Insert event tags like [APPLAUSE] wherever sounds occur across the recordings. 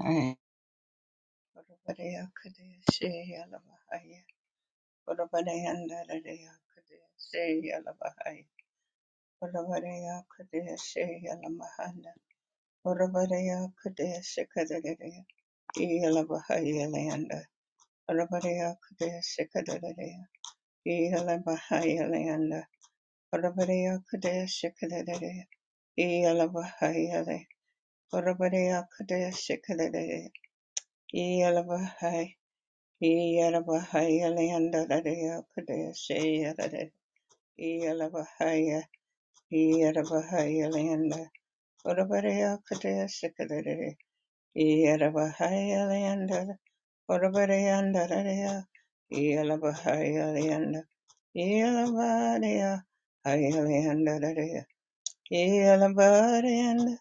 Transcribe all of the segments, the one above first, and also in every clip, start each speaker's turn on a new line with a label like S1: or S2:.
S1: Hey, Orobadea Kadea Shea Lavahaya. Orobadea Naradea Kadea Shea Lavahaya. Orobadea Kadea Shea Lamahana. Orobadea Kadea Shikadadea. Elavahaya Leanda. Orobadea Kadea Shikadadea. Elavahaya Leanda. Orobadea Kadea Shikadadea. Elavahaya Le. Orobadea Kadea Shikadadea. Iyalabahaya Leandadaya Kadesha Iyalabahaya Iyalabahaya Leanda Urabadaya Kadesha Kadere Iyalabahaya Leanda Urabadaya Dadaya Iyalabahaya Leanda Iyalabadaya Haya Leanda Dadaya Iyalabadaya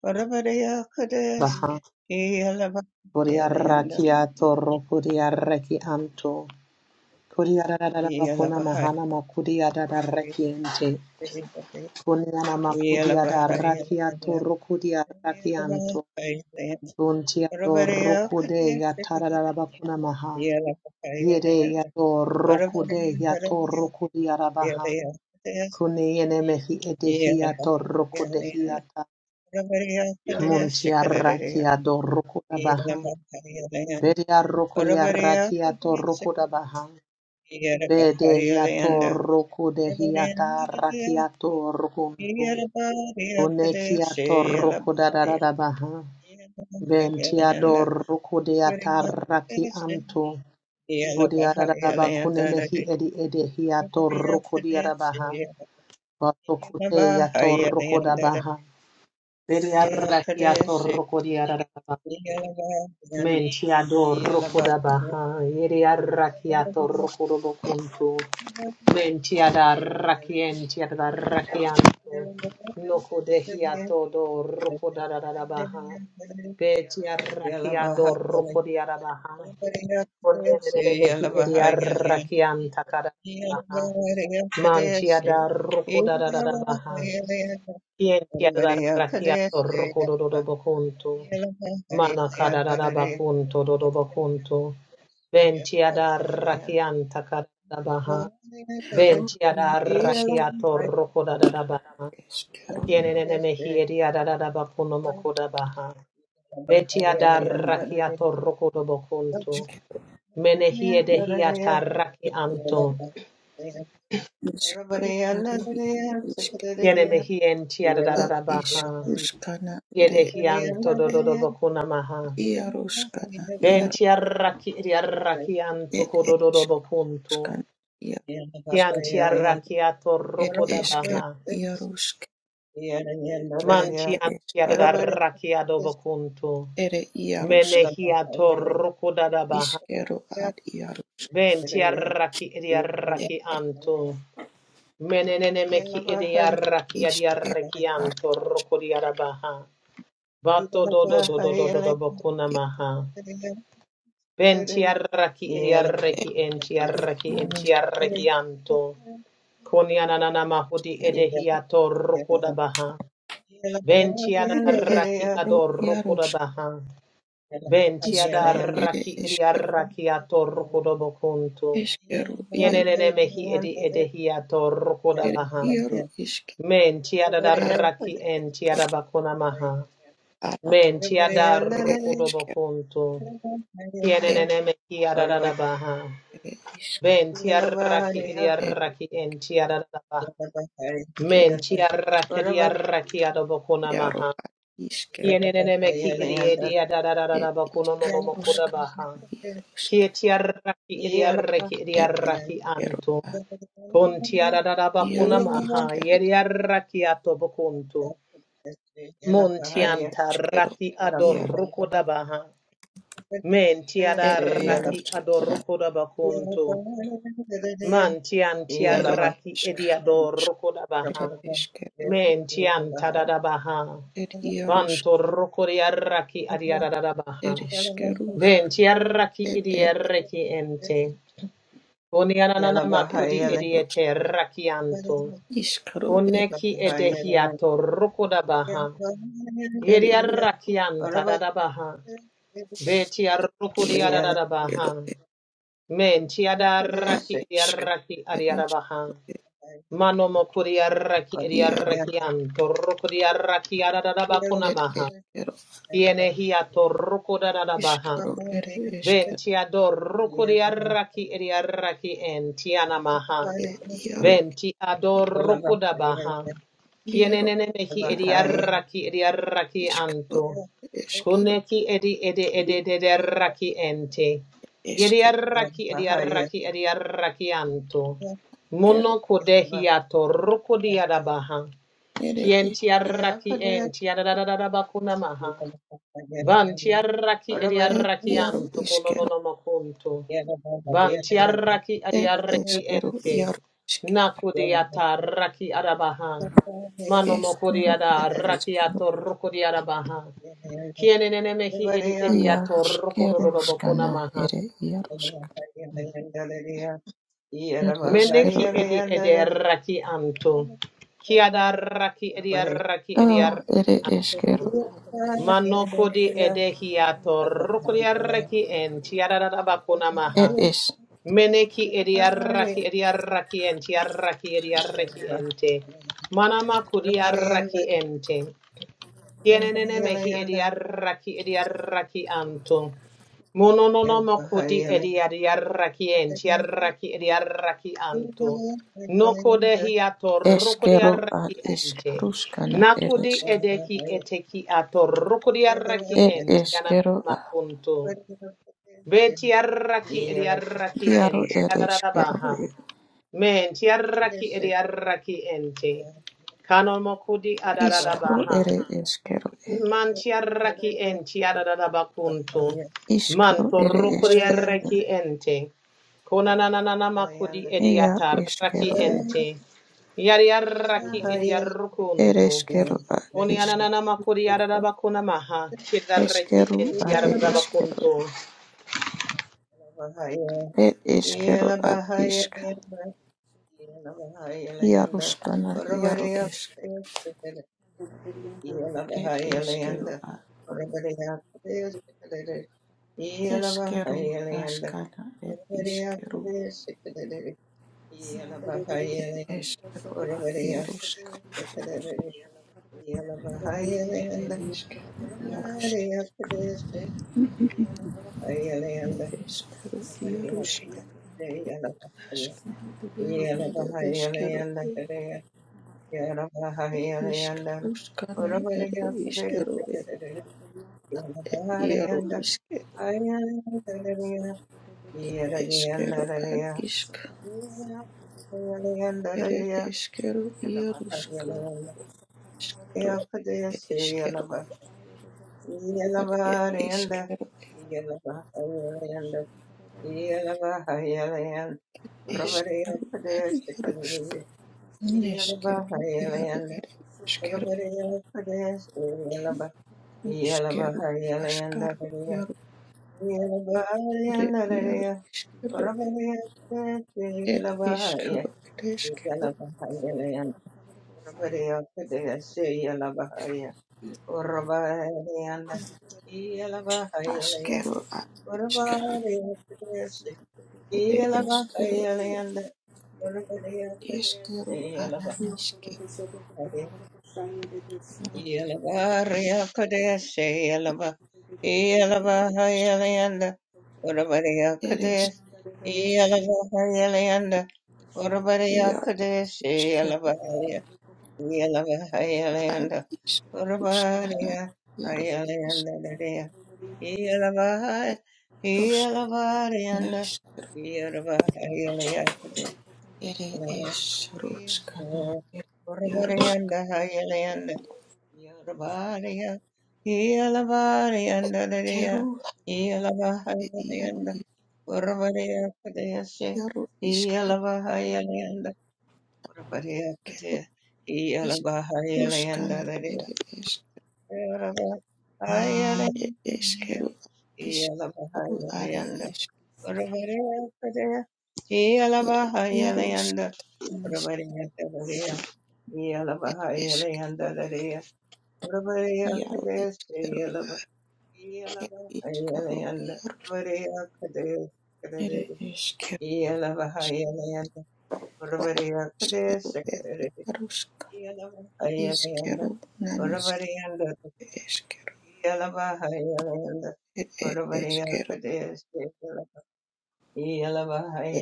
S1: Urabadaya Kadesh
S2: Baha
S1: Iyalabahaya Leanda
S2: Kuriarakia Toro Kuriaraki Amto Kuriarada Bakuna
S1: Iyalabahaya
S2: Mahana Makuriada Rakiente Kuniana
S1: Yeah.
S2: Makuriada Rakia Toro Kuriaraki Anto Untia Rokude Yatarada Bakuna Maha Yede Yato Rokude Yato Rokudiara Baha Kuniene Mehi Edehia Toro Kudehiata Muntia Rakia Doro Kudabaha Bedia rokodia rakiato rokoda baha. Bedehiato rokodehiata rakiato rokuntu. Unekiato rokoda da da da baha. Ventiado rokodeata
S1: Yellow
S2: rakianto. Udiaraba kunemehi edi edehiato rokodia da baha. Batokute yato rokoda baha. Bedia rakiato rokodia da Mentiador rocodabaha, yeria rakiato rocodobocuntu, mentiada rakientiada rakianto, noco dehiato do rocodadabaha, betia rakiado rocodiadabaha, onienenehi eria rakianta
S1: Yeah.
S2: cadabaha, mantiada rocodadabaha, yentiada rakiato rocodobocuntu. Mana kararara bakunto dodo bakunto. Ventiada rakianta karadabaha.
S3: Yaro
S2: Ventiada
S3: isk
S2: rakiato rokodadabaha.
S3: eskero
S2: Kienene mehiria dadadabakuno mokodabaha. Vetiada rakiato rokodobokunto.
S3: iskero
S2: Menehie dehiata rakianto.
S3: iskero are yaro isk
S2: Kiene mehientia
S3: ed isk
S2: dadadabaha.
S3: ruskana ere
S2: Yedehianto
S3: ed
S2: dododobokunamaha.
S3: iaruskana yaro
S2: Ventiaraki rakianto
S3: ed esk
S2: kodododobokunto.
S3: skana yarusk
S2: Kian tiarakia
S3: ed
S2: torokoda
S3: eskero
S2: baha.
S3: yarusk
S2: Man
S3: ad
S1: Yeah.
S2: tian
S3: ere eskero
S2: tiarakia dobokunto.
S3: ere yarusk
S2: Menehia torokoda da baha.
S3: iskero ad yaru
S2: Ben tiaraki
S3: ed
S2: idiaraki
S3: ed
S2: anto. Menenene meki idiaraki
S3: iskero
S2: adiaraki
S3: ar
S2: anto rokodiara baha. Bato do do
S3: isk
S2: do do do do do bokuna
S3: ya
S2: maha. Ben tiaraki idiaraki
S3: ed
S2: entiaraki
S3: namis ere
S2: entiaraki anto. Konianana mahudi edehia torokoda baha. Ventiada
S3: ere
S2: raki
S3: eskero
S2: ador rokoda
S3: yarusk
S2: baha. Ventiada
S3: iskaro ere
S2: raki edi
S3: eskero
S2: arraki ator rokoda bokunto.
S1: Yeah.
S3: Eskero iaro
S2: Yenene mehi edi edehi ator rokoda
S3: ere
S2: baha.
S3: iaro iske
S2: Mentiada
S3: aske
S2: raki entiada bakuna maha.
S3: ara nis
S2: Mentiada
S3: ere
S2: rokoda
S3: eskero
S2: bokunto. Yenene mehi adada baha.
S3: ere isk
S2: Ventiarraki idiarraki entiarraki.
S3: ere
S2: Mentiarraki idiarraki adobokona
S3: iaro ar iskero
S2: Kieneneme ki idiedia da da da da
S3: ere
S2: da bakuno no
S3: isk
S2: no mokoda
S3: ruska
S2: baha.
S3: iaro iske
S2: Kietiaraki idiaraki
S3: ere
S2: idiaraki
S3: eskero
S2: anto.
S3: a
S2: Kontiara da da bakuna
S3: iaro
S2: maha.
S3: iskero
S2: Yediaraki ato bakunto.
S1: Yellow,
S3: ere
S2: Montianta
S3: eskero
S2: raki ador
S3: iaro
S2: rukoda baha.
S3: ere
S2: Mentiada
S3: iaro
S2: raki ador
S3: skara
S2: rukoda bakunto. Man tian
S3: ere
S2: tiaraki
S3: isk
S2: ediador
S3: rusk ere
S2: rokodabaha.
S3: eskero
S2: Men tian tadadabaha.
S3: ere iaro
S2: Vanto rokoriaraki adiadadabaha.
S3: ere iskero
S2: Ben tiaraki
S3: ere
S2: idiareki ente. Onianana
S3: ere
S2: makudi
S3: iaro
S2: ediete rakianto.
S3: iskero ere
S2: Oneki edehiato rokodabaha.
S3: ere
S2: Yediarakian tadadabaha. Betiar
S3: iaro
S2: rokodiadadabaha.
S3: ero ed
S2: Men
S3: a
S2: tiadaraki
S3: isk
S2: ediaraki
S3: ere
S2: adiadabaha.
S3: eskero ed
S1: Yeah,
S2: Mano mokuri arraki iri
S3: iaro
S2: arrakian, torroko di arraki adadaba
S3: ed
S2: kunamaha.
S3: eskero
S2: Iene hia torroko
S3: iskaro
S2: dadadabaha.
S3: ere eskero
S2: Venti adorroko di arraki iri arraki en tianamaha.
S3: ed iaro
S2: Venti adoro kodabaha.
S3: iaro
S2: Kienenene mehi
S3: ero a
S2: ediarraki ediarraki
S3: iskaro
S2: anto.
S3: eskero
S2: Kuneki edi edi edi ediarraki ente.
S3: eskero
S2: Ediarraki ediarraki ediarraki anto. Mono kodehi atoro kodiadabaha.
S3: ere eskero
S2: Kientiarraki enti adadadadabakuna maha. Vanti arraki edi
S3: ed
S2: arraki
S3: iaro
S2: anto kono no
S3: iskero
S2: no makonto. Vanti arraki edi
S3: ed
S2: arraki
S3: eskero
S2: ente.
S3: iaro iske
S2: Nakudi ata arraki arabaha.
S1: Yeah.
S2: Mano mokudi
S3: eskero
S2: ada
S3: a
S2: arraki ato rukudi arabaha. Kiene nene mehi edi edi
S3: iaro
S2: ato rukudu
S3: skero
S2: bokuna
S3: skana
S2: maha.
S3: ere iaro sk ed
S2: Meneki edi edi arraki anto. Kiada arraki edi arraki edi
S3: oh ere
S2: arraki anto.
S3: eskero
S2: Manokodi edehiato rukuriaraki en tiararabakuna maha. Meneki ediaraki ediaraki en tiaraki ediaraki ente. Manama kuriaraki ente. Yenenenemehi ediarraki ediarraki anto. Monononomoku di ediarraki enti arraki ediarraki anto. Nokodehi
S3: Eskero ad
S2: atorrukodiarraki ente.
S3: iskaruskana
S2: Nakudi
S3: eresk.
S2: edeki eteki atorrukodiarraki
S3: Ed
S2: enti
S3: eskero ad
S2: ananamakunto. Beti arraki
S1: Yeah.
S2: ediarraki
S3: iaro
S2: enti
S3: ere eskero
S2: adarabaha.
S3: ed.
S2: Menti arraki ediarraki ente. Kanomokudi
S3: Iskaro
S2: adarabaha.
S3: ere eskero e
S2: Man tiaraki en tiararabakuntu. Man
S3: Iskaro ere
S2: torokuri
S3: eskero e
S2: araki ente. Konananana makudi
S3: Ea
S2: ediata raki
S3: eskero e
S2: ente. Yari araki
S3: Ed
S2: ediarukuntu.
S3: eskero ad isk.
S2: Onianana makudi arabakuna maha. Kidaraki
S3: Eskero
S2: enti
S3: are eskero
S2: ararabakuntu.
S3: ed. Ed eskero ad isk. Iaruskana iaro esk.
S4: Thank
S3: Ed eskero a Eskero
S1: Yelabahayalayanda,
S3: askana ed iskero.
S1: Urvareyakudeyashikadadadi,
S3: Ed
S1: Yelabahayalayanda,
S3: eskero ad iarusk.
S1: Urvareyakudeyashikadadadi,
S3: ir
S1: Yelabahayalayanda,
S3: ereshkigal, yarush
S1: Urvareyakudeyashik-
S3: ir
S1: Yelabahayalayanda,
S3: eshkaro, yarushka,
S1: Urvareyakudeyashik-
S3: ashkaro,
S1: Yelabahaya-
S3: yaru, ere eshkaro,
S1: Yelabahayalayanda, Kadeya-
S3: ed
S1: Yelabahayalayanda,
S3: ishkarushkana, ere ishkaro, ed
S1: Urvareyakudeyashikadadadi,
S3: yaru,
S1: Yelabahayalayanda,
S3: ishke,
S1: Ayalayanda, Kadeya,
S3: eshkero, ad
S1: Yelabahayalayanda,
S3: ishk,
S1: Yeah.
S3: ere eshkero, yarushka, ashkaro, ed ishkero, ad ed ishkero,
S4: you.
S3: ed
S4: Thank you.
S3: eshkero, ad yarushka, neshkero, yaru, ere eshkero, ishkero, ashkaro, yaru, ere yaru, Ed iskero, ed eskero,
S1: Orabariya Padaya Shayala Bahaya Orabayanda Yala Bahayalayan
S3: askero, ad iskero,
S1: Orabariya Padaya
S3: ed
S1: Shayala
S3: eskero,
S1: Bahayalayanda Orabariya Padaya
S3: iskero,
S1: Shayala
S3: anan iskero,
S1: Bahaya Yala Bahariya Padaya Shayala Bahayala Bahayalayanda Orabariya
S3: ed
S1: Padaya
S3: eskero,
S1: Yala Bahayalayanda Orabariya
S3: ia, ed
S1: Padaya
S3: iskero,
S1: Shayala
S3: ad
S1: Iyalavahayalayanda
S3: iskuskana,
S1: Urabadiya
S3: iaro, ed eskero,
S1: Ayalayandadadiya
S4: Hallelujah.
S1: Iyalavahay
S3: rus,
S1: Iyalavadiyanda
S3: nas,
S1: Iyalavahayalayapade
S3: ed
S1: Ishvara
S3: es, ruskana,
S1: Ishvara
S3: ed iaro,
S1: Urabadiyanda Hayalayanda Yorubadiya Iyalavadiyandadadiya
S3: skero, ed iaro,
S1: Iyalavahayalayanda Urabadiya Padeyashe
S3: iaro, iskero,
S1: Iyalavahayalayanda Urvareyakate
S3: kero, is, ruskana,
S1: Iyalabahayalayandararaya Urvareyakate
S3: It eskeru iskaru are
S1: Iyalabahayalayanda Urvareyakate
S3: eskere
S1: Iyalabahayalayanda
S3: iaruskata niske
S1: Urvareyakate
S3: eskeru
S1: Iyalabahayalandararaya
S3: iaru
S1: Urvareyakate
S3: iskeru
S1: Iyalaba
S3: er iskaru
S1: Iyalabahayalayanda
S3: iarus
S1: Urvareyakate
S3: ere eskeru
S1: Iyalabahayalayanda
S3: iskeru er
S1: Urvareyakate
S3: iaruska
S1: Ayalanda,
S3: iskeru naniske
S1: Orabariyanda
S3: eskeru
S1: Yalabahayalayanda
S3: er er
S1: Orabariya
S3: eskeru
S1: Kadesha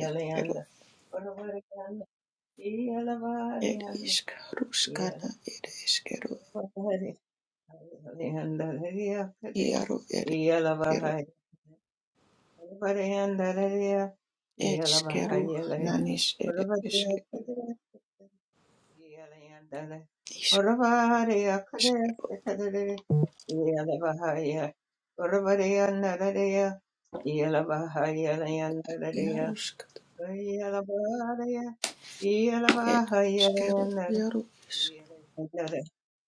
S3: eskeru
S1: Orabariyanda
S3: er
S1: Yalabahayalayanda
S3: iskaruskana er eskeru
S1: Yalabahayalayanda Riya Kadesha
S3: iaru ere eskeru
S1: Yalabahayalayanda Riya
S3: eskeru
S1: Yalabahayalayanda
S3: nanis ere eskeru
S1: Orabariyanda Yandere. Urabariya
S3: iskeru
S1: kadeste kadere. Yalabahaya. Urabariya narareya. Yalabahaya yandarareya.
S3: iaruska
S1: Yalabahaya.
S3: Ed
S1: Yalabahaya
S3: iskero
S1: yandare.
S3: yaro isk
S1: Yalabahaya.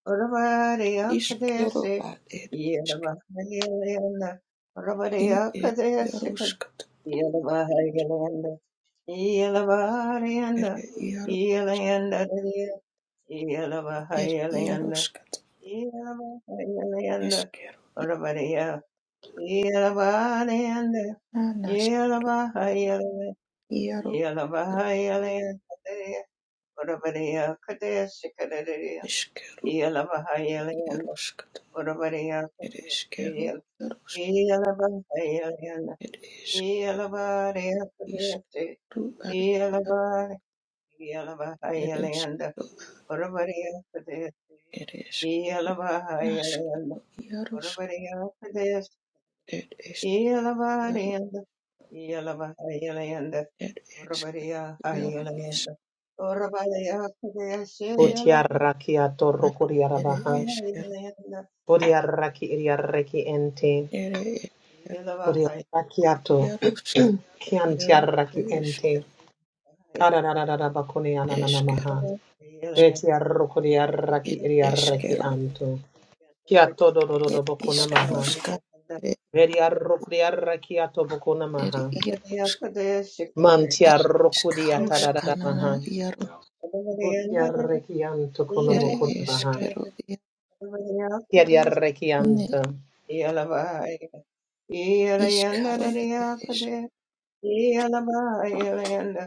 S1: Urabariya
S3: iskero
S1: kadeste.
S3: ad ed isk
S1: Yalabahaya yandare.
S3: i
S1: Urabariya
S3: ed
S1: kadeste kadere.
S3: yaroskat
S1: Yalabahaya yandare. Yalabahaya yandare.
S3: ere yaro
S1: Yalabahaya yandare. Yeah.
S3: ed yaroskat eskero i anas yaro yaro iskero yaroskat ed iskero yaros ed isk isk ru ad yaro ed iskero ed isk naskero yarosk ed isk yaro ed isk yaro isk ed
S2: Utiaraki
S3: ana
S2: atorokuri
S3: ere
S2: arabaha.
S3: iskero
S2: Odiaraki ediaraki ente.
S3: ere esker,
S2: Odiaraki ato.
S3: iaruska,
S2: [CLEARS THROAT]
S3: iaro,
S2: Kiantiaraki ente.
S3: esker,
S2: Kararararabakuni
S3: esker,
S2: ananamaha. Beti arrokuri arraki
S3: ir
S2: iri arraki
S3: eskero,
S2: anto. Kiato
S3: ir
S2: dododobokuna maha.
S3: iskaruska, ere,
S2: Veri arrokuri arraki atobokuna
S3: ere
S2: maha.
S3: iaruska,
S2: Manti
S3: a
S2: arrokuri
S3: iskaruska
S2: atarararamaha.
S3: nana, iaro,
S2: Buti arraki anto
S3: ere
S2: konomokuna maha.
S1: Yeah.
S3: eskero, ia-
S2: Kia di arraki
S3: ne
S2: anto.
S1: Yeah.
S3: iskaro, ere esker,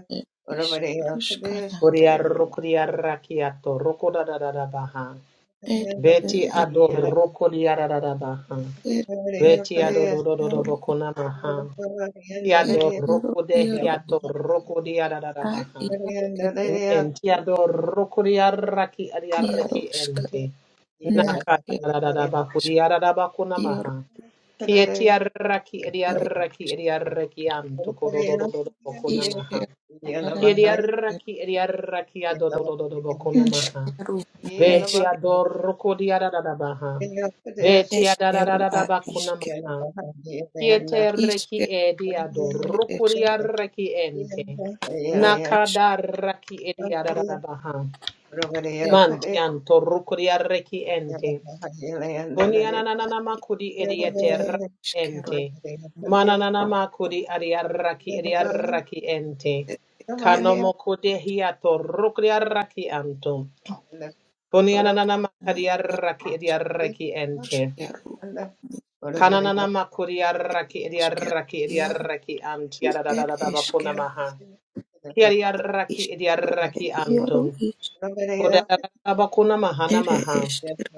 S3: er iskaruska na,
S2: Uri arrokuri arraki ato rokodadadabaha.
S3: er,
S2: Beti
S3: er,
S2: adorokuri arararabaha.
S3: er,
S2: Beti
S3: eskero, iaro,
S2: adododobokuna maha. Tiado
S3: eskero,
S2: roko de
S3: iaro,
S2: hiato roko de
S3: a
S2: adadadabaha.
S3: iaro, ere,
S2: Men tiado roko de araki adiaraki
S3: iaruska,
S2: ente.
S3: na,
S2: Naka adadadabaku di adadabaku namaha. Kieti araki
S3: Ere
S2: adiaraki adiaraki anto kodododododoboku namaha.
S3: iskeru, are
S2: Kieti
S3: iskeru,
S2: araki adiaraki adododododoboku namaha.
S3: iskero,
S1: Yeah.
S2: Beti
S3: neske,
S2: adoroko di adadadabaha. Beti
S3: eskero, a
S2: adadadadabaku
S3: iske,
S2: namaha. Kiete reki
S3: iskero,
S2: edi
S3: eske,
S2: adorukuria reki ente.
S3: a eske,
S2: Nakada raki edi adarabaha.
S3: ere,
S2: Mantian torukuria reki ente.
S3: a
S2: Kunianana makudi edi
S3: iskeru,
S2: ete
S3: ere,
S2: raki
S3: iskeru,
S2: ente.
S3: na,
S2: Mananana makudi adi raki edi raki ente.
S3: eskero,
S2: Kanomokude hiato rukuria raki anto. Kunianana
S3: na,
S2: makadi raki edi raki ente.
S3: iskeru, niskero,
S2: Kananana makuri arraki edi
S3: iskeru,
S2: arraki edi
S3: iaro,
S2: arraki ant
S3: ere,
S2: yadadadada bakuna
S3: eskero,
S2: maha. Kiari arraki edi
S3: iskeru,
S2: arraki
S3: ere, iaro,
S2: antum.
S3: is,
S2: Kodadada bakuna maha
S3: ere,
S2: namaha.
S3: eskero,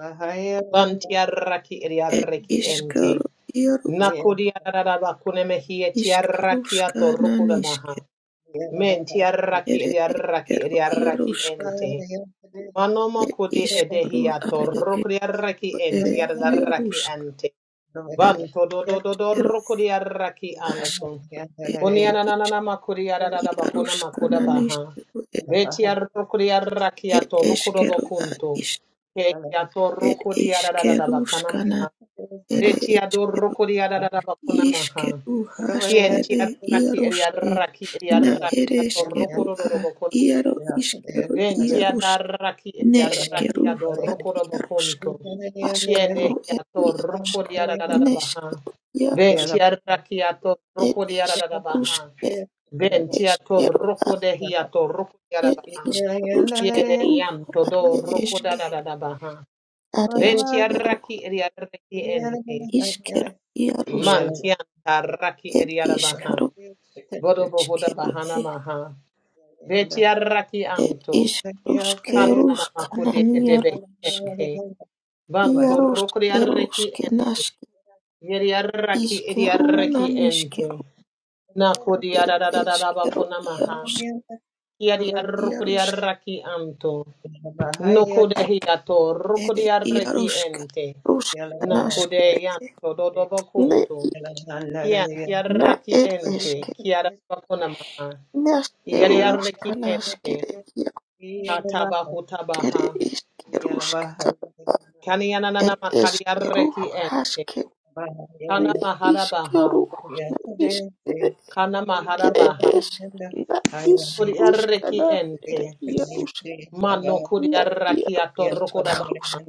S2: Banti arraki edi
S3: ere,
S2: arraki ente.
S3: iskeru, iaro,
S2: Nakuri arada bakune mehi eti
S3: iskeru,
S2: arraki
S3: skana,
S2: atoruku da maha. Menti arraki
S3: ere
S2: edi arraki edi
S3: eskero
S2: arraki
S3: iarusk,
S1: Yeah.
S2: ente. Manomo
S3: et
S2: kudi
S3: iskaru
S2: edehi
S3: are
S2: atoruku
S3: esko
S2: di arraki
S3: ere
S2: enti yadadarraki
S3: iarusk,
S2: ante.
S3: et
S2: Vanto do do do do
S3: ero
S2: rokodi araki
S3: ask,
S2: anto.
S3: et
S2: Koni
S3: ere isk
S2: ananana makuri arada bakuna makuda
S3: iaruskananis,
S2: baha.
S3: et
S2: Beti arokodi araki
S3: et
S2: ato rokodo
S3: eskero ad
S2: bakunto.
S3: isk,
S2: Keki ato
S3: et
S2: rokodi arada bakana
S3: iskeruskana,
S2: maha.
S3: ere
S2: Beti ador
S3: eskero
S2: rokodi arada bakuna maha.
S3: iskeru
S2: Kien ti
S3: haskere
S2: araki eri
S3: iaruske,
S2: araki eri
S3: na
S2: araki
S3: ere
S2: ato
S3: eskeru
S2: rokodo
S3: a,
S2: do
S3: iaro iskero
S2: Venti ad arraki e arraki
S3: Neškeru
S2: ad
S3: ar
S2: orrocoro
S3: Jaruška,
S2: bocunto. Tiene
S3: Aškaru ir
S2: hiato
S3: Jaruška,
S2: rocori adadabaha.
S3: Neškeru
S2: Venti
S3: Jaruška
S2: arraki ato
S3: ir
S2: rocori adadabaha.
S3: Iškaruške,
S2: Venti ato
S3: Eškeru ar
S2: rocode hiato rocori ad
S3: ir
S2: adabaha. Tiene
S3: Iškaruškeru
S2: yanto
S3: ar
S2: do rocoda
S3: Eške,
S2: adadabaha.
S3: ar
S2: Venti
S3: Eškeru,
S2: arraki e arraki ente.
S3: Iškeru Jaruška
S2: Mantianta arraki
S3: ir
S2: e adabaha.
S3: Iškaru,
S2: Vodobo hoda
S3: Iškeru
S2: bahana maha.
S1: Yeah.
S2: Venti arraki
S3: ir
S2: anto.
S3: Iškaruškeru,
S2: Kananamakude
S3: Kanan
S2: edebe
S3: Jaruška,
S2: ente. Banto rokri arreki
S3: Jaruškeruške,
S2: ente.
S3: Naške,
S2: Yeri arraki edi
S3: Iškeru,
S2: arreki ente.
S3: Naniškeru,
S2: Nakudi
S3: ir
S2: adadadadaba
S3: Eškeru
S2: konamaha.
S3: Jaruška.
S2: Yadi arrokri
S3: Yarushkere,
S2: arraki anto. Nokude hiato rokri arreki
S3: Yarushka,
S2: ente.
S3: Rushka,
S2: Nakude
S3: Nashkere,
S2: yanto dodobo
S3: Ne,
S2: kunto.
S3: i
S2: Kianti
S3: Na,
S2: arraki
S3: er
S2: ente.
S3: eske
S2: Kiadaba konamaha.
S3: Ereshke,
S2: Yeri
S3: Nashkerushka,
S2: arreki ente.
S3: Nashkere,
S2: Hatabahu tabaha.
S3: Yakere, Ishkerushka, Tata,
S2: Kanianana makari
S3: Ereshkeru,
S2: arreki ente.
S3: Hashke,
S2: Kana
S3: Ne, Ishkeru,
S2: maharabaha.
S3: Na, iskere
S2: Kana
S3: ere
S2: maharabaha.
S3: eske Na, Ishrushka,
S2: Kuriarreki
S3: Na,
S2: ente.
S3: Ere, Yarushka,
S2: Mano kuri
S3: Na,
S2: arraki kuriarraki
S3: Yaru,
S1: Yeah.
S2: atorokodabaha.
S3: Ishkarushka,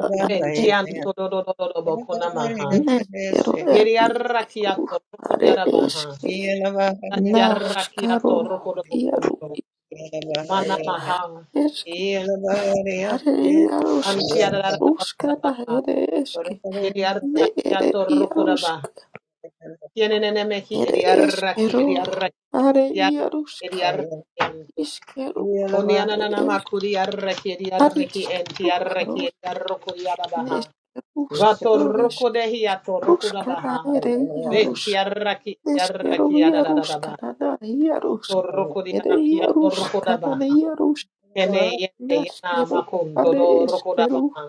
S3: Na, ad Ere,
S2: Mentianto dododododobokonamaha. maha.
S3: Neshkeru, Ere,
S2: Yeriarraki
S3: Ishkeru, Are,
S2: atorokodiarabaha.
S3: eske
S2: Tatiarraki
S3: Nashkaru iaru
S2: atorokodobokonto. Mana maha.
S3: eske harere iarushka rushkana
S2: Antiararabaha.
S3: here eske ne
S2: Yeriarraki
S3: ere
S2: atorokodabaha.
S3: iarushka
S2: Tienenene mehi
S3: ere
S2: eriarraki
S3: eskeru
S2: eriarraki.
S3: are
S2: Eriarraki
S3: iarushka
S2: eriarraki.
S3: iskeru
S2: Kunianana
S3: eske
S2: makuri yarreki
S3: are
S2: yarreki enti
S3: eskeru
S2: yarreki
S3: harush
S2: yarroku
S3: ne
S2: yarabaha.
S3: eskerushka
S2: Vato
S3: ro
S2: roku
S3: eske
S2: dehi yato roku
S3: rushkana
S2: rabaha.
S3: ere iarush
S2: Benti yarreki
S3: eskeru
S2: yarreki
S3: iarushka
S2: yarararabaha.
S3: na iarushka
S2: To roku
S3: ere
S2: yarreki yato roku
S3: iarushka na
S2: rabaha.
S3: iarush
S2: Kene yene yana
S3: naskeru
S2: makun to
S3: hare
S2: do roku
S3: eskeru
S2: rabaha.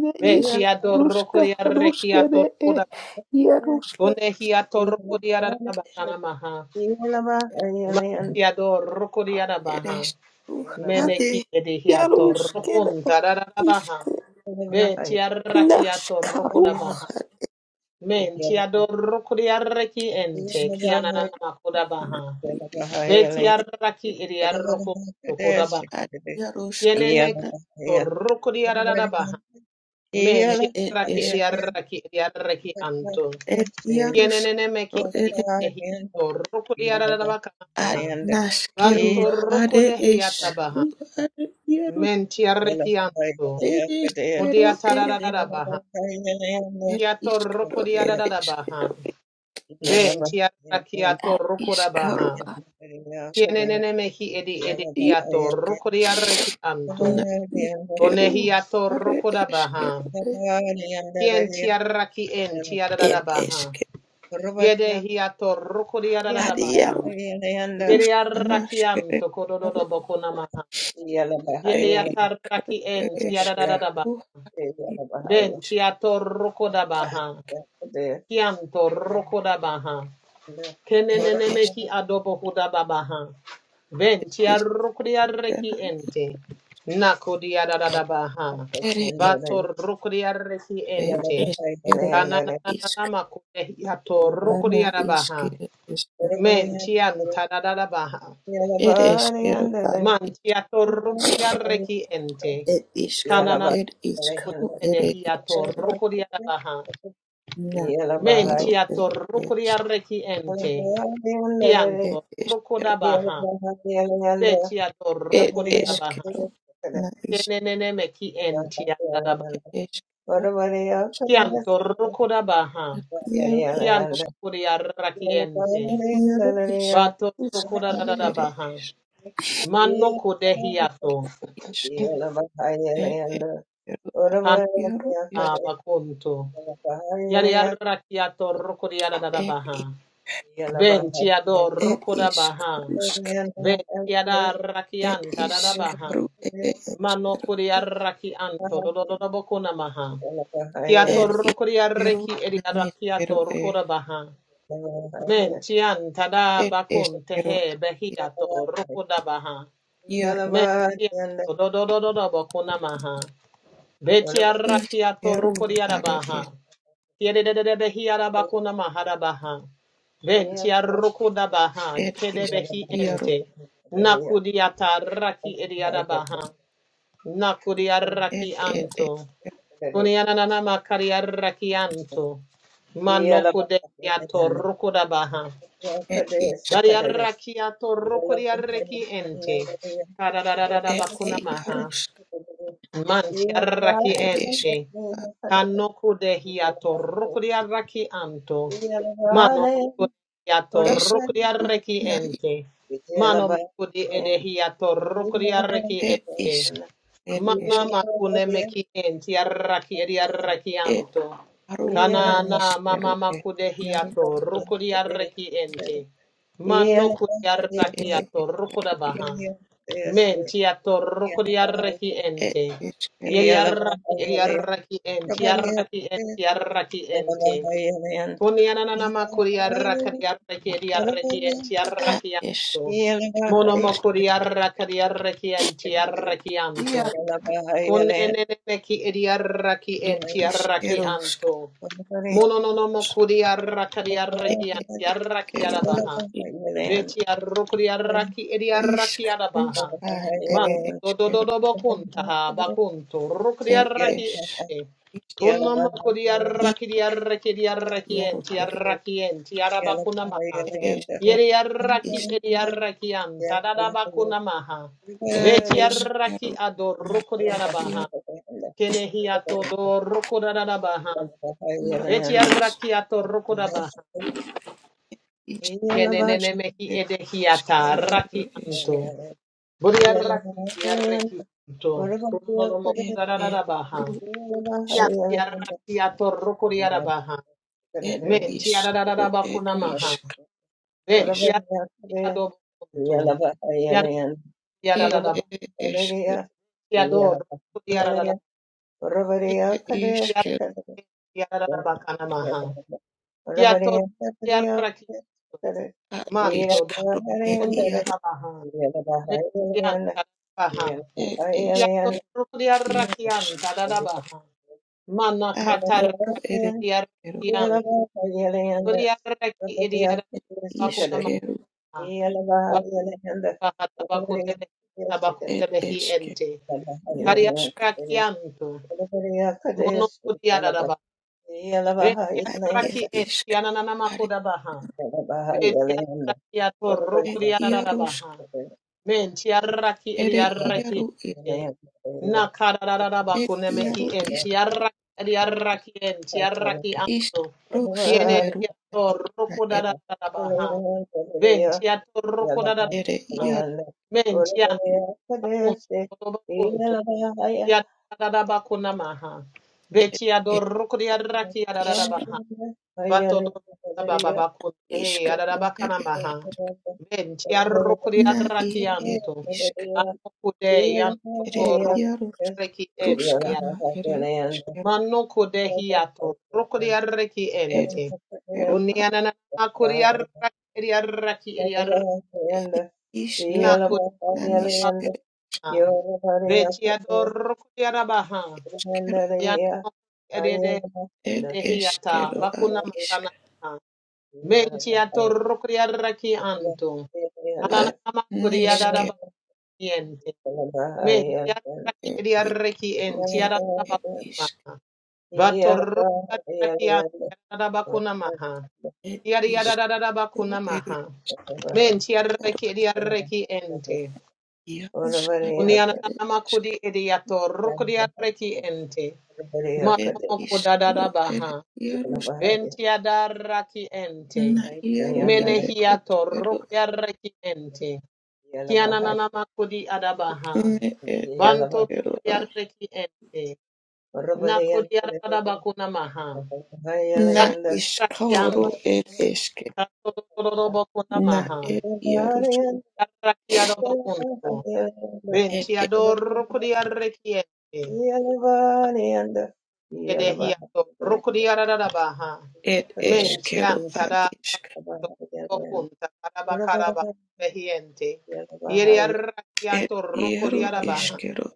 S3: Ne
S2: Beti
S3: ishq
S2: yato roku
S3: rushka
S2: yarreki
S3: rushka re
S2: yato roku
S3: e
S2: rabaha.
S3: yarushka
S2: Kunehi yato roku yararabaha namaha. Mati yato roku yarabaha.
S3: eres tú,
S1: Yeah.
S3: ade,
S2: Meneki edehi yato roku
S3: yarushkina
S2: ntararabaha.
S3: ishq
S2: Beti arrakiato
S3: nashkaru
S2: rokoda baha. Menti adorokodi arreki
S3: es
S2: ente
S3: que
S2: kianana makoda
S3: no
S2: baha.
S3: quiero
S2: Beti arraki
S3: ir
S2: iri arrokoda baha.
S3: a Yarushka,
S2: Yenene ki torokodi arada baha. Menti arraki
S3: eres
S2: iri arraki iri arreki anto.
S3: el Yarushka,
S2: Yenene meki
S3: no eres
S2: ehi torokodi arada baka
S3: a
S2: baha.
S3: Nashkeru,
S2: Banto
S3: ade,
S2: rokode
S3: es
S2: hiata baha.
S3: ru, ade, Yarush,
S2: Menti arreki anto.
S3: eres quiero,
S2: Odiata
S3: eres,
S2: arada baha.
S3: es
S2: Kiato
S3: quiero,
S2: rokodi arada
S3: eres
S2: baha.
S3: quiero,
S2: Ben tiara
S3: a
S2: kiato rukoda
S3: Ishkaru,
S2: baha. Kienenene mehi edi edi hiato rukodia reki anto.
S3: na
S2: One
S3: iskeru
S2: hiato
S3: are
S2: rukoda baha.
S3: eskeru
S2: Kien tiara ki en tiara da da
S3: et
S2: baha.
S3: esker
S2: Yede hiato rukodia da da
S3: adiaru
S2: baha. Yede araki
S3: rustanashkere
S2: anto kododo
S3: yaru
S2: boko namaha.
S3: et
S2: Yede
S3: iskaru
S2: ataraki
S3: et
S2: en tiara da da da baha.
S3: eskaru
S2: Ben
S3: iskaru
S2: tiato rukoda baha. Kianto
S1: Yeah,
S2: rukoda baha.
S3: et es
S2: Kenenenemehi adobo hudababaha. Ventia rukria reki
S3: iskana
S2: ente. Nakodia dadadabaha.
S3: iskere et
S2: Vato rukria reki
S3: et
S2: ente.
S3: eskeru iskana
S2: Kanananama kudehiato rukria dabaha.
S3: iskere esker
S2: Mentianta dadadabaha.
S3: et eskeru
S2: Mantiato rukria reki ente.
S3: et iskaru
S2: Kananana
S3: et iskaru et
S2: kudehiato
S3: eskeru
S2: rukria dabaha.
S1: Yala
S3: na
S1: yala yala, bahai,
S2: Mentiato
S3: eskeru
S2: rukria reki ente.
S3: It
S2: Kianto
S3: is kettle.
S2: rukodabaha.
S1: yala yanda,
S2: Vetia
S3: It
S1: orabare
S2: torrocoria
S3: is
S2: baha.
S1: yakadere,
S3: kettle.
S1: kadere
S3: Na is
S2: Kenene meki
S1: bahai,
S2: entia
S1: yala
S2: daba.
S3: it
S1: yanda,
S3: is kettle.
S1: orabare
S2: Kian
S1: yakadere, kadere
S2: torrocoda baha.
S1: bahai,
S3: Yellow
S1: yala.
S2: Kiano
S1: yanda,
S2: curia
S1: yala bahai,
S2: rakiente.
S3: it
S1: bahai,
S3: yellow is
S2: Vato
S3: is
S2: rocoda
S3: na
S2: da
S3: it
S2: baha.
S3: is
S2: Manno codehiato.
S3: is it is kettle.
S2: Cana
S3: Yellow is
S1: bahai,
S2: bacunto. Yari
S1: bahai,
S2: arrakiato rocoria da
S3: it
S2: baha.
S3: is
S2: Ventia
S3: it
S2: dorrocoda
S3: is
S2: baha.
S3: karusk.
S2: Ventia da
S3: It
S2: rakianta da
S3: is
S2: baha.
S3: karu it is
S2: Mano curia
S3: kettle.
S2: rakianto do do do bocuna maha.
S1: bahai,
S2: Kia
S3: It
S1: Yeah.
S2: torro
S3: is
S2: koria
S3: kettle.
S2: reki eri
S3: Na
S2: ara
S3: is
S2: kia
S3: kettle.
S2: baha.
S1: Yeah.
S2: Men tian tada
S3: It
S2: bakun
S3: is
S2: tehe
S3: kettle.
S2: behia torro baha.
S3: Yellow
S2: Men tian dododododo bakuna maha. Betia
S3: is
S2: rakia torro
S3: kettle.
S2: koria ra
S3: It
S2: baha.
S3: is
S2: Kiere de de de behia ra bakuna maha baha. Ben tia roko baha.
S3: it
S2: Kede
S3: is
S2: behi
S3: yellow.
S2: ente. Nakudiata raki eri baha. Nakudia raki
S3: It it
S2: anto.
S3: is
S2: Kunianana makariarakianto. Manoko de yato rokoda baha.
S3: it is.
S2: Variarakiato rokodiareki ente. Karararara
S3: ed
S2: bakuna maha.
S3: Yarusk
S2: Mantiaraki
S3: are esk
S2: ente. Kanoko de hiato rokodiaraki anto. Mano moko de hiato
S3: esk
S2: rokodiareki
S3: na
S2: ente. Mano moko de edehiato rokodiareki
S3: ed is
S2: ente.
S3: ed is
S2: Mana makune mekien tiaraki ediaraki
S3: ed
S2: anto.
S3: aru
S1: Yeah.
S2: Kana na
S3: naniskeru
S2: mama
S3: ed
S2: makude
S3: yaru
S2: hiato rukudiaraki ente. Mano
S3: ed
S2: kudiaraki ato rukuda
S3: eskeru
S2: baha. Menti Men tiato rukudiaraki
S3: ed
S2: ente.
S3: eskeru
S2: Yediaraki ediaraki ente yarraki ente yarraki ente. Kunianana makudiaraki diaraki ediaraki ente
S3: a
S2: yarraki anto.
S3: eskeru
S2: Mono makuri makuriaraki diaraki ente yarraki anto.
S3: yaru
S2: Kuneneneki
S3: ed
S2: enti araki
S3: iskeru
S2: anto.
S3: skadeus
S2: Mono no no mo kuri araka di araki diaraki araki
S3: eskeru
S2: arabaha. Vetiarukuriaraki idiaraki arabaha.
S3: iskaruska ed
S2: Manto
S3: eskeru
S2: dodododobo kuntaha bakunto
S3: ed
S2: rukuriaraki
S3: es
S2: ente.
S3: is
S2: Tunomo
S3: i
S2: kudiaraki diaraki diaraki
S3: ed
S2: entiaraki entiarabakunamaha.
S3: ed
S2: Yeriaraki
S3: is
S2: idiaraki anta da da dadabakunamaha.
S3: ed
S2: Betiaraki
S3: eskeru
S2: adorokodiarabaha. Kenehiato dorokodarabaha.
S3: na as
S2: Betiaraki atorokodabaha.
S3: išrūš
S2: Kenenenemehi
S3: ir
S2: edehiata
S3: iškro ir
S2: raki
S3: iškro
S2: anto. Buriaraki ediareki anto.
S3: ir
S2: Kunonomokudarabaha.
S3: išrū iškro
S2: Yantiaraki atorokodiarabaha.
S3: ir iškro ir
S2: Mentiaradabakunamaha.
S3: iškro
S2: Mentiaraki adobokunto.
S1: Yeah.
S3: ir
S2: Yanadarabaha.
S3: iškro
S1: Oravaria, Yelavaria,
S2: Yadorokodiarabaha.
S1: Oravaria,
S3: ir iškro
S1: Kadestica,
S2: Yaradabakanamaha. Kia to
S1: Oravaria,
S2: kia
S1: Kadria,
S2: raki
S1: Yelavaria,
S3: ar
S2: manto do
S3: iškro ir
S1: Yelavarian,
S2: kuria
S3: iškro
S2: baha
S1: Yelavarian,
S2: me kian
S1: Yelavarian,
S2: baha
S3: ir
S2: kia to
S1: Yelavarian,
S3: iškro
S2: kuria
S3: ir
S1: Oravaria,
S2: tada
S1: Kadestica,
S2: baha mana
S3: ar
S2: katar
S3: iškro ir iškro ir
S1: Yelavarian,
S2: kia
S3: iškro
S2: rakian
S1: Oravaria,
S2: kuria raki idia
S1: Kadestica,
S2: bakuna maha baha tabaku tebe tabaku
S3: ir
S2: tebe hi
S3: iškro
S2: ente karia
S3: jaruška
S1: Yelavarian,
S2: rakianto
S1: Maria
S2: mono
S1: Kadesh,
S2: kuria dada
S1: Yalava,
S2: baha
S1: Yalava,
S2: ventia
S3: ar ir
S2: raki
S1: Yalanda,
S2: ente
S3: iškro
S2: ananana
S3: ar
S2: makuda baha
S1: Yalava,
S2: ventia
S1: Yalanda,
S2: rakia to
S1: whatever
S3: ir
S1: you
S2: rukuria baha
S3: jaruška
S2: Men tiaraki
S3: ir
S2: ediaraki
S3: jaru
S2: nakarararaba
S3: ir
S2: kunemehi. en
S3: jaru
S2: tiaraki ediaraki en tiaraki anto. Kiene
S3: Ishkarushkeru
S2: tiato roko
S3: er
S2: dadadaba ha. Ben tiato roko
S3: ere
S2: dadadabaha.
S3: iar
S2: Men tian bakunto. Tiadadabakunamaha.
S3: er
S2: Betiado
S3: er
S2: roko
S3: ishk
S2: diaraki Batodo
S1: are.
S2: bababako hey
S1: Yeah.
S3: ishkaru
S2: arabakana
S3: ere
S2: maha.
S3: ish-
S2: Ben tiarro kuri
S3: na i er
S2: arrakianto.
S3: ishk
S2: Anno kude
S3: ere
S2: yanto roku
S3: iarusk
S2: reki enti.
S3: ruskana ere ishkeru
S2: Manno kude hiato rokuri arreki
S3: ed
S2: enti.
S3: eru
S2: Kuni
S3: a
S2: anana kuri arraki arraki arraki
S3: ed
S2: na
S3: ishkeru
S2: kuri
S3: nanishkeru ishkeru ed
S2: hiata
S3: ishkeru ad
S2: bakuna
S3: ishk
S2: makana. Menti a torro criarraki anto.
S3: ad
S2: Ananama criadaba
S3: nishkeru
S2: niente. Menti a raki
S3: ed
S2: riarreki
S3: ishkeru
S2: enti
S3: ere
S2: adaba
S3: ed ishk
S2: maha.
S1: Yeah,
S2: Vatorro
S1: yeah,
S2: criarraki antiadaba
S1: yeah,
S2: kunamaha.
S3: ed ishkeru
S2: Yadiadadadaba
S3: ere
S2: kunamaha. Menti a
S3: iaru
S2: reki riarreki ente.
S3: iaruskana ere
S2: Unianama kudi ediatorro criarreki ente.
S3: Ed
S2: Mamoko
S3: iskero ere
S2: dadadabaha.
S3: iarus
S2: Ventia darraki ente.
S3: na iaro ere
S2: Menehia
S3: eskero
S2: torrukia reki ente.
S1: yeah.
S2: Kiananana makudi adabaha.
S3: ne ed
S2: Banto
S3: iskero
S2: rukia
S3: a
S2: reki ente. Nakudi adabakuna maha.
S3: na
S2: Batraki
S3: iskoro
S2: antu.
S3: ed eske
S2: Katorobokuna
S3: na
S2: maha.
S3: ed iarus
S2: Tarraki adobokuntu.
S3: ed
S2: Ventia
S3: ed
S2: dorrukia reki ente. Edehiato Rokuriarabaha
S3: ed eskero
S2: Mentian
S3: ad
S2: Tada
S3: isk
S2: Bokunta Tarabakaraba Behiente
S3: ed
S2: Yeriarakiato
S3: iaro
S2: Rokuriarabaha
S3: iskero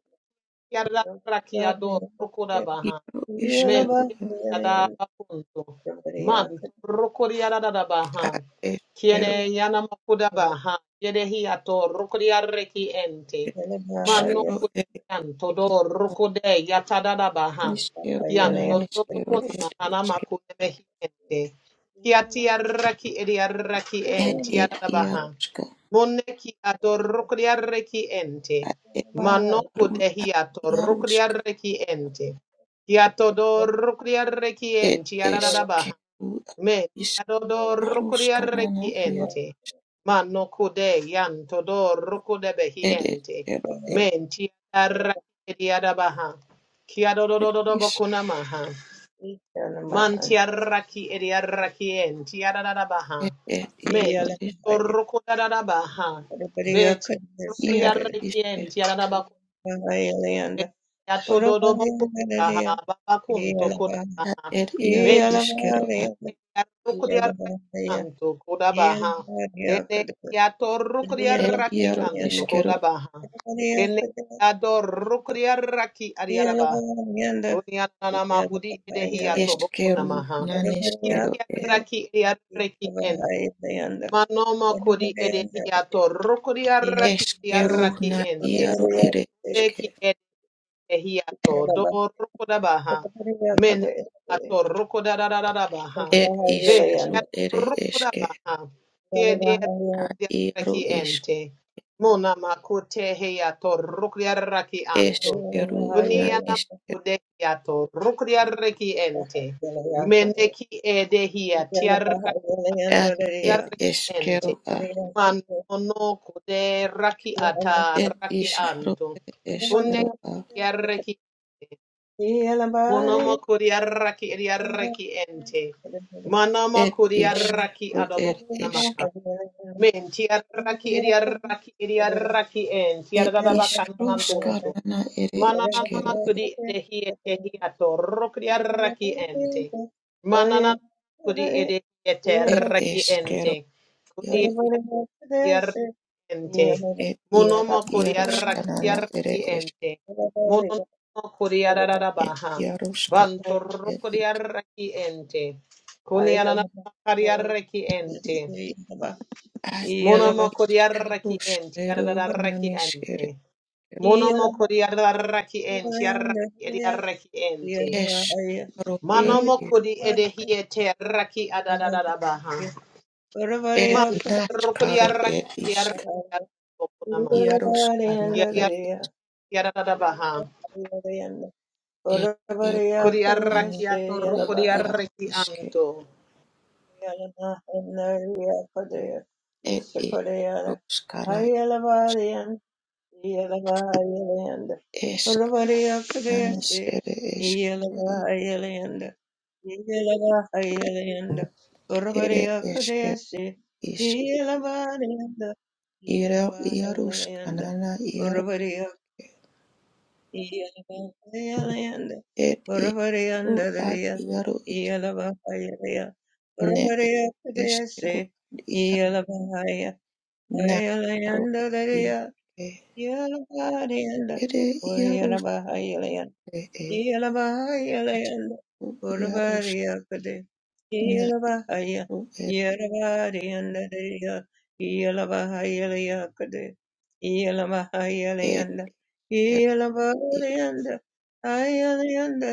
S2: Yarrakiado Rokurabaha
S3: iaro iskero
S2: Menti
S3: a
S2: ada bakunto. Manto rokori ada da baha.
S3: ad eskero
S2: Kiene yana makuda baha. Yedehi ato rokori arreki ente.
S3: ed
S2: Mano
S3: iskero ed
S2: kuyanto do
S3: ad
S2: rokode yatada da baha.
S3: iskero nan
S2: Kianto do
S3: iskero
S2: bakuna
S3: ed
S2: mahana
S3: eske
S2: makude mehi ente. Kiati arreki edi arreki
S3: ed
S2: ente
S3: ed
S2: yada baha.
S3: iaruska
S2: Moneki ato rokori arreki ente.
S3: ad ed
S2: Mano
S3: ru
S2: kudehi ato rokori
S3: ad
S2: arreki ente. Kiatodor
S3: It
S2: kuriarrekienti
S3: is
S2: arararabaha.
S3: Keru
S2: Me
S3: is
S2: adodor
S3: Yaruskanana Yaru
S2: kuriarrekienti. Mano kude yantodor
S3: it is
S2: kudebehienti.
S3: Keru
S2: Menti arraki arabaha.
S3: it is
S2: Kiadodododobokunamaha. Manti arraki ediarrakienti arararabaha.
S3: it it
S2: Menti torukudarabaha. Beti
S3: Yaru is Yaru is
S2: kuriarrekienti Ya todo do boko ha baba kunto koda ha
S3: at it Yaru
S2: benti
S3: is Keru at
S2: ya rukriya
S1: Yeah.
S2: anto koda baha
S1: Yeah.
S2: kene ya to rukriya
S3: it
S2: raki
S3: Yaru
S2: anto
S3: is
S2: koda
S3: Keru
S2: baha kene ya do rukriya raki ariara baha dunia nana mahudi edehi ya to
S3: is
S2: boko na
S3: Keru
S2: maha
S3: nan is
S2: kieti
S3: Keru
S2: ya
S3: e
S2: raki ya reki en manomo kodi edehi ya to rukriya raki
S3: is
S2: ya
S3: Keru
S2: raki
S3: na
S2: ente
S3: Yaru ere iske
S2: Ehi ato do roko da baha. Mene ato roko da da da da da baha.
S3: it is
S2: Venti
S3: Keru
S2: ato
S3: ere
S2: roko da
S3: iske
S2: baha. Kia
S3: a
S2: raki
S3: Yaru is
S2: ente. Mona makute he ato raki
S3: is
S2: anto.
S3: Keru na
S2: Kunia na
S3: Keru
S2: makude he ato raki ente. meneki ede hi
S3: at it is
S1: Oh
S2: ente.
S3: Keru
S2: Manono kude raki ata
S3: Ed
S2: raki
S3: ishkaro
S2: anto.
S3: ed
S2: Kune
S3: eshkero a.
S2: yarreki ente. Monomo kuri yarraki yarreki ente. Manomo
S3: Ed
S2: kuri yarraki
S3: ishkaro ed
S2: adobokuna
S3: eshke.
S2: kunamana. Menti yarraki yarraki yarraki ente.
S3: Ed
S2: Yarda baba
S3: ishkaro
S2: kanama kuntu.
S3: shkanana ere
S2: Mananama
S3: eshkero e.
S2: kudi edehi etehi atoro kudi arraki ente. Mananama kudi edehi
S3: Ed
S1: yeah.
S2: eterraki ente.
S3: eshkero
S2: Kudi
S3: yaro
S2: edehi arraki ente.
S3: ed yaro
S2: Monomo kudi
S3: yaro
S2: arraki
S3: shkanana ere
S2: arraki
S3: eshke.
S2: ente. Monomo kudi
S3: Ed
S2: ararabaha.
S3: yaro shkan
S2: Bantoro
S3: ed
S2: kudi
S3: i-
S2: arraki ente. Kuni ananama kudi arraki ente.
S3: a ed
S2: Monomo kudi
S3: ishkaro
S2: arraki ente.
S3: shkero
S2: Arraki
S3: nanish
S2: ente.
S3: ere
S2: Monomo kodi adaraki enti araki edi araki enti.
S3: eshkaro ar
S2: Manomo
S3: i-
S2: kodi edehiete raki adadadabaha.
S3: ed
S2: Man kodi
S3: nashkaro
S2: araki
S3: ed
S2: edi
S3: ishk
S2: araki
S1: Yeah.
S2: adokunamaha.
S3: yaro shkana
S2: Yadi
S3: ere
S2: araki adadadabaha.
S3: eshkero
S2: Kodi araki
S3: nanish
S2: atoro
S3: ere
S2: kodi
S3: yaro
S2: araki
S3: ishke.
S2: anto.
S3: It is Ruskana
S1: Yelavayalanda.
S3: esk
S1: Urvariyakadeyase.
S3: anis ere esk
S1: Yelavayalanda. Yelavayalanda.
S3: ere esker
S1: Urvariyakadeyase.
S3: isk
S1: Yelavayalanda.
S3: iro
S1: Yelavayalanda.
S3: iaruskanana iaro
S1: Urvariyak. Yelavayalanda.
S3: It is is ru ad
S1: Urvariyandadariya.
S3: iaro is
S1: Yelavayalaya.
S3: ne et
S1: Urvariyakadeyase.
S3: eskero ad ia nastaro
S1: Yelavayalanda.
S3: iske
S1: Yelabariyanda,
S3: ere iaruske
S1: Uriyalabahayalayanda,
S3: e isk
S1: Yelabahayalayanda,
S3: iarus
S1: Urabariyakade,
S3: na
S1: Yelabahaya,
S3: ru et
S1: Yelabariyanda, Yelabahayalayakade,
S3: et
S1: Yelabahayalayanda,
S3: er is
S1: Yelabariyanda, Ayalayanda,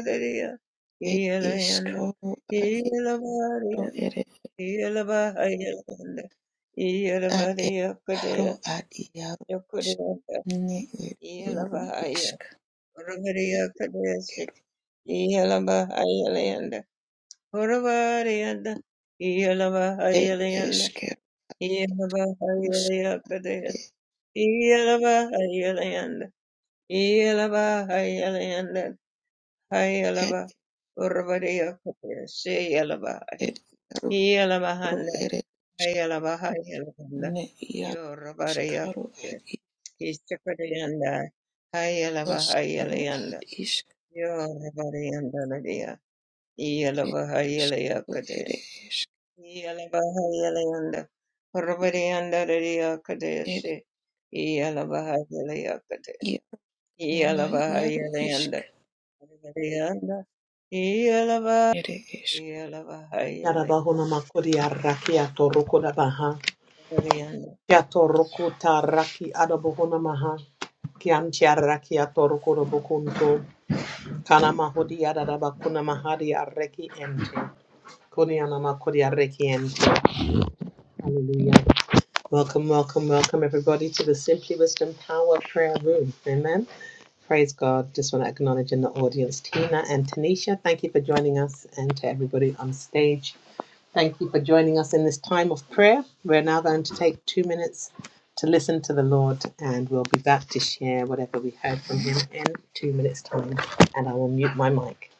S3: et
S1: Yelayanda,
S3: iskoro ad
S1: Yelabariyanda,
S3: iro
S1: Yelabahayalayanda,
S3: Ar
S1: Yelabariyakade,
S3: ero ad iaro isk
S1: Yakudiyanda,
S3: ne er iaro
S1: Yelabahaya.
S3: isk er
S1: Oravaria Kadesik,
S3: ero
S1: Yelava Hyalianda, Oravarianda, Yelava
S3: ed
S1: Hyalianda,
S3: esker
S1: Yelava
S3: uskare
S1: Hyalia Kadea, Yelava Hyalianda, Yelava Hyalianda, Hyalava,
S3: ed
S1: Oravaria Kadea, Yelava,
S3: ed iaro
S1: Yelava
S3: ro
S1: Handa,
S3: ere isk
S1: Hyalava Hyalanda,
S3: ne iaro
S1: Yoravaria
S3: iskaro
S1: Kadea,
S3: ad i
S1: Istakadeanda, Hyalava
S3: eskero ad
S1: Hyalianda,
S3: isk
S1: Yoravaria
S3: ed isk ro
S1: Yelabahayeleyakade.
S3: ere isk
S1: Yelabahayelayanda.
S3: ed
S1: Parvariyandararyakadeyase. Yelabahayeleyakade.
S3: iaro nana iaro isk
S1: Yelabahayelayanda. Parvariyanda. Yelaba-
S3: ere isk.
S1: Yelabahayeleyanda.
S2: Yadabahunama kodi araki atoro kodabaha. Kiatoro kuta raki adabohunamaha. Kianti araki atoro kodabokunto. Kana mahudi adaraba kuna mahadi arreki ente. Kuni anama kuri arreki ente. Hallelujah. Welcome, welcome, welcome everybody to the Simply Wisdom Power Prayer Room. Amen. Praise God. Just want to acknowledge in the audience Tina and Tanisha. Thank you for joining us and to everybody on stage. Thank you for joining us in this time of prayer. We're now going to take two minutes to listen to the Lord and we'll be back to share whatever we heard from Him in two minutes' time. And I will mute my mic.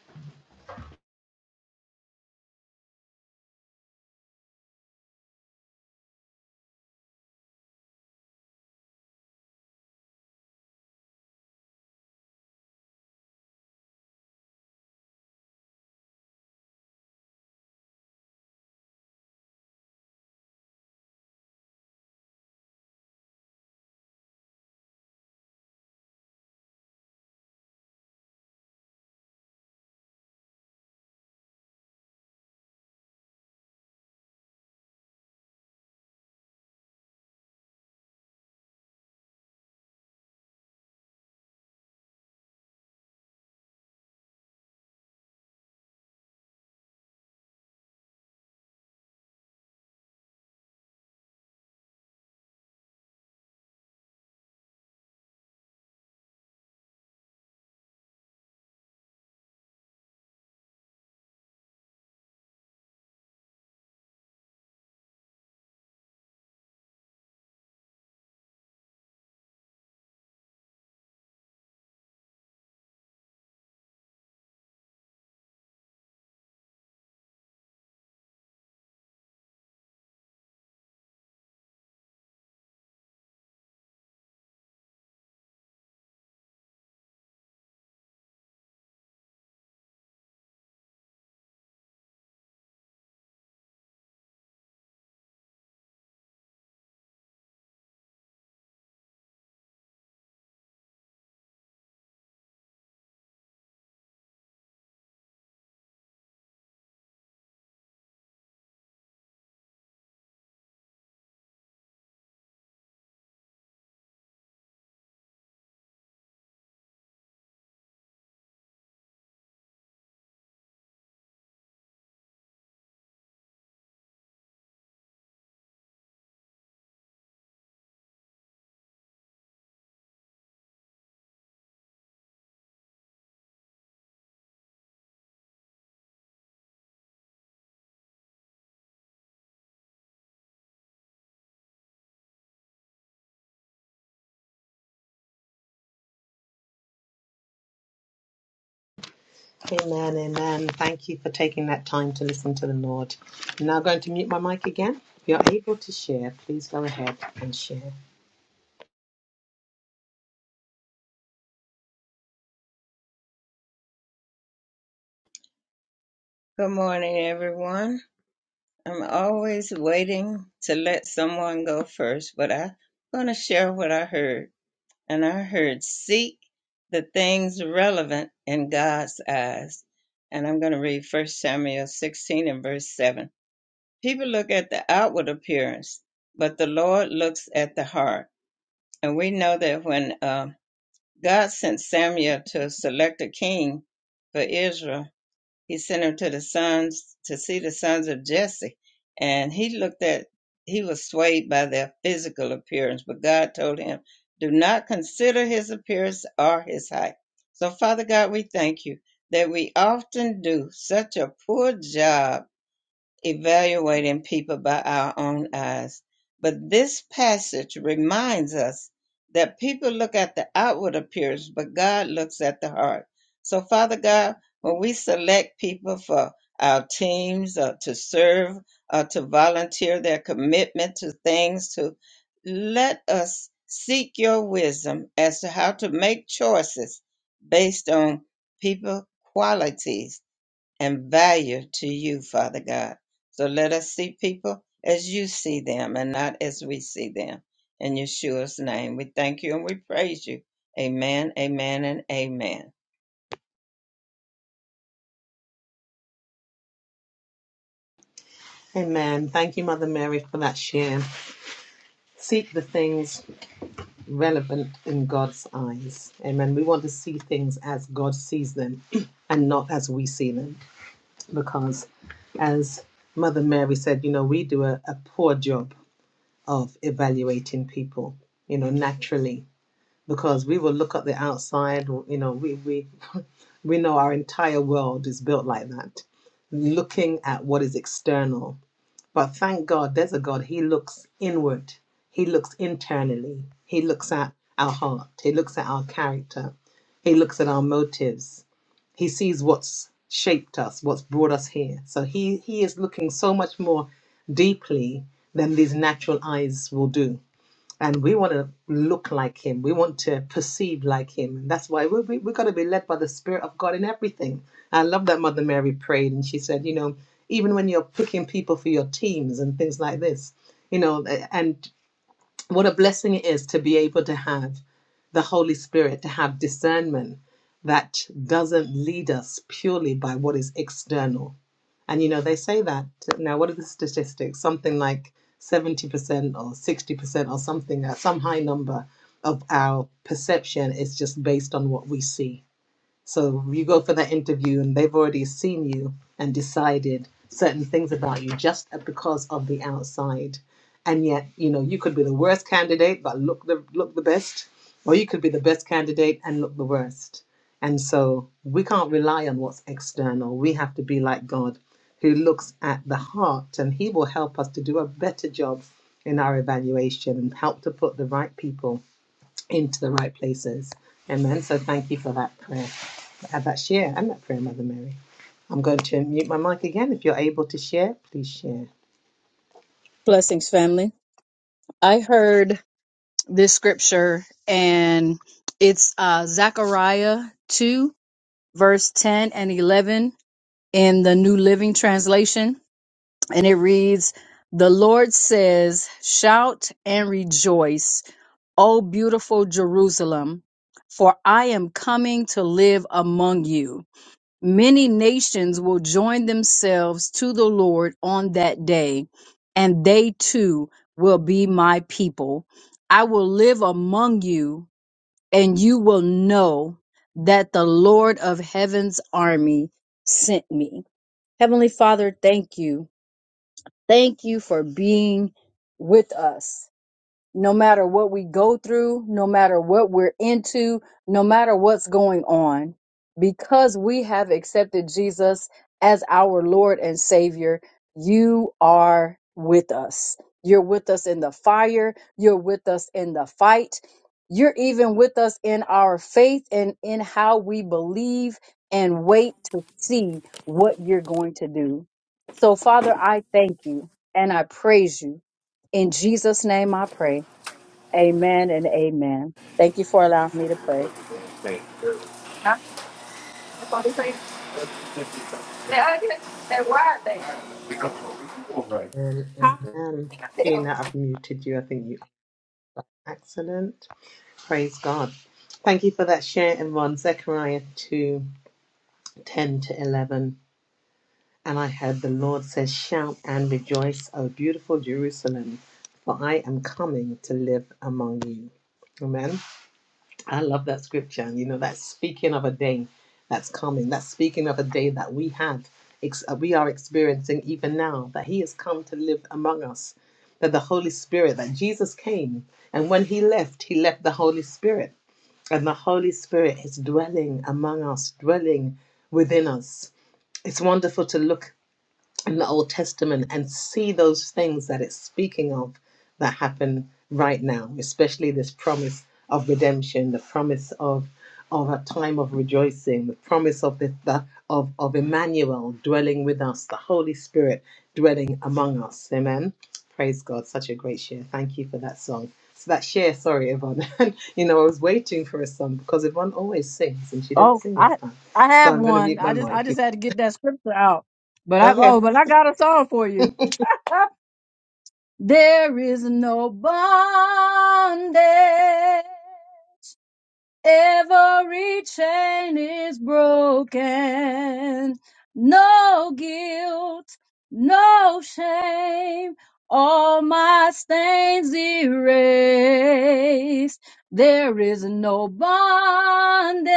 S2: Amen, amen. Thank you for taking that time to listen to the Lord. I'm now going to mute my mic again. If you're able to share, please go ahead and share.
S1: Good morning, everyone. I'm always waiting to let someone go first, but I'm going to share what I heard. and I heard seek the things relevant in God's eyes. And I'm going to read 1 Samuel 16 and verse 7. People look at the outward appearance, but the Lord looks at the heart. And we know that when uh, God sent Samuel to select a king for Israel, he sent him to the sons to see the sons of Jesse. And he looked at, he was swayed by their physical appearance, but God told him, do not consider his appearance or his height. So, Father God, we thank you that we often do such a poor job evaluating people by our own eyes. But this passage reminds us that people look at the outward appearance, but God looks at the heart. So, Father God, when we select people for our teams or to serve or to volunteer their commitment to things, to let us seek your wisdom as to how to make choices based on people qualities and value to you, Father God. So let us see people as you see them and not as we see them. In Yeshua's name, we thank you and we praise you. Amen, amen, and amen.
S2: Amen. Thank you, Mother Mary, for that share. Seek the things relevant in God's eyes. Amen. We want to see things as God sees them [CLEARS THROAT] and not as we see them. Because, as Mother Mary said, you know, we do a, a poor job of evaluating people, you know, naturally because we will look at the outside you know we we [LAUGHS] we know our entire world is built like that looking at what is external but thank god there's a god he looks inward he looks internally he looks at our heart he looks at our character he looks at our motives he sees what's shaped us what's brought us here so he he is looking so much more deeply than these natural eyes will do and we want to look like him we want to perceive like him and that's why we, we, we're going to be led by the spirit of god in everything i love that mother mary prayed and she said you know even when you're picking people for your teams and things like this you know and." what a blessing it is to be able to have the Holy Spirit, to have discernment that doesn't lead us purely by what is external. And you know, they say that now, what are the statistics? Something like 70% or 60% or something, uh, some high number of our perception is just based on what we see. So you go for that interview and they've already seen you and decided certain things about you just because of the outside. And yet, you know, you could be the worst candidate but look the look the best, or you could be the best candidate and look the worst. And so we can't rely on what's external. We have to be like God who looks at the heart and he will help us to do a better job in our evaluation and help to put the right people into the right places. Amen. So thank you for that prayer. Have that share and that prayer, Mother Mary. I'm going to mute my mic again. If you're able to share, please share.
S5: Blessings, family. I heard this scripture, and it's uh, Zechariah 2, verse 10 and 11 in the New Living Translation. And it reads, The Lord says, Shout and rejoice, O beautiful Jerusalem, for I am coming to live among you. Many nations will join themselves to the Lord on that day, and they too will be my people. I will live among you, and you will know that the Lord of heaven's army sent me. Heavenly Father, thank you. Thank you for being with us no matter what we go through, no matter what we're into, no matter what's going on, because we have accepted Jesus as our Lord and Savior, you are with us. You're with us in the fire, you're with us in the fight, you're even with us in our faith and in how we believe and wait to see what you're going to do. So, Father, I thank you and I praise you. In Jesus' name I pray. Amen and amen. Thank you for allowing me to pray.
S6: There are they.
S2: Um, um, Ian, I've muted you. I think you. Excellent. Praise God. Thank you for that share, everyone. Zechariah 2 10 to 11. And I heard the Lord says, Shout and rejoice, O beautiful Jerusalem, for I am coming to live among you. Amen. I love that scripture. And, you know, that's speaking of a day that's coming. That's speaking of a day that we have, ex- uh, we are experiencing even now, that He has come to live among us, that the Holy Spirit, that Jesus came. And when He left, He left the Holy Spirit. And the Holy Spirit is dwelling among us, dwelling within us. It's wonderful to look in the Old Testament and see those things that it's speaking of that happen right now, especially this promise of redemption, the promise of of a time of rejoicing, the promise of the, the of of Emmanuel dwelling with us, the Holy Spirit dwelling among us. Amen. Praise God, such a great share. Thank you for that song. So that share, sorry, Yvonne. [LAUGHS] And you know, I was waiting for a song because Yvonne always sings and she didn't
S5: Oh,
S2: sing this
S5: I
S2: time.
S5: I
S2: So
S5: have
S2: I'm gonna
S5: one.
S2: mute my
S5: I just I
S2: mic. Okay.
S5: just had to get that scripture out. But I oh, but I got a song for you. [LAUGHS] There is no bondage Every chain is broken. No guilt, no shame. All my stains erased. There is no bondage.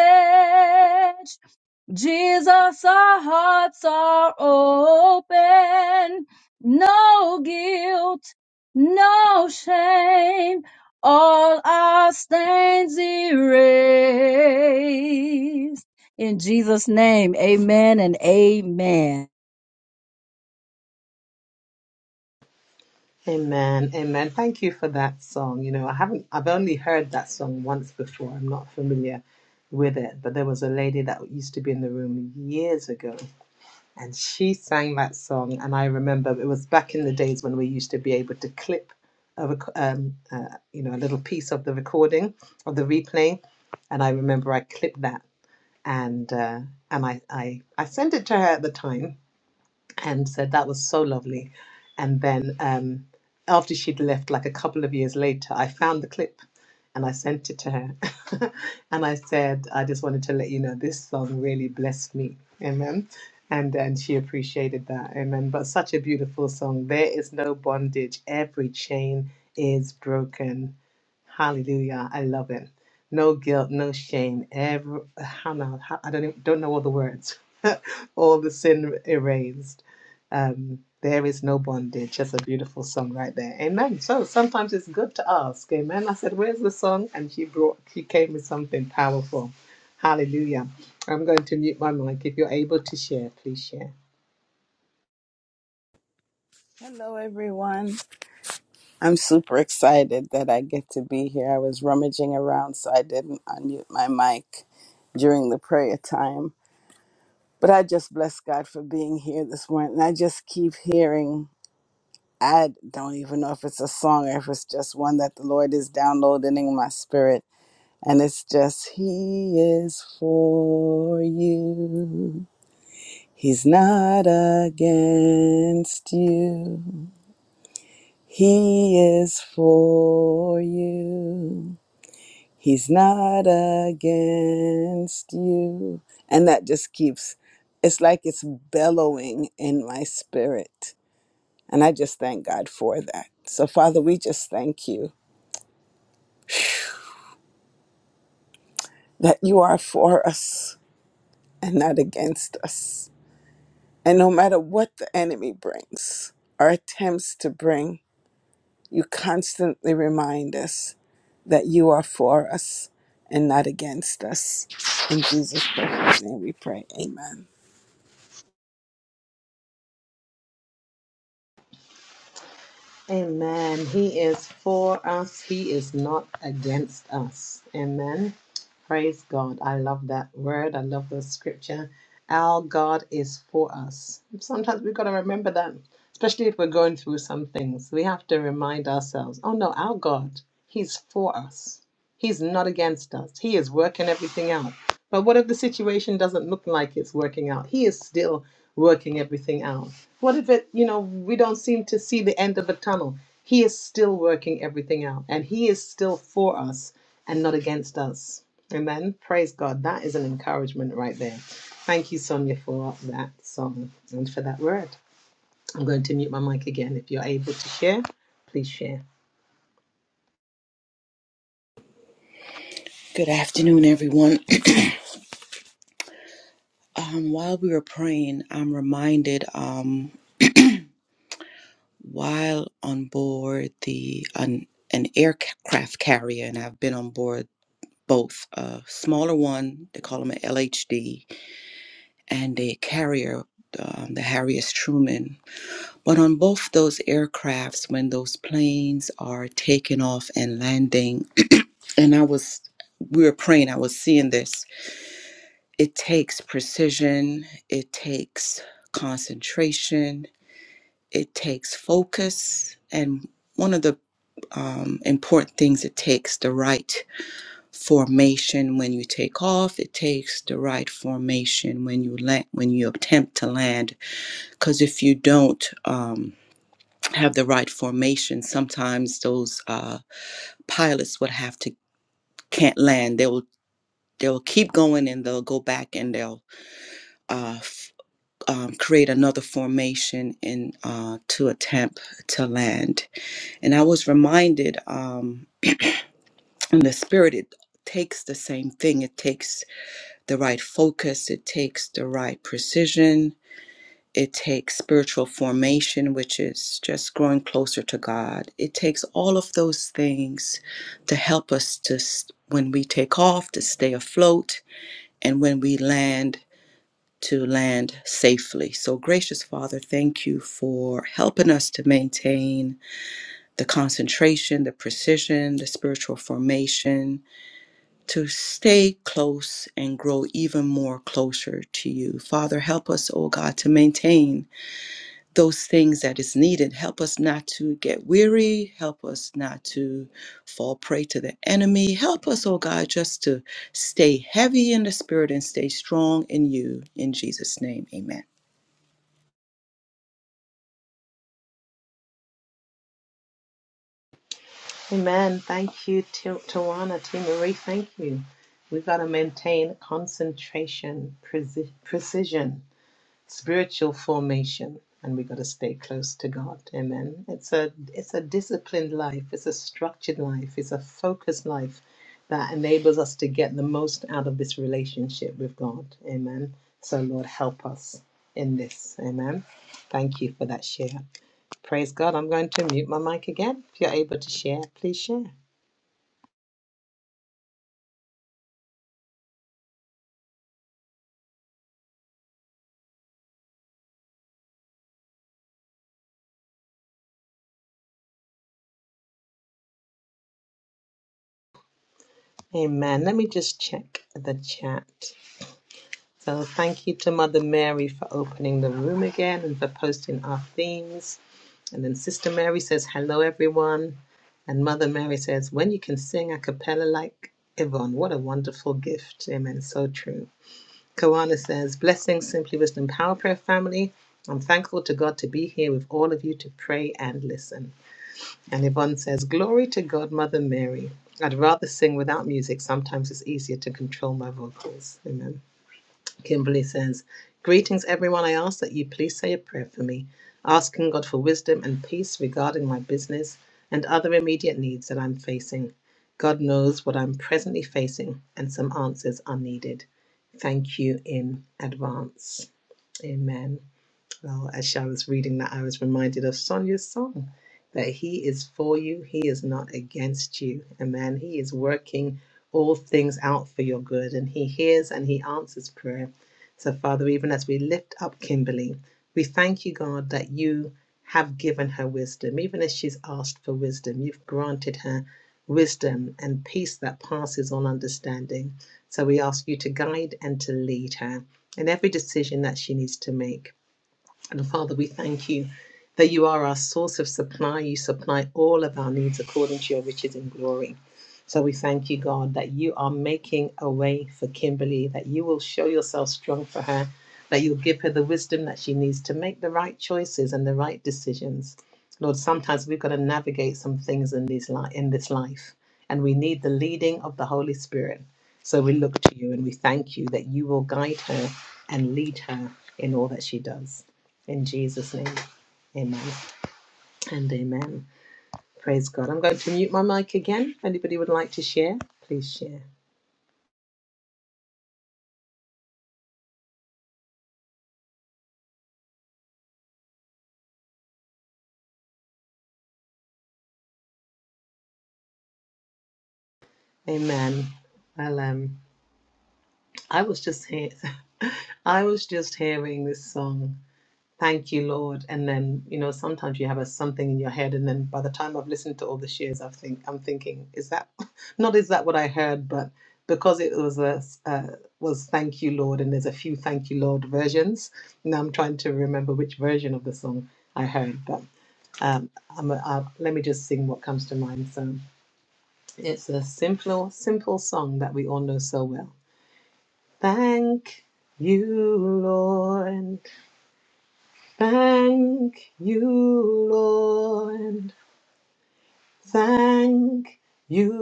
S5: Jesus, our hearts are open. No guilt, no shame all our stains erased. In Jesus' name, amen and amen.
S2: Amen. Amen. Thank you for that song. You know, I haven't, I've only heard that song once before. I'm not familiar with it, but there was a lady that used to be in the room years ago and she sang that song. And I remember it was back in the days when we used to be able to clip a, rec- um, uh, you know, a little piece of the recording of the replay. And I remember I clipped that and, uh, and I, I, I sent it to her at the time and said that was so lovely. And then um, after she'd left, like a couple of years later, I found the clip and I sent it to her. [LAUGHS] and I said, I just wanted to let you know this song really blessed me. Amen. And then she appreciated that. Amen. But such a beautiful song. There is no bondage. Every chain is broken. Hallelujah. I love it. No guilt, no shame. Ever, how now? How, I don't even, don't know all the words. [LAUGHS] all the sin erased. Um, there is no bondage. Just a beautiful song right there. Amen. So sometimes it's good to ask. Amen. I said, "Where's the song?" And she brought. She came with something powerful. Hallelujah. I'm going to mute my mic. If you're able to share, please share.
S7: Hello, everyone. I'm super excited that I get to be here. I was rummaging around, so I didn't unmute my mic during the prayer time. But I just bless God for being here this morning. And I just keep hearing, I don't even know if it's a song or if it's just one that the Lord is downloading in my spirit. And it's just, He is for you, He's not against you. He is for you. He's not against you. And that just keeps, it's like it's bellowing in my spirit. And I just thank God for that. So, Father, we just thank you that you are for us and not against us. And no matter what the enemy brings or attempts to bring, You constantly remind us that you are for us and not against us. In Jesus' precious name we pray. Amen.
S2: Amen. He is for us, He is not against us. Amen. Praise God. I love that word. I love the scripture. Our God is for us. Sometimes we've got to remember that, especially if we're going through some things. We have to remind ourselves oh, no, our God, He's for us. He's not against us. He is working everything out. But what if the situation doesn't look like it's working out? He is still working everything out. What if it, you know, we don't seem to see the end of a tunnel? He is still working everything out and He is still for us and not against us. Amen. Praise God. That is an encouragement right there. Thank you, Sonia, for that song and for that word. I'm going to mute my mic again. If you're able to share, please share.
S3: Good afternoon, everyone. [CLEARS THROAT] um, while we were praying, I'm reminded. Um, [CLEARS THROAT] while on board the an, an aircraft carrier, and I've been on board both a smaller one, they call them an LHD, and a carrier, um, the Harry S. Truman. But on both those aircrafts, when those planes are taking off and landing, and I was, we were praying, I was seeing this. It takes precision, it takes concentration, it takes focus and one of the um, important things it takes the right formation when you take off it takes the right formation when you land when you attempt to land because if you don't um, have the right formation sometimes those uh, pilots would have to can't land they will they'll keep going and they'll go back and they'll uh, f- um, create another formation in uh, to attempt to land And I was reminded um, in the spirit, it takes the same thing. It takes the right focus, it takes the right precision, it takes spiritual formation, which is just growing closer to God. It takes all of those things to help us to, s- when we take off, to stay afloat, and when we land, to land safely. So, gracious Father, thank you for helping us to maintain the concentration, the precision, the spiritual formation to stay close and grow even more closer to you. Father, help us, oh God, to maintain those things that is needed. Help us not to get weary. Help us not to fall prey to the enemy. Help us, oh God, just to stay heavy in the spirit and stay strong in you. In Jesus' name, amen.
S2: Amen. Thank you, T- Tawana, T. Marie. Thank you. We've got to maintain concentration, preci- precision spiritual formation and we got to stay close to god amen it's a it's a disciplined life it's a structured life it's a focused life that enables us to get the most out of this relationship with god amen so lord help us in this amen thank you for that share praise god i'm going to mute my mic again if you're able to share please share amen let me just check the chat So thank you to Mother Mary for opening the room again and for posting our themes. And then Sister Mary says, Hello, everyone. And Mother Mary says, When you can sing a cappella like Yvonne, what a wonderful gift. Amen. So true. Kawana says, Blessings, Simply Wisdom Power Prayer family. I'm thankful to God to be here with all of you to pray and listen. And Yvonne says, Glory to God, Mother Mary. I'd rather sing without music. Sometimes it's easier to control my vocals. Amen. Kimberly says, Greetings, everyone. I ask that you please say a prayer for me, asking God for wisdom and peace regarding my business and other immediate needs that I'm facing. God knows what I'm presently facing, and some answers are needed. Thank you in advance. Amen. Well, as I was reading that, I was reminded of Sonia's song that He is for you, He is not against you. And man, He is working all things out for your good, and He hears and He answers prayer. So, Father, even as we lift up Kimberly, we thank you, God, that you have given her wisdom. Even as she's asked for wisdom, you've granted her wisdom and peace that passes all understanding. So, we ask you to guide and to lead her in every decision that she needs to make. And Father, we thank you that you are our source of supply. You supply all of our needs according to your riches and glory. So we thank you, God, that you are making a way for Kimberly, that you will show yourself strong for her, that you'll give her the wisdom that she needs to make the right choices and the right decisions. Lord, sometimes we've got to navigate some things in, these li- in this life, and we need the leading of the Holy Spirit. So we look to you and we thank you that you will guide her and lead her in all that she does. In Jesus' name, amen and amen. Praise God. I'm going to mute my mic again. If anybody would like to share, please share. Amen. Well, um, I was just here. [LAUGHS] I was just hearing this song Thank you, Lord. And then, you know, sometimes you have a something in your head, and then by the time I've listened to all the shares, I think I'm thinking, is that [LAUGHS] not is that what I heard? But because it was a uh, was thank you, Lord, and there's a few thank you, Lord versions. Now I'm trying to remember which version of the song I heard, but um, I'm a, I, let me just sing what comes to mind. So it's a simple, simple song that we all know so well. Thank you, Lord. Thank you, Lord. Thank you,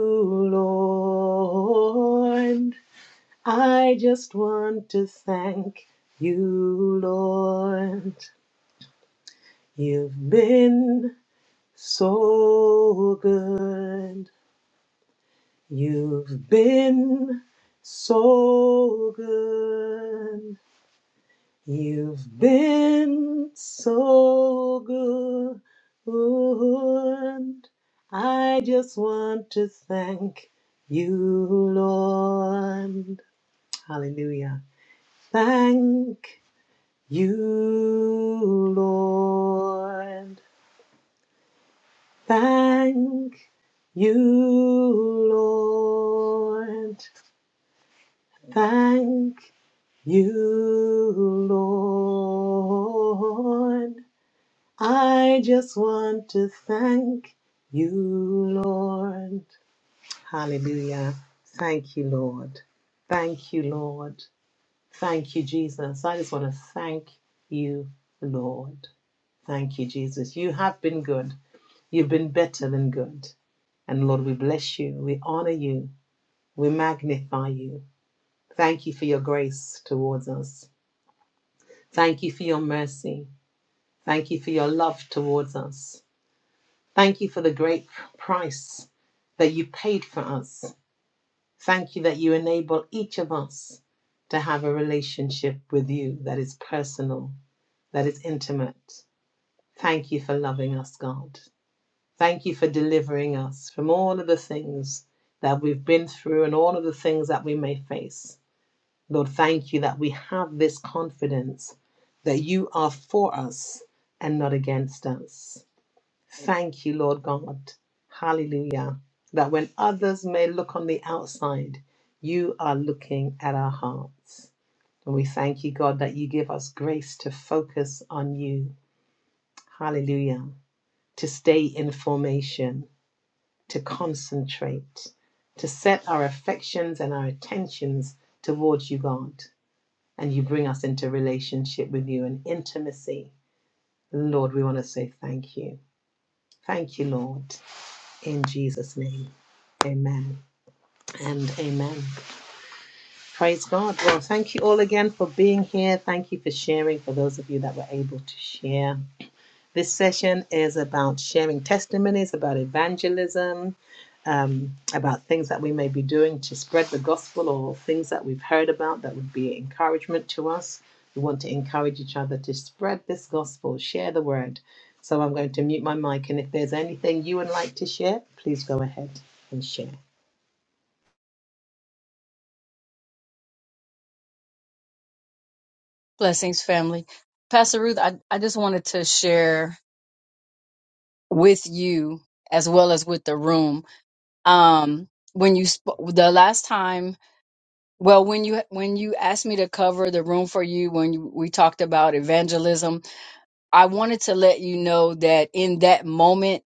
S2: Lord. I just want to thank you, Lord. You've been so good. You've been so good. You've been so good. I just want to thank you, Lord. Hallelujah. Thank you, Lord. Thank you, Lord. Thank you, Lord. I just want to thank you, Lord. Hallelujah. Thank you, Lord. Thank you, Lord. Thank you, Jesus. I just want to thank you, Lord. Thank you, Jesus. You have been good. You've been better than good. And Lord, we bless you. We honor you. We magnify you. Thank you for your grace towards us. Thank you for your mercy. Thank you for your love towards us. Thank you for the great price that you paid for us. Thank you that you enable each of us to have a relationship with you that is personal, that is intimate. Thank you for loving us, God. Thank you for delivering us from all of the things that we've been through and all of the things that we may face. Lord, thank you that we have this confidence that you are for us and not against us. Thank you, Lord God. Hallelujah. That when others may look on the outside, you are looking at our hearts. And we thank you, God, that you give us grace to focus on you. Hallelujah. To stay in formation, to concentrate, to set our affections and our attentions towards you, God. And you bring us into relationship with you and intimacy. Lord, we want to say thank you. Thank you, Lord. in Jesus' name. Amen and amen. Praise God. Well, thank you all again for being here. Thank you for sharing, for those of you that were able to share. This session is about sharing testimonies, about evangelism, um, about things that we may be doing to spread the gospel or things that we've heard about that would be encouragement to us. We want to encourage each other to spread this gospel, share the word. So I'm going to mute my mic, and if there's anything you would like to share, please go ahead and share.
S5: Blessings, family. Pastor Ruth, I, I just wanted to share with you as well as with the room. Um, when you sp- the last time, well, when you when you asked me to cover the room for you, when you, we talked about evangelism, I wanted to let you know that in that moment,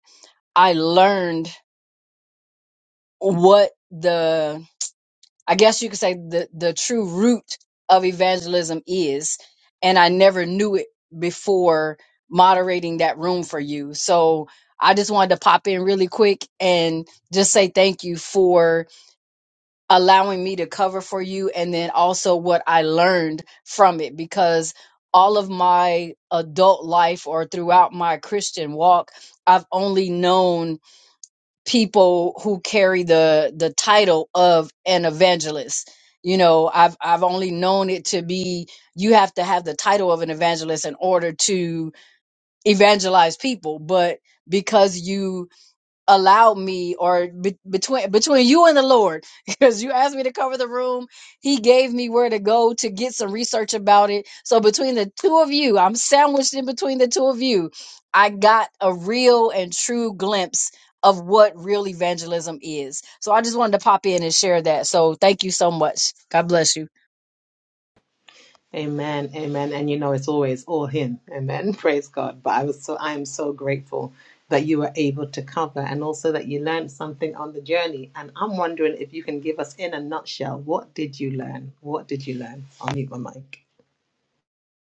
S5: I learned what the I guess you could say the, the true root of evangelism is. And I never knew it before moderating that room for you. So I just wanted to pop in really quick and just say thank you for allowing me to cover for you and then also what I learned from it because all of my adult life or throughout my Christian walk, I've only known people who carry the the title of an evangelist. You know, I've I've only known it to be you have to have the title of an evangelist in order to evangelize people, but because you allowed me or be, between between you and the lord [LAUGHS] because you asked me to cover the room he gave me where to go to get some research about it so between the two of you i'm sandwiched in between the two of you i got a real and true glimpse of what real evangelism is so i just wanted to pop in and share that so thank you so much god bless you
S2: Amen, amen. And you know, it's always all Him. Amen. [LAUGHS] Praise God. But I was so, I am so grateful that you were able to cover and also that you learned something on the journey. And I'm wondering if you can give us, in a nutshell, what did you learn? What did you learn? I'll mute my mic.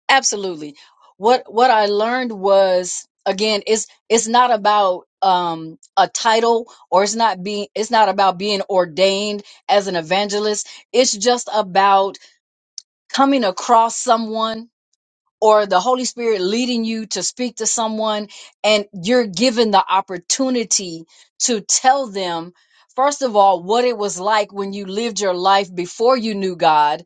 S5: absolutely what what i learned was again it's it's not about um a title or it's not being it's not about being ordained as an evangelist it's just about coming across someone or the holy spirit leading you to speak to someone and you're given the opportunity to tell them First of all, what it was like when you lived your life before you knew God,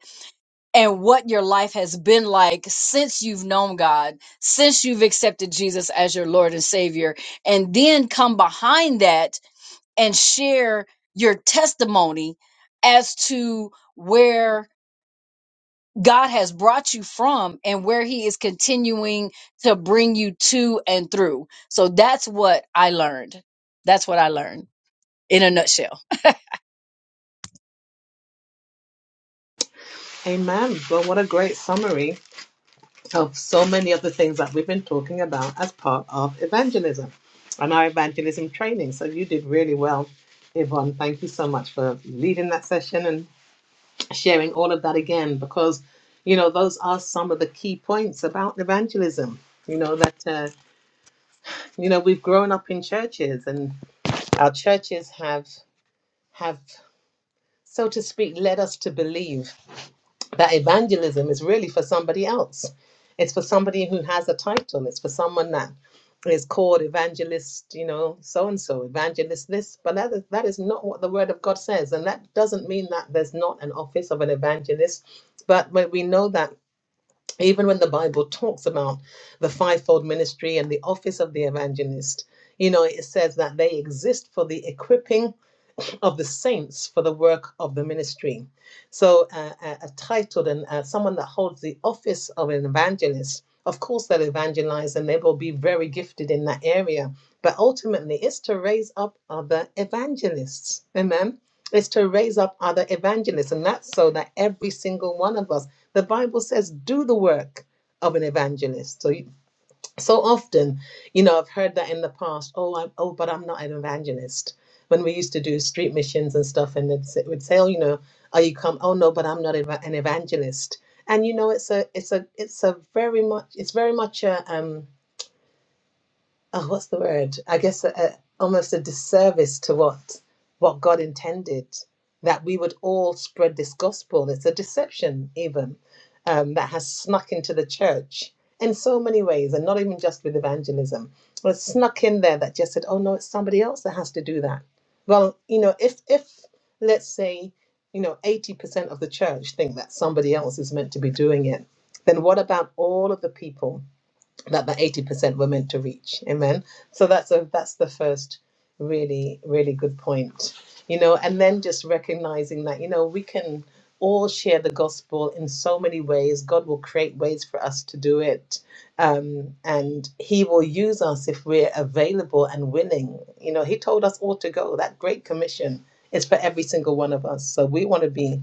S5: and what your life has been like since you've known God, since you've accepted Jesus as your Lord and Savior, and then come behind that and share your testimony as to where God has brought you from and where He is continuing to bring you to and through. So that's what I learned. That's what I learned in a nutshell.
S2: Amen. Well, what a great summary of so many of the things that we've been talking about as part of evangelism and our evangelism training. So you did really well, Yvonne. Thank you so much for leading that session and. sharing all of that again because you know those are some of the key points about evangelism you know that uh, you know we've grown up in churches and our churches have have so to speak led us to believe that evangelism is really for somebody else it's for somebody who has a title it's for someone that is called evangelist you know so and so evangelist this but that is, that is not what the word of god says and that doesn't mean that there's not an office of an evangelist but when we know that even when the Bible talks about the fivefold ministry and the office of the evangelist, you know, it says that they exist for the equipping of the saints for the work of the ministry. So, uh, a, a titled and uh, someone that holds the office of an evangelist, of course, they'll evangelize and they will be very gifted in that area. But ultimately, it's to raise up other evangelists. Amen. It's to raise up other evangelists. And that's so that every single one of us, the Bible says, do the work of an evangelist. So, so often you know i've heard that in the past oh I'm, oh but i'm not an evangelist when we used to do street missions and stuff and it would say oh you know are you come oh no but i'm not eva- an evangelist and you know it's a it's a it's a very much it's very much a um oh, what's the word? I guess a, a, almost a disservice to what what God intended that we would all spread this gospel. It's a deception, even um, that has snuck into the church in so many ways, and not even just with evangelism. But it's snuck in there that just said, "Oh no, it's somebody else that has to do that." Well, you know, if if let's say you know eighty percent of the church think that somebody else is meant to be doing it, then what about all of the people? that that 80% were meant to reach amen so that's a that's the first really really good point you know and then just recognizing that you know we can all share the gospel in so many ways god will create ways for us to do it um, and he will use us if we're available and willing you know he told us all to go that great commission is for every single one of us so we want to be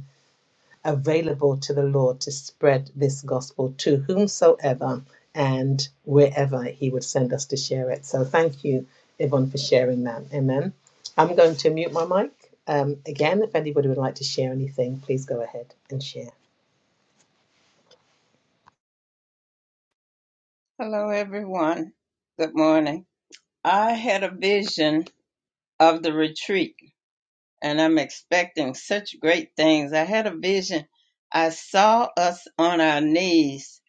S2: available to the Lord to spread this gospel to whomsoever and wherever He would send us to share it. So thank you, Yvonne, for sharing that. Amen. I'm going to mute my mic. Um, again, if anybody would like to share anything, please go ahead and share.
S1: Hello, everyone. Good morning. I had a vision of the retreat, and I'm expecting such great things. I had a vision. I saw us on our knees,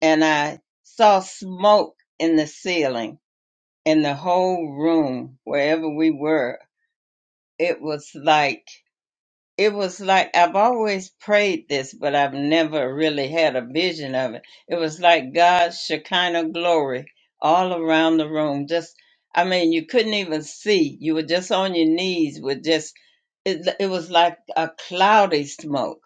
S1: and I saw smoke in the ceiling In the whole room, wherever we were, it was like, it was like, I've always prayed this, but I've never really had a vision of it. It was like God's Shekinah glory all around the room. Just, I mean, you couldn't even see. You were just on your knees with just, it, it was like a cloudy smoke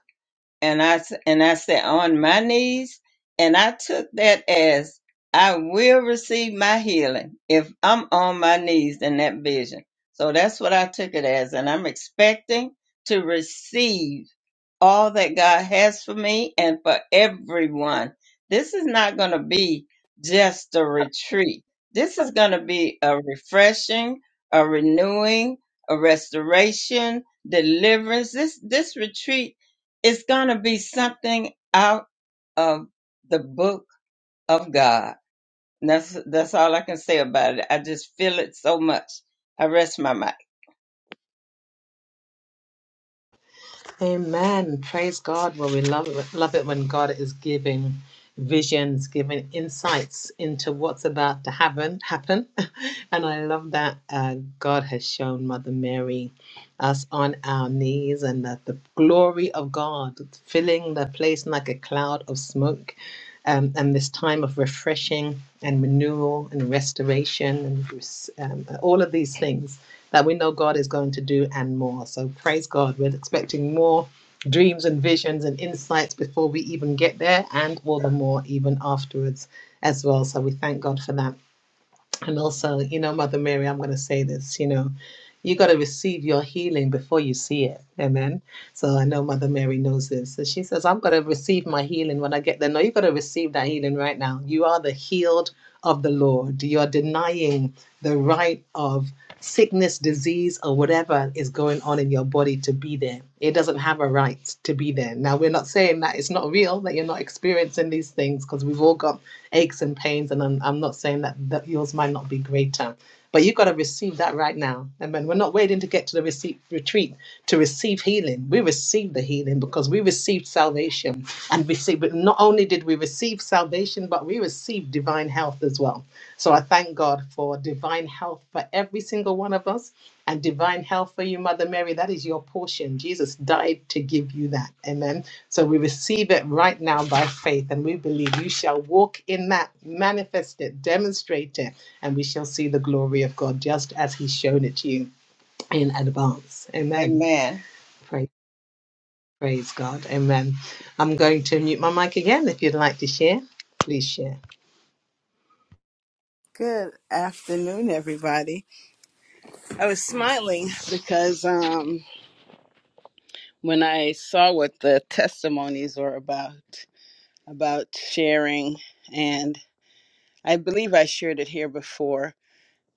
S1: and I s- and I said on my knees, and I took that as I will receive my healing if I'm on my knees in that vision. So that's what I took it as, and I'm expecting to receive all that God has for me and for everyone. This is not going to be just a retreat. This is going to be a refreshing, a renewing, a restoration, deliverance. This this retreat is going to be something out of the book of God. And that's that's all I can say about it. I just feel it so much. I rest my mic.
S2: Amen. Praise God. Well, we love it, love it when God is giving visions, giving insights into what's about to happen. Happen, [LAUGHS] and I love that uh, God has shown Mother Mary us on our knees, and that the glory of God filling the place like a cloud of smoke, um, and this time of refreshing and renewal and restoration and res- um, all of these things that we know God is going to do and more. So praise God. We're expecting more dreams and visions and insights before we even get there and all the more even afterwards as well. So we thank God for that. And also, you know, Mother Mary, I'm going to say this, you know, you got to receive your healing before you see it. Amen. So I know Mother Mary knows this. So she says, I'm going to receive my healing when I get there. No, you got to receive that healing right now. You are the healed of the Lord. You're denying the right of sickness, disease, or whatever is going on in your body to be there. It doesn't have a right to be there. Now, we're not saying that it's not real, that you're not experiencing these things, because we've all got aches and pains. And I'm, I'm not saying that, that yours might not be greater, but you've got to receive that right now. And when we're not waiting to get to the receipt, retreat to receive healing, we received the healing because we received salvation. And we see, but not only did we receive salvation, but we received divine health as well. So I thank God for divine health for every single one of us and divine health for you, Mother Mary. That is your portion. Jesus died to give you that. Amen. So we receive it right now by faith, and we believe you shall walk in that, manifest it, demonstrate it, and we shall see the glory of God just as He's shown it to you in advance. Amen.
S1: Amen.
S2: Praise, praise God. Amen. I'm going to mute my mic again. If you'd like to share, please share.
S7: Good afternoon, everybody. I was smiling because um, when I saw what the testimonies were about, about sharing, and I believe I shared it here before.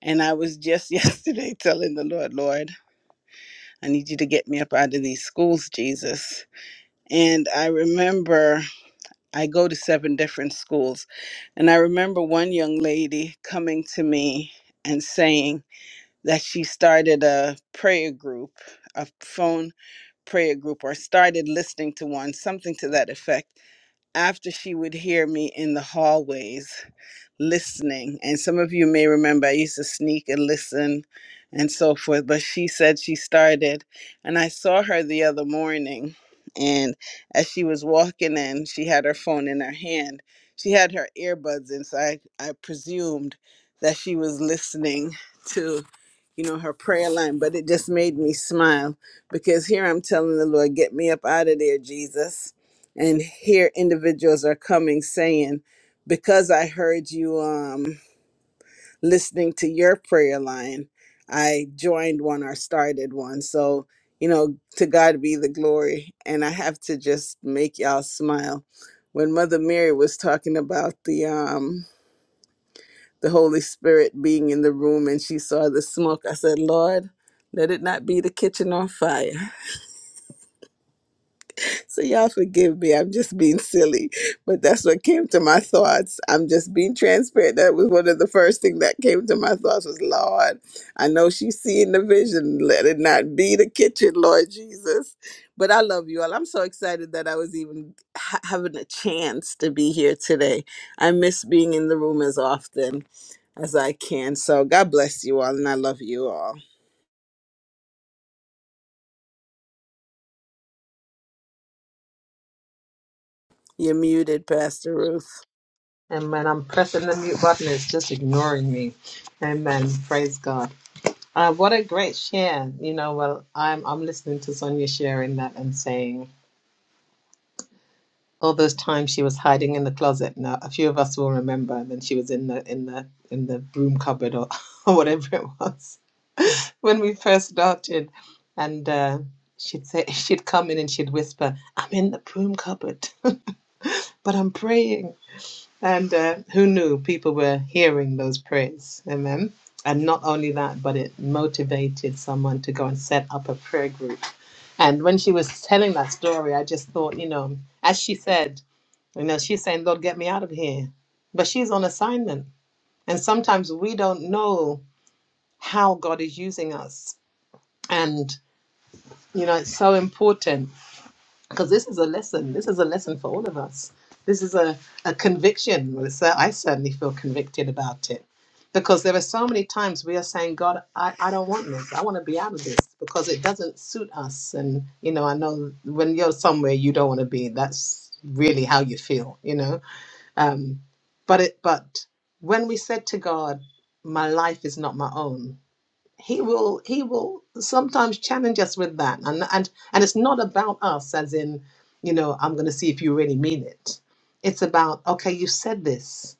S7: And I was just [LAUGHS] yesterday telling the Lord, Lord, I need you to get me up out of these schools, Jesus. And I remember I go to seven different schools. And I remember one young lady coming to me and saying that she started a prayer group, a phone prayer group, or started listening to one, something to that effect, after she would hear me in the hallways listening. And some of you may remember I used to sneak and listen and so forth. But she said she started, and I saw her the other morning. And as she was walking in, she had her phone in her hand. She had her earbuds in, so I, I presumed that she was listening to, you know, her prayer line. But it just made me smile because here I'm telling the Lord, get me up out of there, Jesus. And here individuals are coming saying, because I heard you um listening to your prayer line, I joined one or started one. So, you know, to God be the glory. And I have to just make y'all smile. When Mother Mary was talking about the um the Holy Spirit being in the room and she saw the smoke, I said, Lord, let it not be the kitchen on fire. So y'all forgive me. I'm just being silly, but that's what came to my thoughts. I'm just being transparent. That was one of the first thing that came to my thoughts was, Lord, I know she's seeing the vision. Let it not be the kitchen, Lord Jesus. But I love you all. I'm so excited that I was even ha- having a chance to be here today. I miss being in the room as often as I can. So God bless you all, and I love you all. You're muted, Pastor Ruth.
S2: And when I'm pressing the mute button, it's just ignoring me. Amen. Praise God. Uh, what a great share. You know, well, I'm I'm listening to Sonia sharing that and saying all those times she was hiding in the closet. Now, a few of us will remember. And then she was in the in the in the broom cupboard or, [LAUGHS] or whatever it was when we first started, and uh, she'd say [LAUGHS] she'd come in and she'd whisper, "I'm in the broom cupboard, [LAUGHS] but I'm praying." And uh, who knew people were hearing those prayers? Amen. And not only that, but it motivated someone to go and set up a prayer group. And when she was telling that story, I just thought, you know, as she said, you know, she's saying, Lord, get me out of here. But she's on assignment. And sometimes we don't know how God is using us. And, you know, it's so important because this is a lesson. This is a lesson for all of us. This is a, a conviction, Melissa. I certainly feel convicted about it because there are so many times we are saying, God, I, I don't want this. I want to be out of this because it doesn't suit us. And, you know, I know when you're somewhere you don't want to be, that's really how you feel, you know. Um, but it, but when we said to God, my life is not my own, he will he will sometimes challenge us with that and and and it's not about us as in you know i'm going to see if you really mean it it's about okay you said this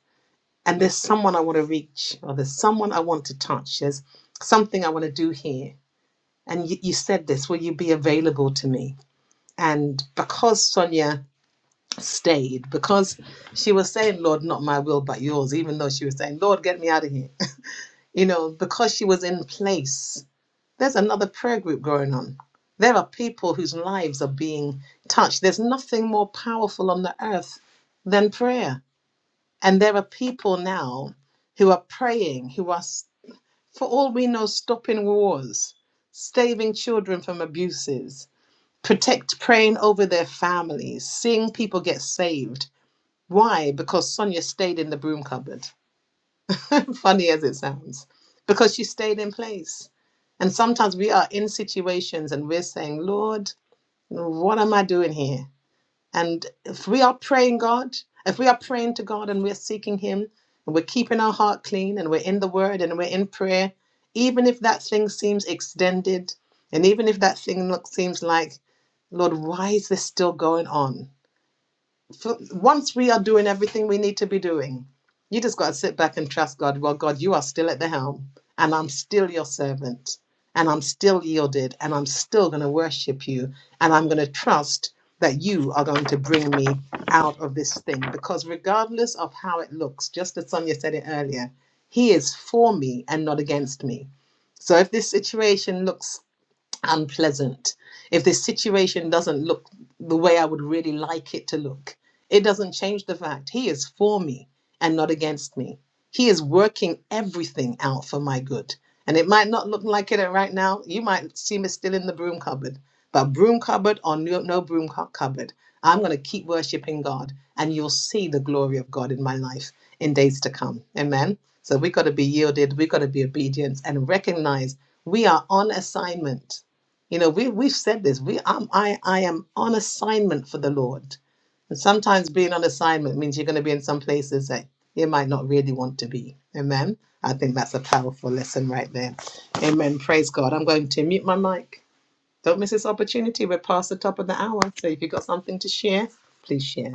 S2: and there's someone i want to reach or there's someone i want to touch there's something i want to do here and you, you said this will you be available to me and because sonia stayed because she was saying lord not my will but yours even though she was saying lord get me out of here [LAUGHS] you know because she was in place there's another prayer group going on. There are people whose lives are being touched. There's nothing more powerful on the earth than prayer. And there are people now who are praying, who are, for all we know, stopping wars, saving children from abuses, protect praying over their families, seeing people get saved. Why? Because Sonia stayed in the broom cupboard. [LAUGHS] funny as it sounds, because she stayed in place. And sometimes we are in situations and we're saying, Lord, what am I doing here? And if we are praying God, if we are praying to God and we're seeking Him and we're keeping our heart clean and we're in the Word and we're in prayer, even if that thing seems extended and even if that thing look, seems like, Lord, why is this still going on? for, once we are doing everything we need to be doing, you just got to sit back and trust God. Well, God, you are still at the helm, and I'm still your servant, and I'm still yielded, and I'm still going to worship you, and I'm going to trust that you are going to bring me out of this thing. Because regardless of how it looks, just as Sonia said it earlier, He is for me and not against me. So if this situation looks unpleasant, if this situation doesn't look the way I would really like it to look, it doesn't change the fact He is for me and not against me. He is working everything out for my good. And it might not look like it right now. You might see me still in the broom cupboard, but broom cupboard or no, no broom cu- cupboard, I'm going to keep worshiping God and you'll see the glory of God in my life in days to come. Amen. So we've got to be yielded, we've got to be obedient and recognize we are on assignment you know, we we've said this. We I'm, I I am on assignment for the Lord, and sometimes being on assignment means you're going to be in some places that you might not really want to be. Amen. I think that's a powerful lesson right there. Amen. Praise God. I'm going to mute my mic. Don't miss this opportunity. We're past the top of the hour, so if you've got something to share, please share.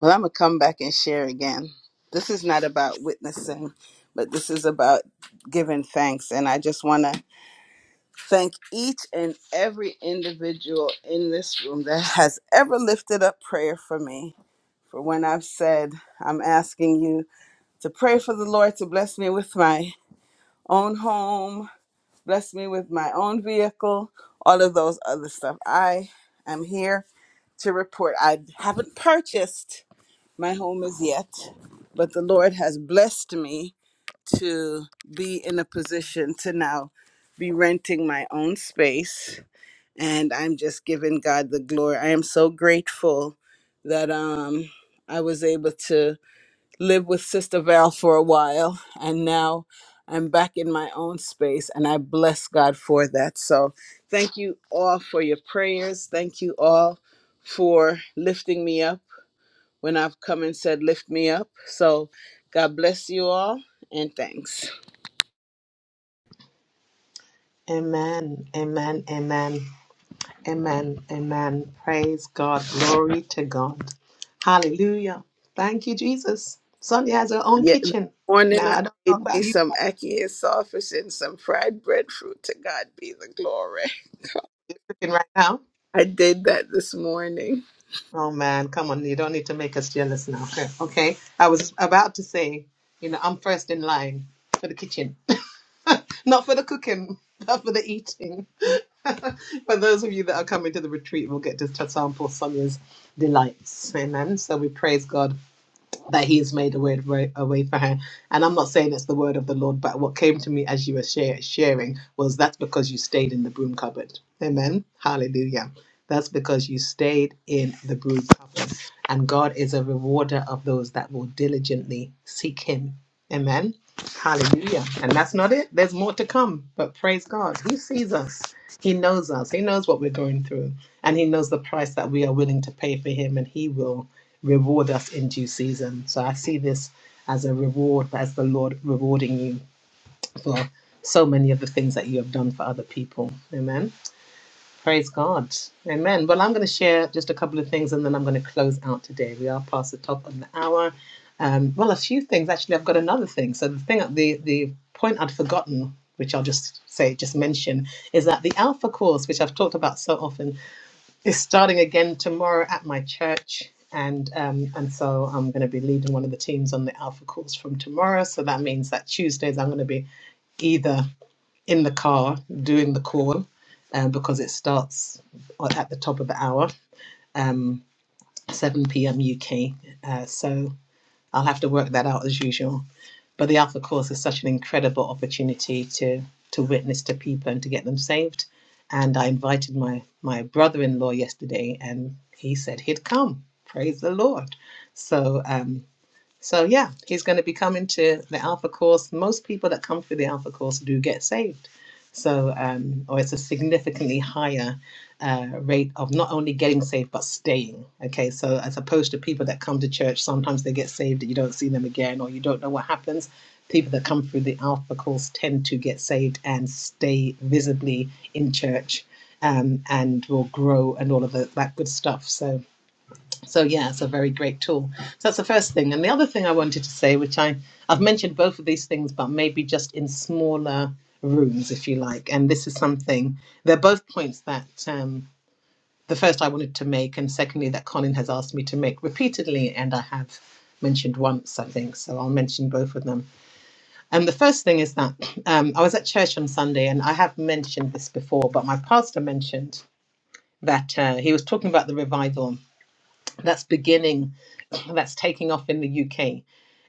S7: Well, I'm going to come back and share again. This is not about witnessing, but this is about giving thanks. And I just want to thank each and every individual in this room that has ever lifted up prayer for me. For when I've said, I'm asking you to pray for the Lord to bless me with my own home, bless me with my own vehicle, all of those other stuff. I am here to report I haven't purchased my home is yet, but the Lord has blessed me to be in a position to now be renting my own space. And I'm just giving God the glory. I am so grateful that um, I was able to live with Sister Val for a while. And now I'm back in my own space. And I bless God for that. So thank you all for your prayers. Thank you all for lifting me up when I've come and said, Lift me up. So God bless you all and thanks.
S2: Amen. Amen. Amen. Amen. Amen. Praise God. Glory to God. Hallelujah. Thank you, Jesus. Sonia has her own
S7: Yeah, this
S2: kitchen.
S7: morning
S2: Now,
S7: I
S2: I don't know
S7: made
S2: about
S7: me
S2: you
S7: some ackee and sausage and some fried breadfruit. To God be the glory.
S2: cooking right now.
S7: I did that this morning.
S2: Oh, man. Come on. You don't need to make us jealous now. [LAUGHS] Okay. okay. I was about to say, you know, I'm first in line for the kitchen, [LAUGHS] not for the cooking, [LAUGHS] but for the eating. [LAUGHS] for those of you that are coming to the retreat, we'll get to sample Sonia's delights. Amen. So we praise God that he's made a way, way, a way for her. And I'm not saying it's the word of the Lord, but what came to me as you were share, sharing was that's because you stayed in the broom cupboard. Amen. Hallelujah. That's because you stayed in the broom cupboard. And God is a rewarder of those that will diligently seek him. Amen. Hallelujah. And that's not it. There's more to come. But praise God. He sees us. He knows us. He knows what we're going through. And he knows the price that we are willing to pay for him. And he will reward us in due season. So I see this as a reward, as the Lord rewarding you for so many of the things that you have done for other people. Amen. Praise God. Amen. Well, I'm going to share just a couple of things and then I'm going to close out today. We are past the top of the hour. Um, well, a few things. Actually, I've got another thing. So the thing, the, the point I'd forgotten, which I'll just say, just mention, is that the Alpha course, which I've talked about so often it's starting again tomorrow at my church, and um, and so I'm going to be leading one of the teams on the Alpha course from tomorrow. So that means that Tuesdays I'm going to be either in the car doing the call, um, because it starts at the top of the hour, um, 7 p.m. UK. Uh, so. I'll have to work that out as usual. But the Alpha course is such an incredible opportunity to to witness to people and to get them saved. And I invited my my brother in law yesterday, and he said he'd come. Praise the Lord! So um, so yeah, he's going to be coming to the Alpha course. Most people that come through the Alpha course do get saved. So, um, or it's a significantly higher uh, rate of not only getting saved but staying. Okay, so as opposed to people that come to church, sometimes they get saved and you don't see them again, or you don't know what happens. People that come through the Alpha course tend to get saved and stay visibly in church, um, and will grow and all of the, that good stuff. So so yeah, it's a very great tool. So that's the first thing. And the other thing I wanted to say, which I I've mentioned both of these things, but maybe just in smaller rooms, if you like. And this is something. They're both points that um, the first I wanted to make, and secondly that Colin has asked me to make repeatedly, and I have mentioned once, I think. So I'll mention both of them. And the first thing is that um, I was at church on Sunday, and I have mentioned this before, but my pastor mentioned that uh, he was talking about the revival that's beginning that's taking off in the UK.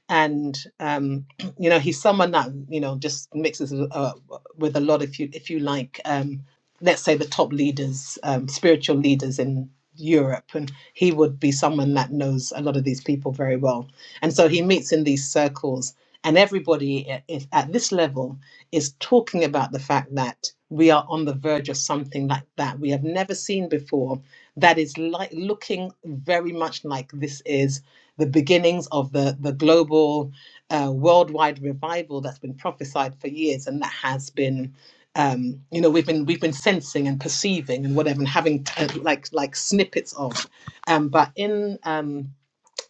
S2: And um, [CLEARS THROAT] you know, he's someone that you know just mixes uh, with a lot. If you if you like, um, let's say the top leaders, um, spiritual leaders in Europe, and he would be someone that knows a lot of these people very well. And so he meets in these circles, and everybody at this level is talking about the fact that we are on the verge of something like that we have never seen before that is like looking very much like this is the beginnings of the, the global uh, worldwide revival that's been prophesied for years and that has been um, you know we've been we've been sensing and perceiving and whatever and having uh, like like snippets of um, but in um,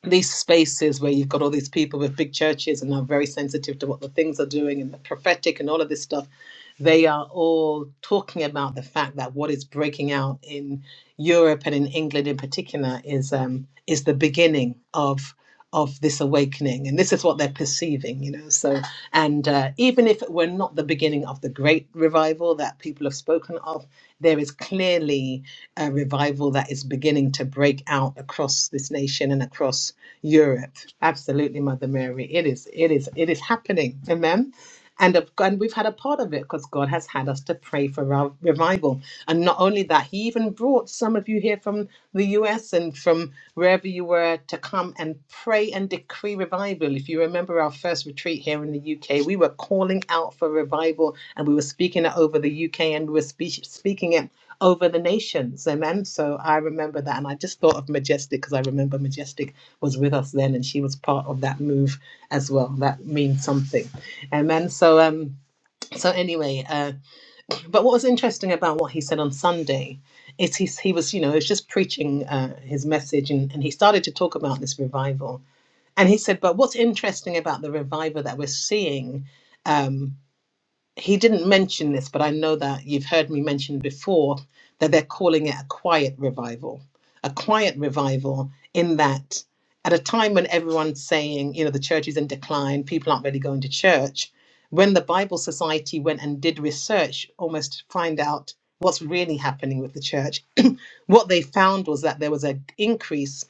S2: these spaces where you've got all these people with big churches and are very sensitive to what the things are doing and the prophetic and all of this stuff they are all talking about the fact that what is breaking out in Europe and in England in particular is um, is the beginning of of this awakening, and this is what they're perceiving, you know. So, and uh, even if it were not the beginning of the great revival that people have spoken of, there is clearly uh, revival that is beginning to break out across this nation and across Europe. Absolutely, Mother Mary, it is, it is, it is happening. Amen. And, of, and we've had a part of it because God has had us to pray for rev- revival. And not only that, He even brought some of you here from the US and from wherever you were to come and pray and decree revival. If you remember our first retreat here in the UK, we were calling out for revival and we were speaking it over the UK and we were spe- speaking it over the nations. Amen. So I remember that. And I just thought of Majestic because I remember Majestic was with us then and she was part of that move as well. That means something. Amen. So, um, so anyway, uh, but what was interesting about what he said on Sunday is he, he was, you know, he was just preaching uh, his message and, and he started to talk about this revival. And he said, but what's interesting about the revival that we're seeing? um he didn't mention this, but I know that you've heard me mention before that they're calling it a quiet revival. A quiet revival, in that at a time when everyone's saying, you know, the church is in decline, people aren't really going to church, when the Bible Society went and did research almost to find out what's really happening with the church, [CLEARS THROAT] what they found was that there was an increase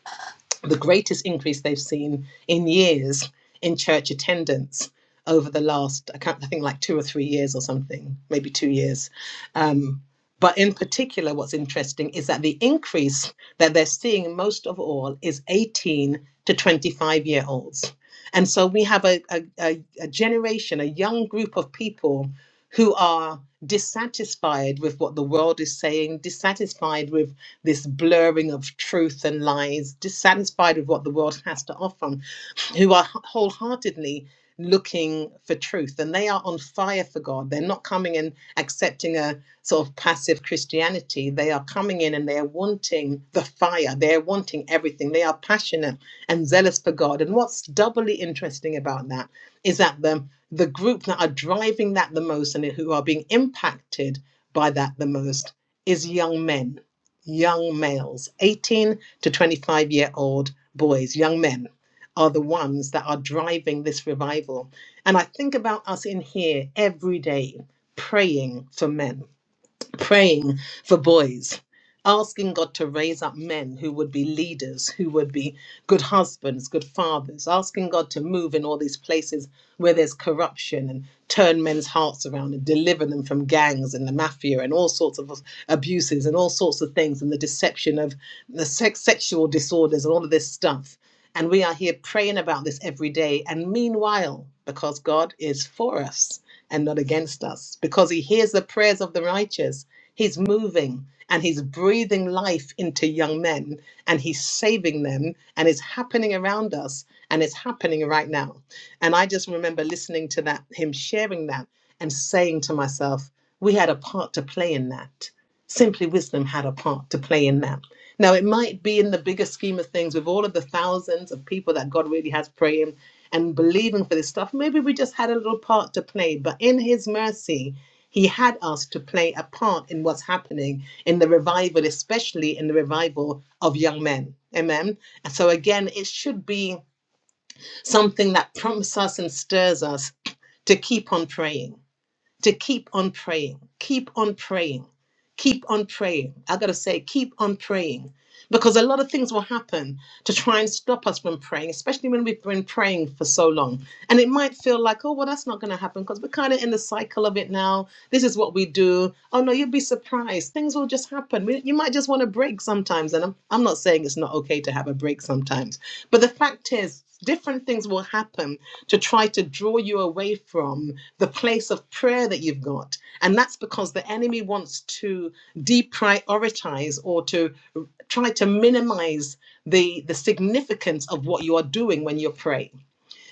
S2: the greatest increase they've seen in years in church attendance over the last, I, can't, I think, like two or three years or something, maybe two years. Um, but in particular, what's interesting is that the increase that they're seeing most of all is 18 to 25 year olds. And so we have a, a, a, a generation, a young group of people who are dissatisfied with what the world is saying, dissatisfied with this blurring of truth and lies, dissatisfied with what the world has to offer who are wholeheartedly looking for truth and they are on fire for God. They're not coming and accepting a sort of passive Christianity. They are coming in and they're wanting the fire. They're wanting everything. They are passionate and zealous for God. And what's doubly interesting about that is that the the group that are driving that the most and who are being impacted by that the most is young men, young males, 18 to 25 year old boys, young men are the ones that are driving this revival. And I think about us in here every day praying for men praying for boys, asking God to raise up men who would be leaders, who would be good husbands, good fathers, asking God to move in all these places where there's corruption and turn men's hearts around and deliver them from gangs and the mafia and all sorts of abuses and all sorts of things and the deception of the sex, sexual disorders and all of this stuff. And we are here praying about this every day. And meanwhile, because God is for us and not against us, because he hears the prayers of the righteous, He's moving and he's breathing life into young men and he's saving them and it's happening around us and it's happening right now. And I just remember listening to that, him sharing that and saying to myself, we had a part to play in that. Simply Wisdom had a part to play in that. Now, it might be in the bigger scheme of things with all of the thousands of people that God really has praying and believing for this stuff. Maybe we just had a little part to play, but in His mercy, he had us to play a part in what's happening in the revival, especially in the revival of young men. Amen. And so, again, it should be something that prompts us and stirs us to keep on praying to keep on praying, keep on praying, keep on praying. I gotta say, keep on praying. Because a lot of things will happen to try and stop us from praying, especially when we've been praying for so long. And it might feel like, oh, well, that's not going to happen because we're kind of in the cycle of it now. This is what we do. Oh, no, you'd be surprised. Things will just happen. We- You might just want a break sometimes. And I'm, I'm not saying it's not okay to have a break sometimes. But the fact is, different things will happen to try to draw you away from the place of prayer that you've got. And that's because the enemy wants to deprioritize or to try to minimize the, the significance of what you are doing when you're praying.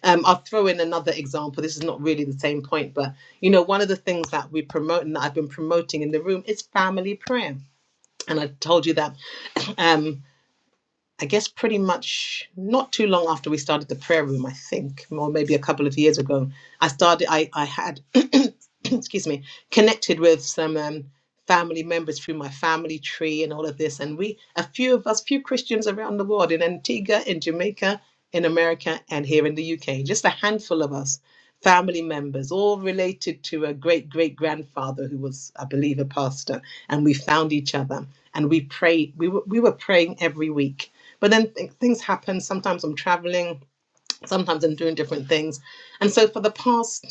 S2: Um, I'll throw in another example. This is not really the same point, but you know, one of the things that we promote and that I've been promoting in the room is family prayer. And I told you that um, I guess pretty much not too long after we started the prayer room, I think, or maybe a couple of years ago, I started, I, I had, [CLEARS THROAT] excuse me, connected with some um, family members through my family tree and all of this. And we, a few of us, few Christians around the world in Antigua, in Jamaica, in America, and here in the UK, just a handful of us, family members, all related to a great great grandfather who was, I believe, a pastor. And we found each other and we prayed, we were, we were praying every week but then th- things happen. Sometimes I'm traveling, sometimes I'm doing different things. And so for the past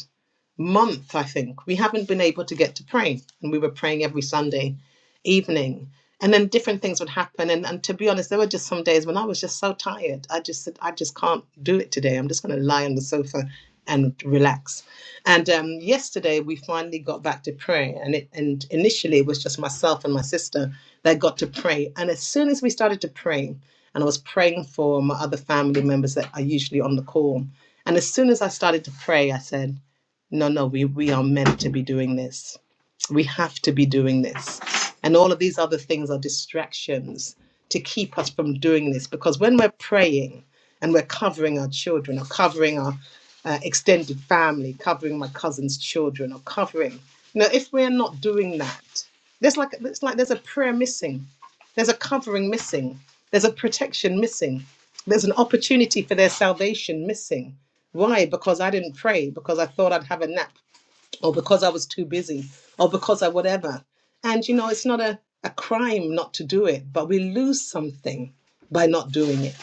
S2: month, I think, we haven't been able to get to pray. And we were praying every Sunday evening. And then different things would happen. And, and to be honest, there were just some days when I was just so tired. I just said, I just can't do it today. I'm just going to lie on the sofa and relax. And um, yesterday, we finally got back to prayer. And, it, and initially, it was just myself and my sister that got to pray. And as soon as we started to pray, and I was praying for my other family members that are usually on the call. And as soon as I started to pray, I said, no, no, we, we are meant to be doing this. We have to be doing this. And all of these other things are distractions to keep us from doing this. Because when we're praying and we're covering our children or covering our uh, extended family, covering my cousin's children or covering, you know, if we're not doing that, there's like, it's like there's a prayer missing, there's a covering missing, there's a protection missing, there's an opportunity for their salvation missing why? Because I didn't pray, because I thought I'd have a nap, or because I was too busy, or because I whatever. And you know, it's not a, a crime not to do it, but we lose something by not doing it.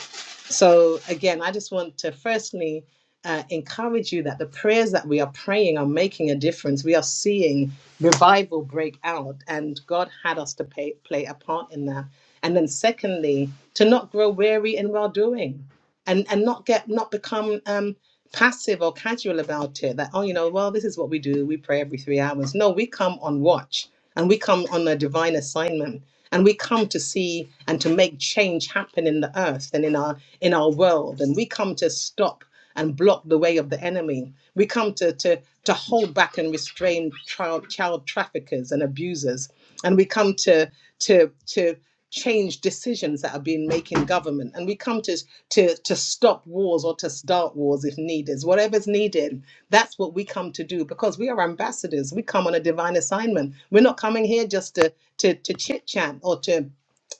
S2: So, again, I just want to firstly uh, encourage you that the prayers that we are praying are making a difference. We are seeing revival break out, and God had us to pay, play a part in that. And then, secondly, to not grow weary in well doing and and not get not become um passive or casual about it that oh you know well this is what we do we pray every three hours no we come on watch and we come on a divine assignment and we come to see and to make change happen in the earth and in our in our world and we come to stop and block the way of the enemy we come to to to hold back and restrain child child traffickers and abusers and we come to to to change decisions that are being made in government. And we come to, to, to stop wars or to start wars if needed. Whatever's needed, that's what we come to do because we are ambassadors. We come on a divine assignment. We're not coming here just to, to, to chit chat or to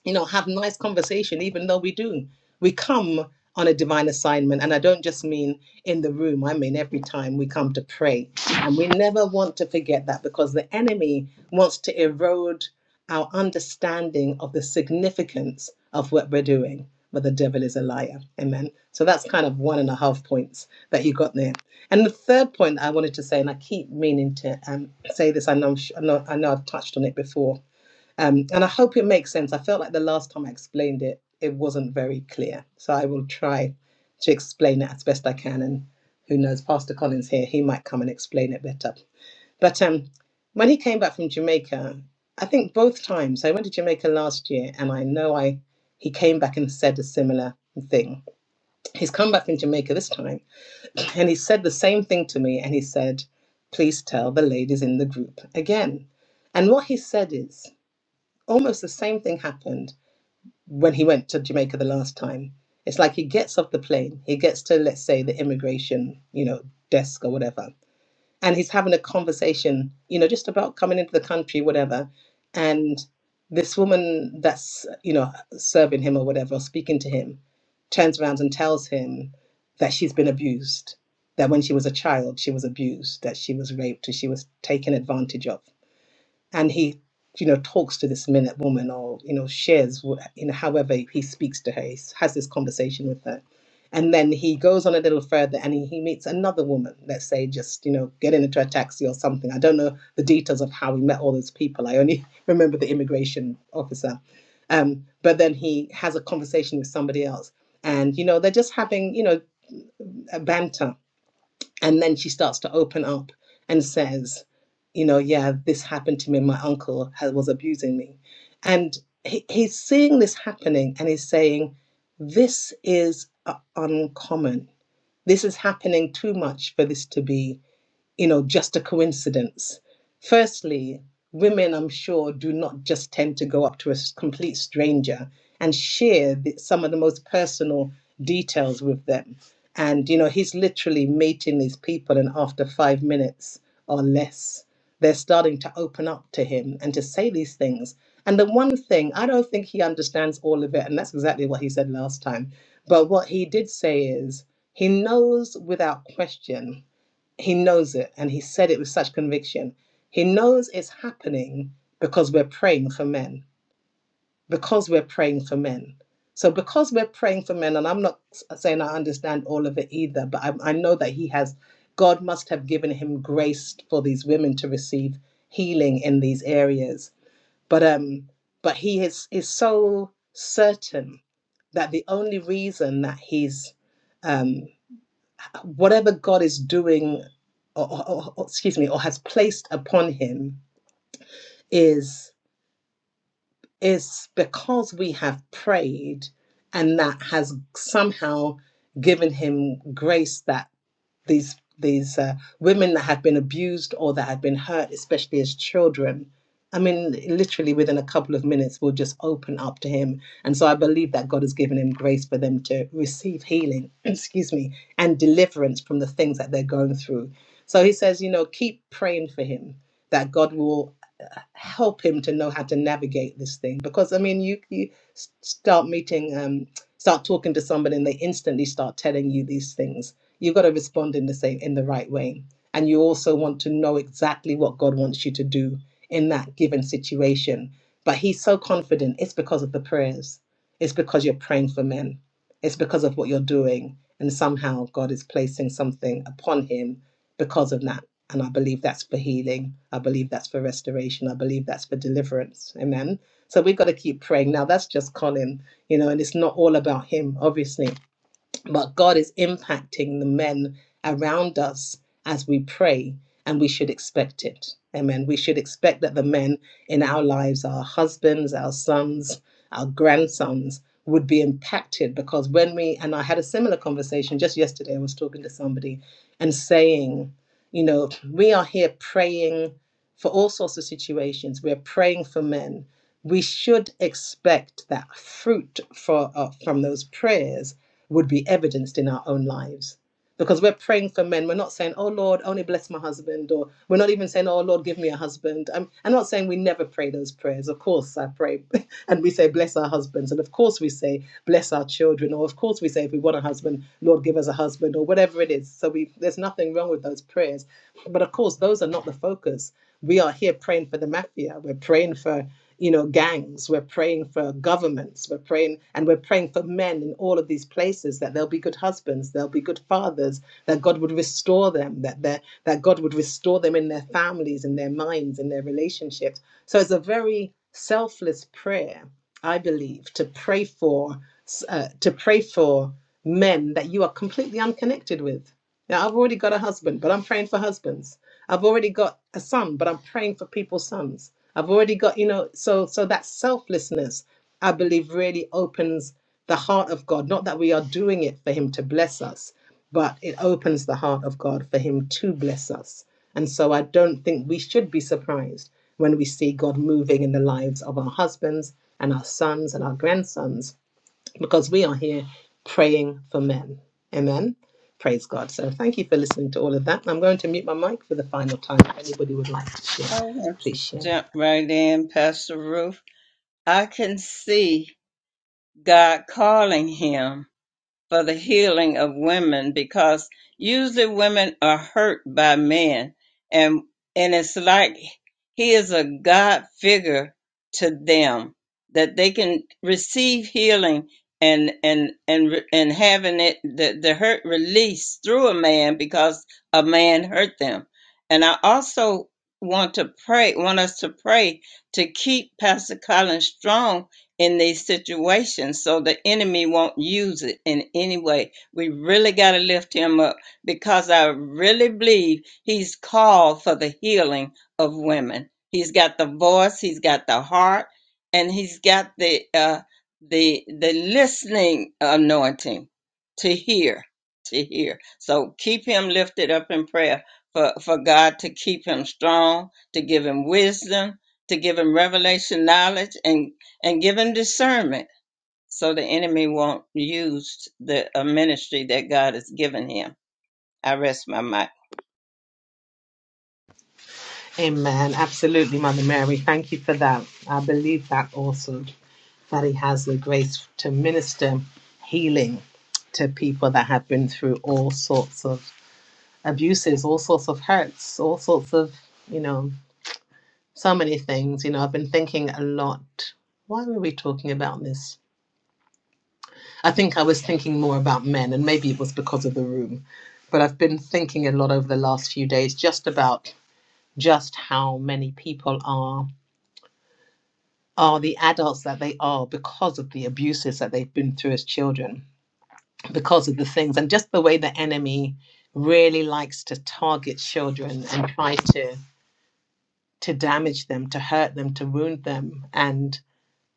S2: you know, have nice conversation, even though we do. We come on a divine assignment, and I don't just mean in the room, I mean every time we come to pray. And we never want to forget that because the enemy wants to erode our understanding of the significance of what we're doing. But the devil is a liar. Amen. So that's kind of one and a half points that you got there. And the third point I wanted to say, and I keep meaning to um, say this, I know, i know I know I've touched on it before, um, and I hope it makes sense. I felt like the last time I explained it, it wasn't very clear. So I will try to explain it as best I can. And who knows, Pastor Collins here, he might come and explain it better. But um, when he came back from Jamaica, I think both times I went to Jamaica last year, and I know I he came back and said a similar thing. He's come back from Jamaica this time, and he said the same thing to me, and he said, "Please tell the ladies in the group again." And what he said is almost the same thing happened when he went to Jamaica the last time. It's like he gets off the plane, he gets to let's say the immigration, you know, desk or whatever, and he's having a conversation, you know, just about coming into the country, whatever. And this woman that's, you know, serving him or whatever, or speaking to him, turns around and tells him that she's been abused, that when she was a child, she was abused, that she was raped, and she was taken advantage of and he you know talks to this minute woman or you know shares wh- you know however he speaks to her he s- has this conversation with her and then he goes on a little further and he, he meets another woman let's say just you know getting into a taxi or something i don't know the details of how he met all those people i only [LAUGHS] remember the immigration officer um, but then he has a conversation with somebody else and you know they're just having you know a banter and then she starts to open up and says, you know, yeah, this happened to me. My uncle ha- was abusing me. And he, he's seeing this happening and he's saying, this is uh, uncommon. This is happening too much for this to be you know, just a coincidence. Firstly, women, I'm sure, do not just tend to go up to a s- complete stranger and share the, some of the most personal details with them. And, you know, he's literally mating these people, and after five minutes or less, they're starting to open up to him and to say these things. And the one thing, I don't think he understands all of it, and that's exactly what he said last time. But what he did say is, he knows without question he knows it, and he said it with such conviction. He knows it's happening because we're praying for men. Because we're praying for men. So, because we're praying for men, and I'm not saying I understand all of it either, but I, I know that he has, God must have given him grace for these women to receive healing in these areas. But um, but he is is so certain that the only reason that he's um whatever God is doing, or, or- or- excuse me, or has placed upon him is is because we have prayed, and that has somehow given him grace that these these uh, women that had been abused or that had been hurt, especially as children. I mean, literally within a couple of minutes, will just open up to him. And so I believe that God has given him grace for them to receive healing, [CLEARS THROAT] excuse me, and deliverance from the things that they're going through. So he says, you know, keep praying for him that God will uh, help him to know how to navigate this thing. Because, I mean, you, you s- start meeting, um, start talking to somebody and they instantly start telling you these things you've got to respond in the same in the right way and you also want to know exactly what god wants you to do in that given situation but he's so confident it's because of the prayers it's because you're praying for men it's because of what you're doing and somehow god is placing something upon him because of that and i believe that's for healing i believe that's for restoration i believe that's for deliverance amen so we've got to keep praying now that's just colin you know and it's not all about him obviously but God is impacting the men around us as we pray, and we should expect it. Amen. We should expect that the men in our lives, our husbands, our sons, our grandsons, would be impacted because when we, and I had a similar conversation just yesterday, I was talking to somebody and saying, you know, we are here praying for all sorts of situations. We're praying for men. We should expect that fruit for, uh, from those prayers would be evidenced in our own lives. Because we're praying for men, we're not saying, "Oh Lord, only bless my husband," or we're not even saying, "Oh Lord, give me a husband." I'm, I'm not saying we never pray those prayers. Of course, I pray and we say, Bless our husbands. And of course, we say, Bless our children. Or of course, we say, If we want a husband, Lord, give us a husband, or whatever it is. So we, there's nothing wrong with those prayers. But of course, those are not the focus. We are here praying for the mafia. We're praying for you know gangs we're praying for governments we're praying and we're praying for men in all of these places that they'll be good husbands they'll be good fathers that god would restore them that they that god would restore them in their families in their minds in their relationships so it's a very selfless prayer, I believe, to pray for uh, to pray for men that you are completely unconnected with. Now, I've already got a husband, but I'm praying for husbands. I've already got a son, but I'm praying for people's sons. I've already got, you know, so so that selflessness, I believe, really opens the heart of God. Not that we are doing it for Him to bless us, but it opens the heart of God for Him to bless us. And so I don't think we should be surprised when we see God moving in the lives of our husbands and our sons and our grandsons because we are here praying for men. Amen. Praise God. So thank you for listening to all of that. I'm going to mute my mic for the final time. If anybody would like to share,
S1: I want
S2: please
S1: to
S2: share.
S1: jump right in, Pastor Ruth. I can see God calling him for the healing of women because usually women are hurt by men and and it's like he is a God figure to them that they can receive healing and and and re- and having it the, the hurt released through a man because a man hurt them. And I also want to pray want us to pray to keep Pastor Colin strong in these situations so the enemy won't use it in any way. We really got to lift him up because I really believe he's called for the healing of women. He's got the voice, he's got the heart, and he's got the uh, the the listening anointing to hear, to hear. So keep him lifted up in prayer for, for God to keep him strong, to give him wisdom, to give him revelation knowledge and and give him discernment so the enemy won't use the uh, ministry that God has given him. I rest my mic.
S2: Amen. Absolutely, Mother Mary. Thank you for that. I believe that also, that He has the grace to minister healing to people that have been through all sorts of abuses, all sorts of hurts, all sorts of, you know, so many things. You know, I've been thinking a lot. Why were we talking about this? I think I was thinking more about men, and maybe it was because of the room. But I've been thinking a lot over the last few days just about just how many people are are the adults that they are because of the abuses that they've been through as children, because of the things, and just the way the enemy really likes to target children and try to to damage them, to hurt them, to wound them, and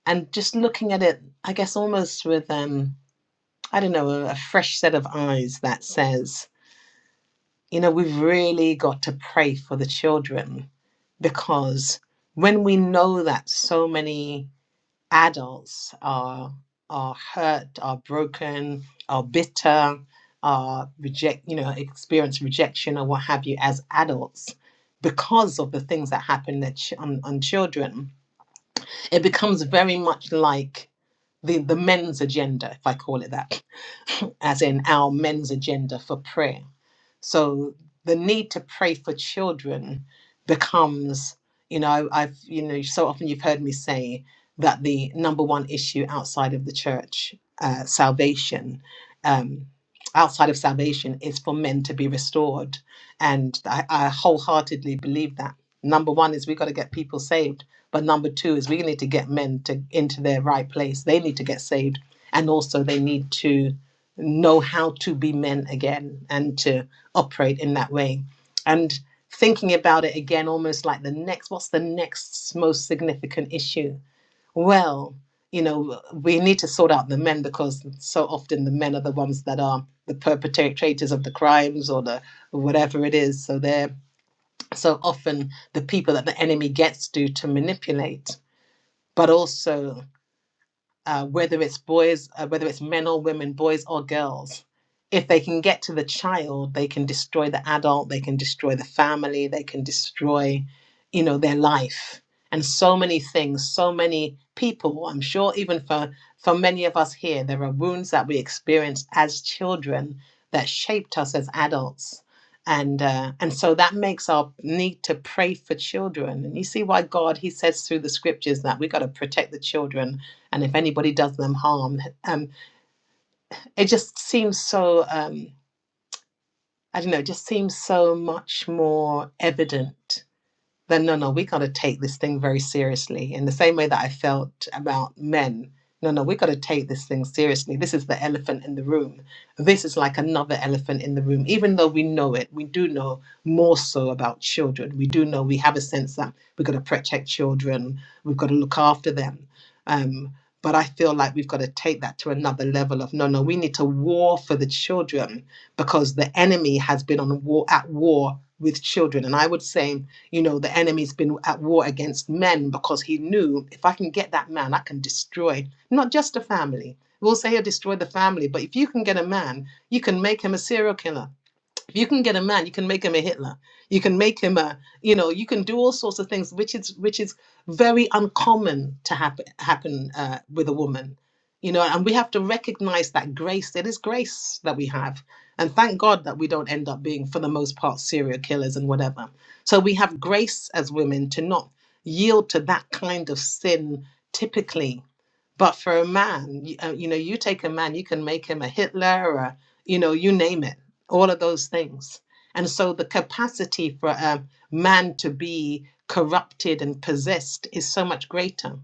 S2: and just looking at it, I guess almost with um I don't know a, a fresh set of eyes that says you know, we've really got to pray for the children because when we know that so many adults are are hurt, are broken, are bitter, are reject, you know, experience rejection or what have you as adults because of the things that happen that ch- on, on children, it becomes very much like the, the men's agenda, if I call it that, [LAUGHS] as in our men's agenda for prayer. So the need to pray for children becomes, you know, I've, you know, so often you've heard me say that the number one issue outside of the church, uh, salvation, um, outside of salvation is for men to be restored. And I, I wholeheartedly believe that. Number one is we've got to get people saved but number two is we need to get men to into their right place. They need to get saved, and also they need to know how to be men again and to operate in that way. And thinking about it again, almost like the next, what's the next most significant issue? Well, you know, we need to sort out the men because so often the men are the ones that are the perpetrators of the crimes or the whatever it is. So they're so often the people that the enemy gets to to manipulate but also uh, whether it's boys, uh, whether it's men or women, boys or girls. If they can get to the child, they can destroy the adult, they can destroy the family, they can destroy, you know, their life and so many things, so many people. I'm sure even for for many of us here, there are wounds that we experienced as children that shaped us as adults. And, uh, and so that makes our need to pray for children. And you see why God, He says through the scriptures that we got to protect the children and if anybody does them harm, um, it just seems so. Um, I don't know. It just seems so much more evident that no, no, we got to take this thing very seriously. In the same way that I felt about men, no, no, we got to take this thing seriously. This is the elephant in the room. This is like another elephant in the room. Even though we know it, we do know more so about children. We do know we have a sense that we've got to protect children, we've got to look after them. Um, but I feel like we've got to take that to another level of no, no, we need to war for the children because the enemy has been on war at war with children. And I would say you know, the enemy's been at war against men because he knew if I can get that man, I can destroy not just a family. We'll say he'll destroy the family, but if you can get a man, you can make him a serial killer if you can get a man, you can make him a Hitler. You can make him a, you know, you can do all sorts of things, which is which is very uncommon to happen happen uh, with a woman, you know. And we have to recognize that grace. It is grace that we have, and thank God that we don't end up being, for the most part, serial killers and whatever. So we have grace as women to not yield to that kind of sin typically but for a man, you, uh, you know, you take a man, you can make him a Hitler or, you know, you name it, all of those things. And so the capacity for a man to be corrupted and possessed is so much greater.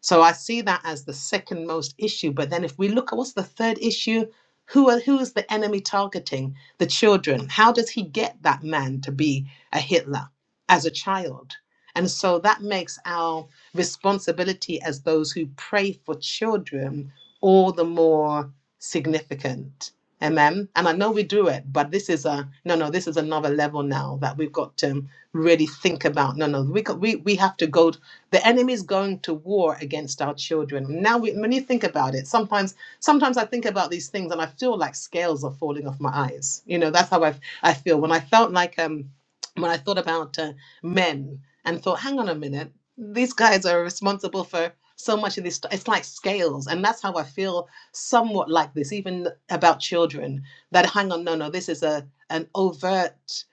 S2: So I see that as the second most issue. But then if we look at what's the third issue, who are, who is the enemy targeting? The children. How does he get that man to be a Hitler as a child? And so that makes our responsibility as those who pray for children all the more significant. Amen. And I know we do it, but this is a no, no. This is another level now that we've got to really think about. No, no. We got, we we have to go. The enemy's going to war against our children. Now, we, when you think about it, sometimes sometimes I think about these things and I feel like scales are falling off my eyes. You know, that's how I I feel when I felt like um when I thought about uh, men and thought, hang on a minute these guys are responsible for so much of this it's like scales and that's how i feel somewhat like this even about children that hang on no no this is a an overt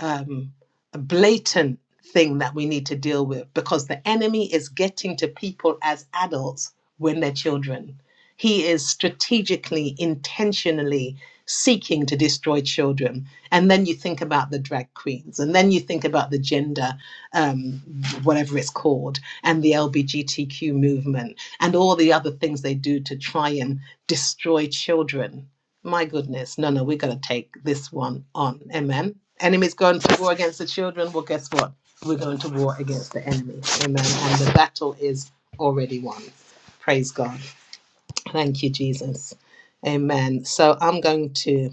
S2: um a blatant thing that we need to deal with because the enemy is getting to people as adults when they're children he is strategically intentionally seeking to destroy children and then you think about the drag queens and then you think about the gender um, whatever it's called, and the LGBTQ movement, and all the other things they do to try and destroy children. My goodness, no, no, we're going to take this one on. Amen. Enemies going to war against the children. Well, guess what? We're going to war against the enemy. Amen. And the battle is already won. Praise God. Thank you, Jesus. Amen. So I'm going to,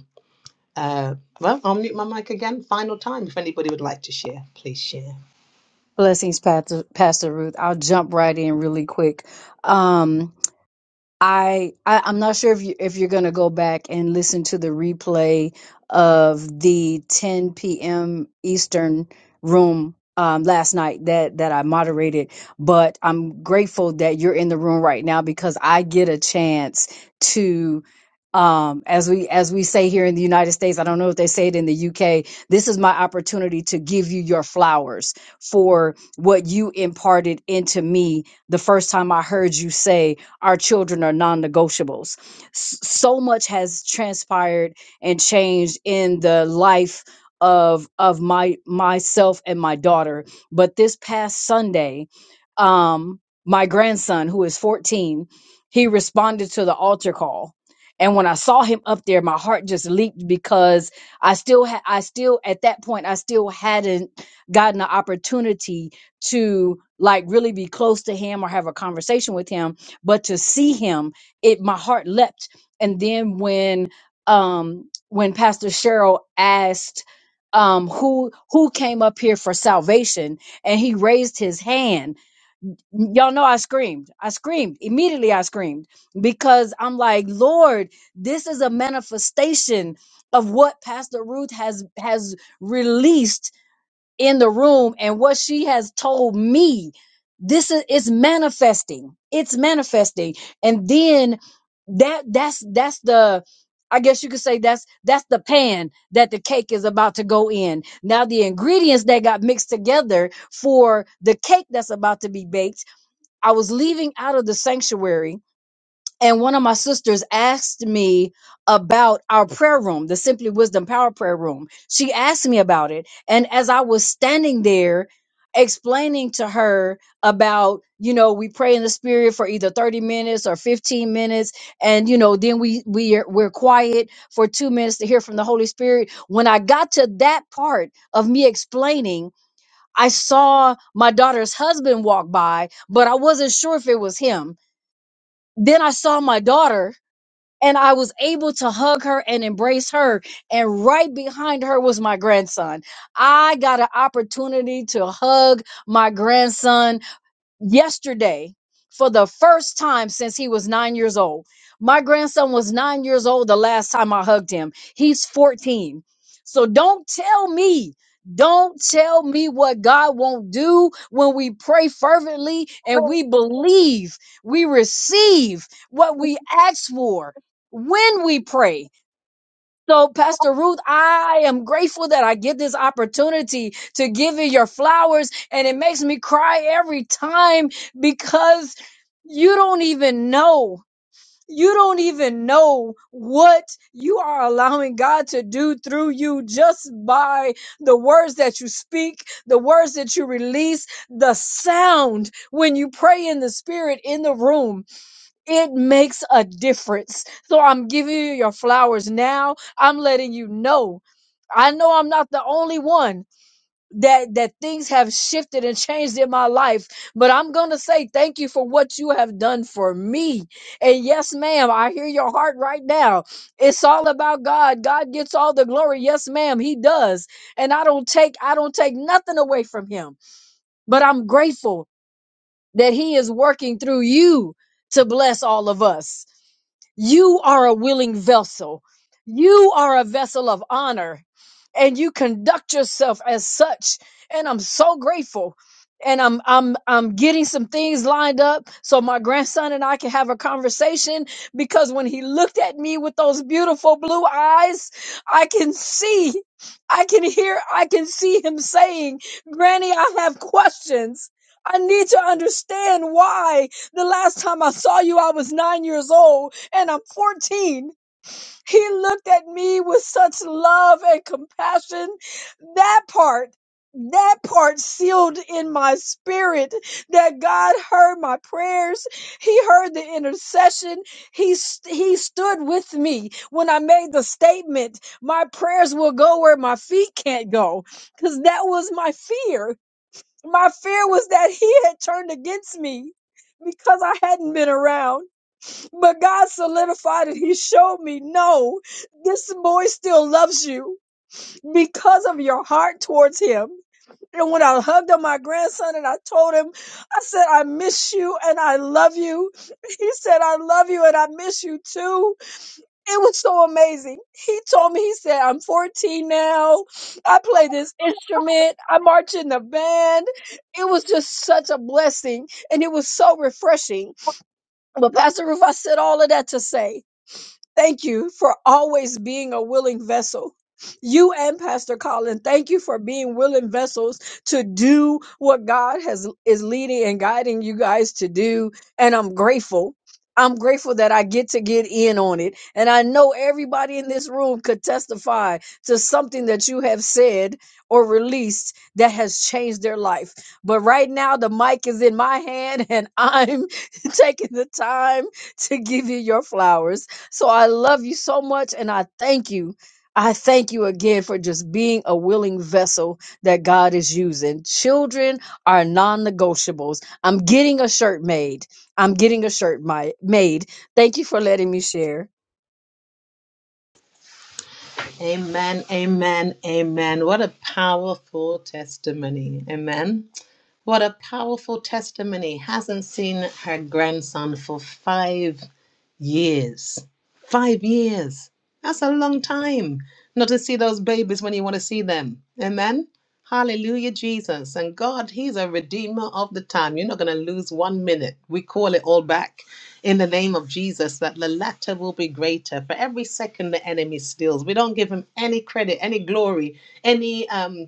S2: uh, well, I'll mute my mic again, final time. If anybody would like to share, please share.
S5: Blessings, Pastor, Pastor Ruth. I'll jump right in really quick. I, I I'm not sure if you if you're gonna go back and listen to the replay of the 10 p.m. Eastern room um, last night that that I moderated, but I'm grateful that you're in the room right now because I get a chance to um as we as we say here in the United States I don't know if they say it in the UK this is my opportunity to give you your flowers for what you imparted into me the first time I heard you say our children are non-negotiables S- so much has transpired and changed in the life of of my myself and my daughter but this past sunday um my grandson who is 14 he responded to the altar call and when i saw him up there my heart just leaped because i still had i still at that point i still hadn't gotten the opportunity to like really be close to him or have a conversation with him but to see him it my heart leapt and then when um when pastor cheryl asked um who who came up here for salvation and he raised his hand y'all know i screamed i screamed immediately i screamed because i'm like lord this is a manifestation of what pastor ruth has has released in the room and what she has told me this is it's manifesting it's manifesting and then that that's that's the i guess you could say that's that's the pan that the cake is about to go in now the ingredients that got mixed together for the cake that's about to be baked i was leaving out of the sanctuary and one of my sisters asked me about our prayer room, the Simply Wisdom Power Prayer Room. She asked me about it. And as I was standing there explaining to her about, you know, we pray in the spirit for either 30 minutes or 15 minutes and you know, then we we are, we're quiet for 2 minutes to hear from the Holy Spirit. When I got to that part of me explaining, I saw my daughter's husband walk by, but I wasn't sure if it was him. Then I saw my daughter and I was able to hug her and embrace her. And right behind her was my grandson. I got an opportunity to hug my grandson yesterday for the first time since he was nine years old. My grandson was nine years old the last time I hugged him. He's 14. So don't tell me. Don't tell me what God won't do when we pray fervently and we believe we receive what we ask for when we pray. So, Pastor Ruth, I am grateful that I get this opportunity to give you your flowers, and it makes me cry every time because you don't even know. You don't even know what you are allowing God to do through you just by the words that you speak, the words that you release, the sound when you pray in the spirit in the room. It makes a difference. So I'm giving you your flowers now. I'm letting you know. I know I'm not the only one that that things have shifted and changed in my life, but I'm going to say thank you for what you have done for me. And yes, ma'am, I hear your heart right now. It's all about God. God gets all the glory. Yes, ma'am, he does. And I don't take I don't take nothing away from him. But I'm grateful that he is working through you to bless all of us. You are a willing vessel. You are a vessel of honor and you conduct yourself as such. And I'm so grateful. And I'm I'm I'm getting some things lined up so my grandson and I can have a conversation because when he looked at me with those beautiful blue eyes, I can see, I can hear, I can see him saying, Granny, I have questions. I need to understand why the last time I saw you, I was nine years old and I'm 14 he looked at me with such love and compassion. That part, that part sealed in my spirit that God heard my prayers. He heard the intercession. He, st- he stood with me when I made the statement, my prayers will go where my feet can't go. Cause that was my fear. My fear was that he had turned against me because I hadn't been around. But God solidified it. He showed me, no, this boy still loves you because of your heart towards him. And when I hugged on my grandson and I told him, I said, I miss you and I love you. [LAUGHS] He said, I love you and I miss you too. It was so amazing. He told me, he said, I'm 14 now. I play this instrument. I march in the band. It was just such a blessing and it was so refreshing. But Pastor Roof, I said all of that to say Thank you for always being a willing vessel. You and Pastor Colin, thank you for being willing vessels to do what God has is leading and guiding you guys to do. And I'm grateful. I'm grateful that I get to get in on it. And I know everybody in this room could testify to something that you have said or released that has changed their life. But right now, the mic is in my hand, and I'm [LAUGHS] taking the time to give you your flowers. So I love you so much and I thank you. I thank you again for just being a willing vessel that God is using. Children are non negotiables. I'm getting a shirt made. I'm getting a shirt mi- made. Thank you for letting me share.
S2: Amen, amen, amen. What a powerful testimony. Amen. What a powerful testimony. Hasn't seen her grandson for five years. Five years. That's a long time not to see those babies when you want to see them. Amen. Hallelujah, Jesus. And God, He's a redeemer of the time. You're not going to lose one minute. We call it all back in the name of Jesus that the latter will be greater. For every second the enemy steals, we don't give Him any credit, any glory, any. Um,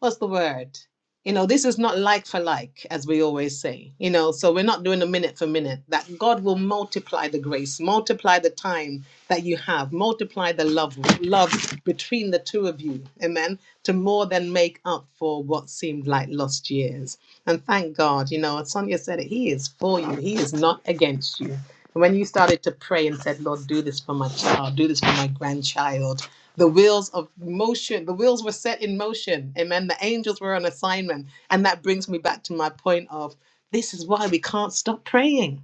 S2: what's the word? You know, this is not like for like, as we always say. You know, so we're not doing a minute for minute. That God will multiply the grace, multiply the time that you have, multiply the love, love between the two of you, amen, to more than make up for what seemed like lost years. And thank God, you know, as Sonia said it, He is for you, He is not against you. When you started to pray and said, Lord, do this for my child, do this for my grandchild, the wheels of motion the wheels were set in motion amen the angels were on assignment and that brings me back to my point of this is why we can't stop praying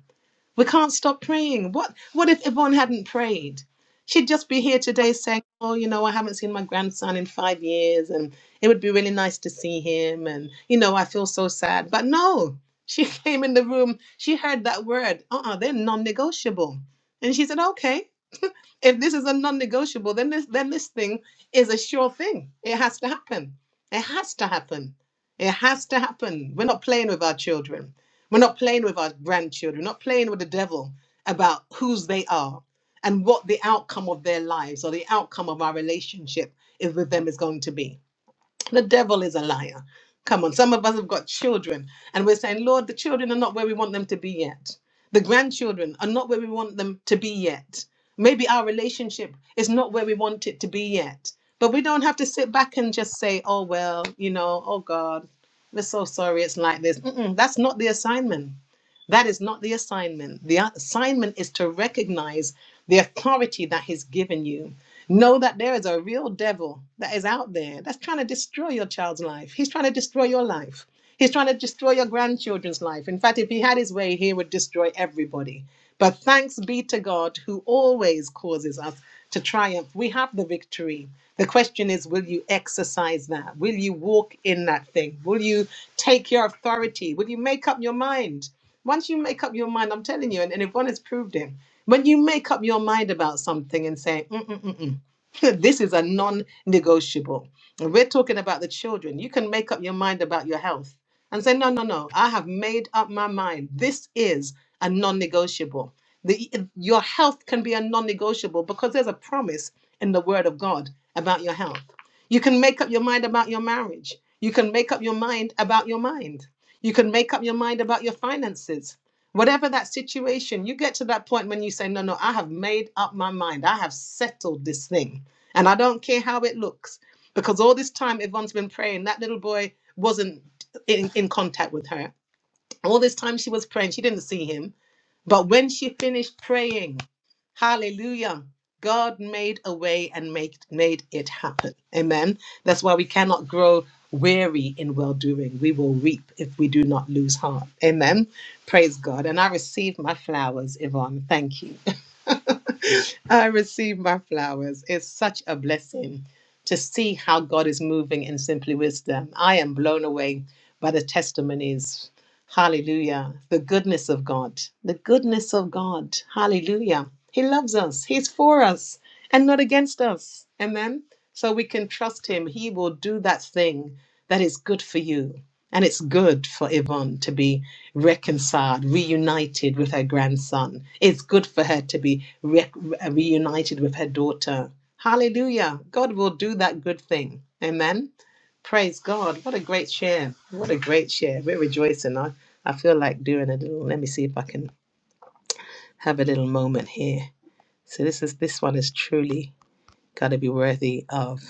S2: we can't stop praying what what if yvonne hadn't prayed she'd just be here today saying oh you know i haven't seen my grandson in five years and it would be really nice to see him and you know i feel so sad but no she [LAUGHS] came in the room she heard that word uh-uh they're non-negotiable and she said okay if this is a non-negotiable, then this then this thing is a sure thing. It has to happen. It has to happen. It has to happen. We're not playing with our children. We're not playing with our grandchildren. We're not playing with the devil about whose they are and what the outcome of their lives or the outcome of our relationship is with them is going to be. The devil is a liar. Come on, some of us have got children and we're saying, Lord, the children are not where we want them to be yet. The grandchildren are not where we want them to be yet. Maybe our relationship is not where we want it to be yet. But we don't have to sit back and just say, oh, well, you know, oh, God, we're so sorry it's like this. Mm-mm, that's not the assignment. That is not the assignment. The assignment is to recognize the authority that He's given you Know that there is a real devil that is out there that's trying to destroy your child's life. He's trying to destroy your life. He's trying to destroy your grandchildren's life. In fact, if he had his way, he would destroy everybody. But thanks be to God who always causes us to triumph. We have the victory. The question is will you exercise that? Will you walk in that thing? Will you take your authority? Will you make up your mind? Once you make up your mind, I'm telling you, and, and everyone has proved it, when you make up your mind about something and say, "Mm-mm-mm-mm," [LAUGHS] this is a non-negotiable. We're talking about the children. You can make up your mind about your health and say, no, no, no, I have made up my mind. This is a non-negotiable. The, your health can be a non-negotiable because there's a promise in the word of God about your health. You can make up your mind about your marriage. You can make up your mind about your mind. You can make up your mind about your finances. Whatever that situation, you get to that point when you say, No, no, I have made up my mind. I have settled this thing. And I don't care how it looks, because all this time Yvonne's been praying, that little boy wasn't in, in contact with her. All this time she was praying, she didn't see him. But when she finished praying, hallelujah, God made a way and made made it happen. Amen. That's why we cannot grow weary in well doing. We will reap if we do not lose heart. Amen. Praise God. And I received my flowers, Yvonne. Thank you. [LAUGHS] I receive my flowers. It's such a blessing to see how God is moving in simply wisdom. I am blown away by the testimonies. Hallelujah. The goodness of God. The goodness of God. Hallelujah. He loves us. He's for us and not against us. Amen. So we can trust him. He will do that thing that is good for you. And it's good for Yvonne to be reconciled, reunited with her grandson. It's good for her to be re- reunited with her daughter. Hallelujah. God will do that good thing. Amen. Praise God. What a great share. What a great share. We're rejoicing. I, I feel like doing a little, let me see if I can have a little moment here. So this is this one is truly got to be worthy of.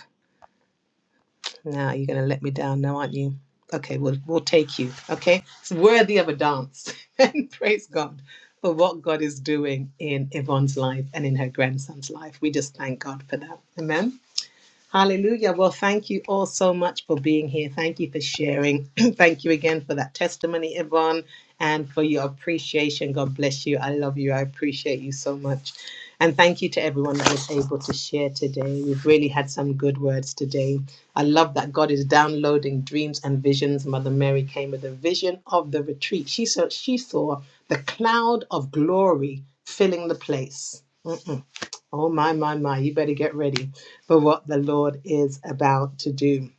S2: Now you're gonna let me down now, aren't you? Okay, we'll we'll take you. Okay. It's worthy of a dance. [LAUGHS] and praise God for what God is doing in Yvonne's life and in her grandson's life. We just thank God for that. Amen. Hallelujah. Well, thank you all so much for being here. Thank you for sharing. [CLEARS THROAT] thank you again for that testimony, Yvonne, and for your appreciation. God bless you. I love you. I appreciate you so much. And thank you to everyone that was able to share today. We've really had some good words today. I love that God is downloading dreams and visions. Mother Mary came with a vision of the retreat. She saw, she saw the cloud of glory filling the place. Mm-mm. Oh, my, my, my. You better get ready for what the Lord is about to do.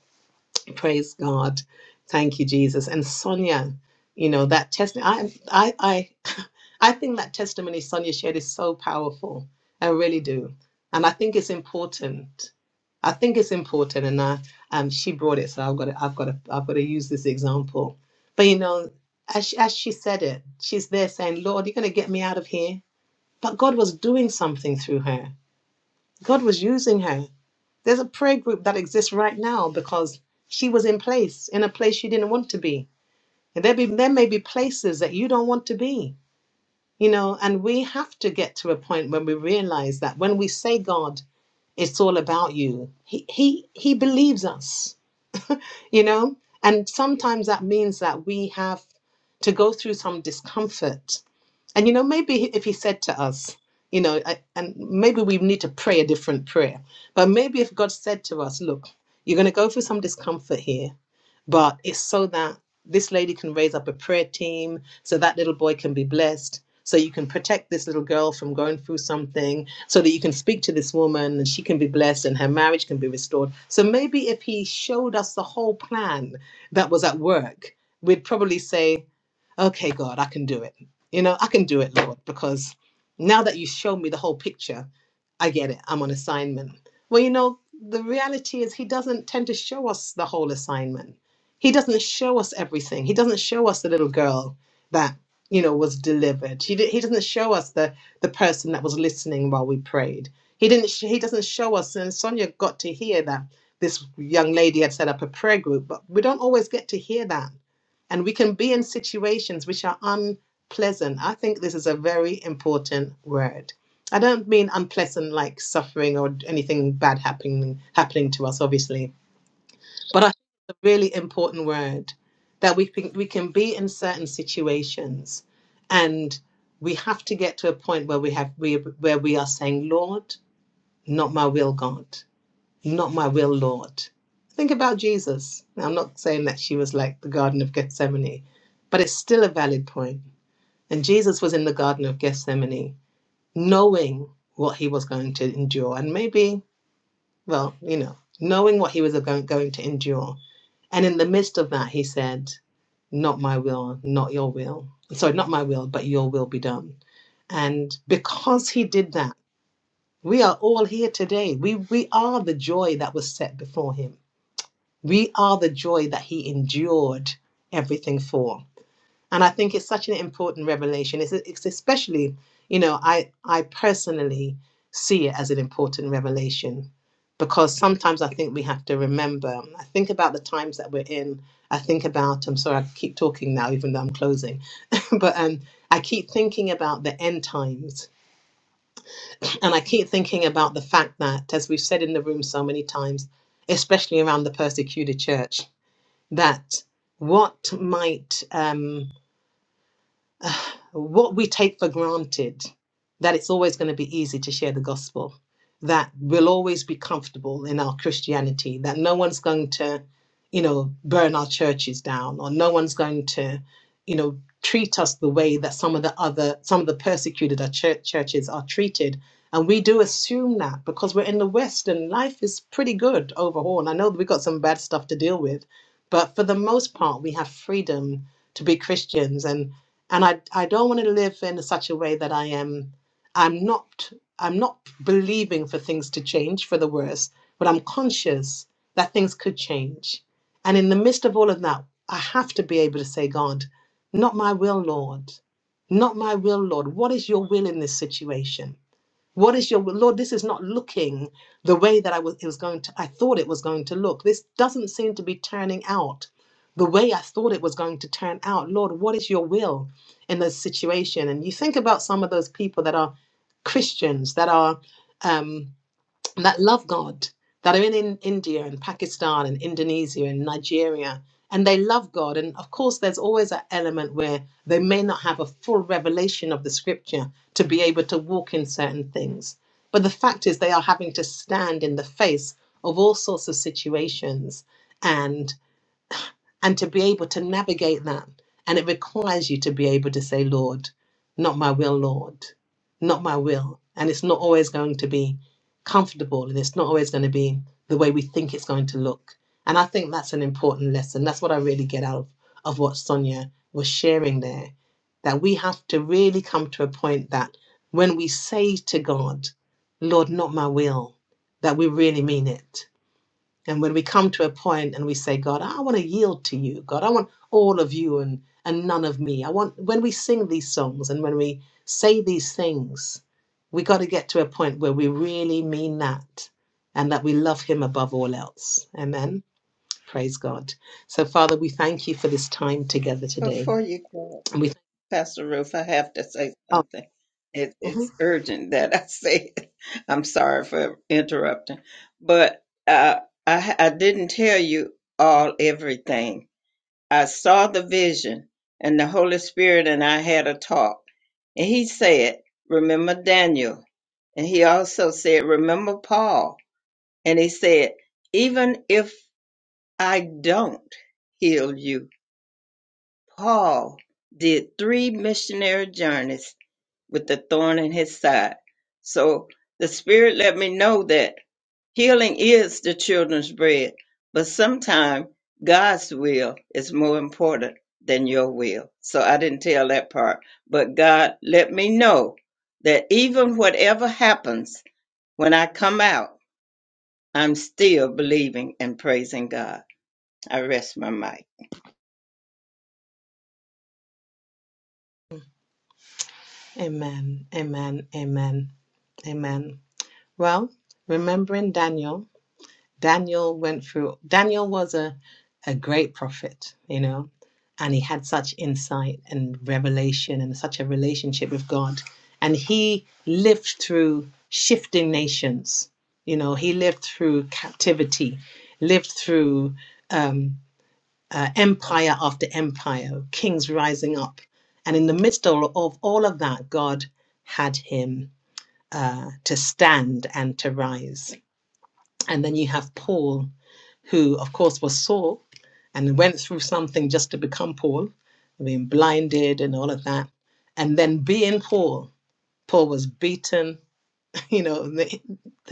S2: Praise God. Thank you, Jesus. And Sonia, you know, that testimony, I, I, I, [LAUGHS] I think that testimony Sonia shared is so powerful. I really do. And I think it's important. I think it's important. And I, um, she brought it. So I've got to, I've got to, I've got to use this example. But, you know, as she, as she said it, she's there saying, Lord, you're going to get me out of here. But God was doing something through her God was using her. There's a prayer group that exists right now because she was in place, in a place she didn't want to be. And there, be, there may be places that you don't want to be, you know, and we have to get to a point when we realize that when we say, God, it's all about you, he, he, he believes us, you know, and sometimes that means that we have to go through some discomfort and you know, maybe if he said to us, you know, I- and maybe we need to pray a different prayer, but maybe if God said to us, look, you're going to go through some discomfort here, but it's so that this lady can raise up a prayer team, so that little boy can be blessed, so you can protect this little girl from going through something, so that you can speak to this woman and she can be blessed and her marriage can be restored. So maybe if he showed us the whole plan that was at work, we'd probably say, okay, God, I can do it. You know, I can do it, Lord, because now that you showed me the whole picture, I get it. I'm on assignment. Well, you know, the reality is He doesn't tend to show us the whole assignment. He doesn't show us everything. He doesn't show us the little girl that you know was delivered. He di- He doesn't show us the the person that was listening while we prayed. He didn't. Sh- he doesn't show us. And Sonia got to hear that this young lady had set up a prayer group, but we don't always get to hear that and we can be in situations which are unpleasant. I think this is a very important word. I don't mean unpleasant like suffering or anything bad happening happening to us, obviously, but I think it's a really important word that we can, we can be in certain situations, and we have to get to a point where we have we where we are saying, Lord, not my will, God not my will, Lord. Think about Jesus. Now, I'm not saying that she was like the Garden of Gethsemane, but it's still a valid point. And Jesus was in the Garden of Gethsemane, knowing what he was going to endure. And maybe, well, you know, knowing what he was going, going to endure. And in the midst of that, he said, Not my will, not your will. Sorry, not my will, but your will be done. And because he did that, we are all here today. We, we are the joy that was set before him We are the joy that he endured everything for. And I think it's such an important revelation. It's, it's especially, you know, I, I personally see it as an important revelation because sometimes I think we have to remember. I think about the times that we're in. I think about, I'm sorry, I keep talking now, even though I'm closing, [LAUGHS] but um, I keep thinking about the end times. And I keep thinking about the fact that, as we've said in the room so many times, especially around the persecuted church that what might um, what we take for granted that it's always going to be easy to share the gospel, that we'll always be comfortable in our Christianity, that no one's going to, you know, burn our churches down, or no one's going to, you know, treat us the way that some of the other, some of the persecuted our church, churches are treated. And we do assume that because we're in the West and life is pretty good overall. And I know that we've got some bad stuff to deal with, but for the most part, we have freedom to be Christians. and and I I don't want to live in such a way that I am I'm not I'm not believing for things to change for the worse, but I'm conscious that things could change. And in the midst of all of that, I have to be able to say, God, not my will, Lord, not my will, Lord. What is your will in this situation? What is your Lord? This is not looking the way that I was it was going to I thought it was going to look. This doesn't seem to be turning out the way I thought it was going to turn out. Lord, what is your will in this situation? And you think about some of those people that are Christians that are um, that love God, that are in, in India and Pakistan and Indonesia and Nigeria, and they love God. And of course, there's always an element where they may not have a full revelation of the scripture to be able to walk in certain things. But the fact is, they are having to stand in the face of all sorts of situations. and and to be able to navigate that. And it requires you to be able to say, Lord, not my will, Lord, not my will. And it's not always going to be comfortable and it's not always going to be the way we think it's going to look. And I think that's an important lesson. That's what I really get out of, of what Sonia was sharing there. That we have to really come to a point that when we say to God, Lord, not my will, that we really mean it and when we come to a point and we say, God, I want to yield to you. God, I want all of you and, and none of me. I want, when we sing these songs and when we say these things, we got to get to a point where we really mean that and that we love Him above all else. Amen. Praise God. So, Father, we thank you for this time together today.
S1: Before you go,
S2: And we
S1: Pastor Ruth, I have to say
S2: oh,
S1: something. It,
S2: mhm.
S1: it's urgent that I [LAUGHS] say it. I'm sorry for interrupting, but uh, I, I didn't tell you all everything. I saw the vision, and the Holy Spirit and I had a talk, and He said, "Remember Daniel," and He also said, "Remember Paul." And he said, Even if I don't heal you, Paul did three missionary journeys with the thorn in his side. So the Spirit let me know that healing is the children's bread, but sometimes God's will is more important than your will. So I didn't tell that part, but God let me know that even whatever happens when I come out, I'm still believing and praising God. I rest my mic.
S2: Amen. Amen. Amen. Amen. Well, remembering Daniel. Daniel went through, Daniel was a, a great prophet, you know, and he had such insight and revelation and such a relationship with God. And he lived through shifting nations, you know, he lived through captivity, lived through um, uh, empire after empire, kings rising up. And in the midst of, of all of that, God had him uh, to stand and to rise. And then you have Paul who, of course, was Saul and went through something just to become Paul, being blinded and all of that. And then being Paul, Paul was beaten. [LAUGHS] You know,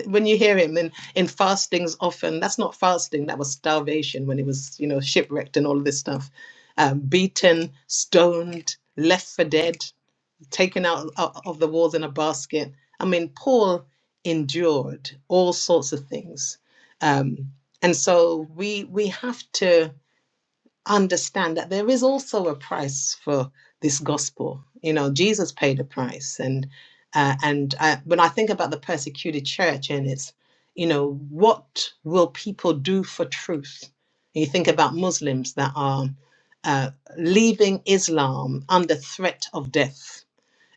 S2: when you hear him in, in fastings, often that's not fasting, that was starvation when he was, you know, shipwrecked and all of this stuff. Um, beaten, stoned, left for dead taken out of the walls in a basket. I mean, Paul endured all sorts of things, um, and so we we have to understand that there is also a price for this gospel. You know, Jesus paid a price, and uh, and I, when I think about the persecuted church and its, you know, what will people do for truth? And You think about Muslims that are uh, leaving Islam under threat of death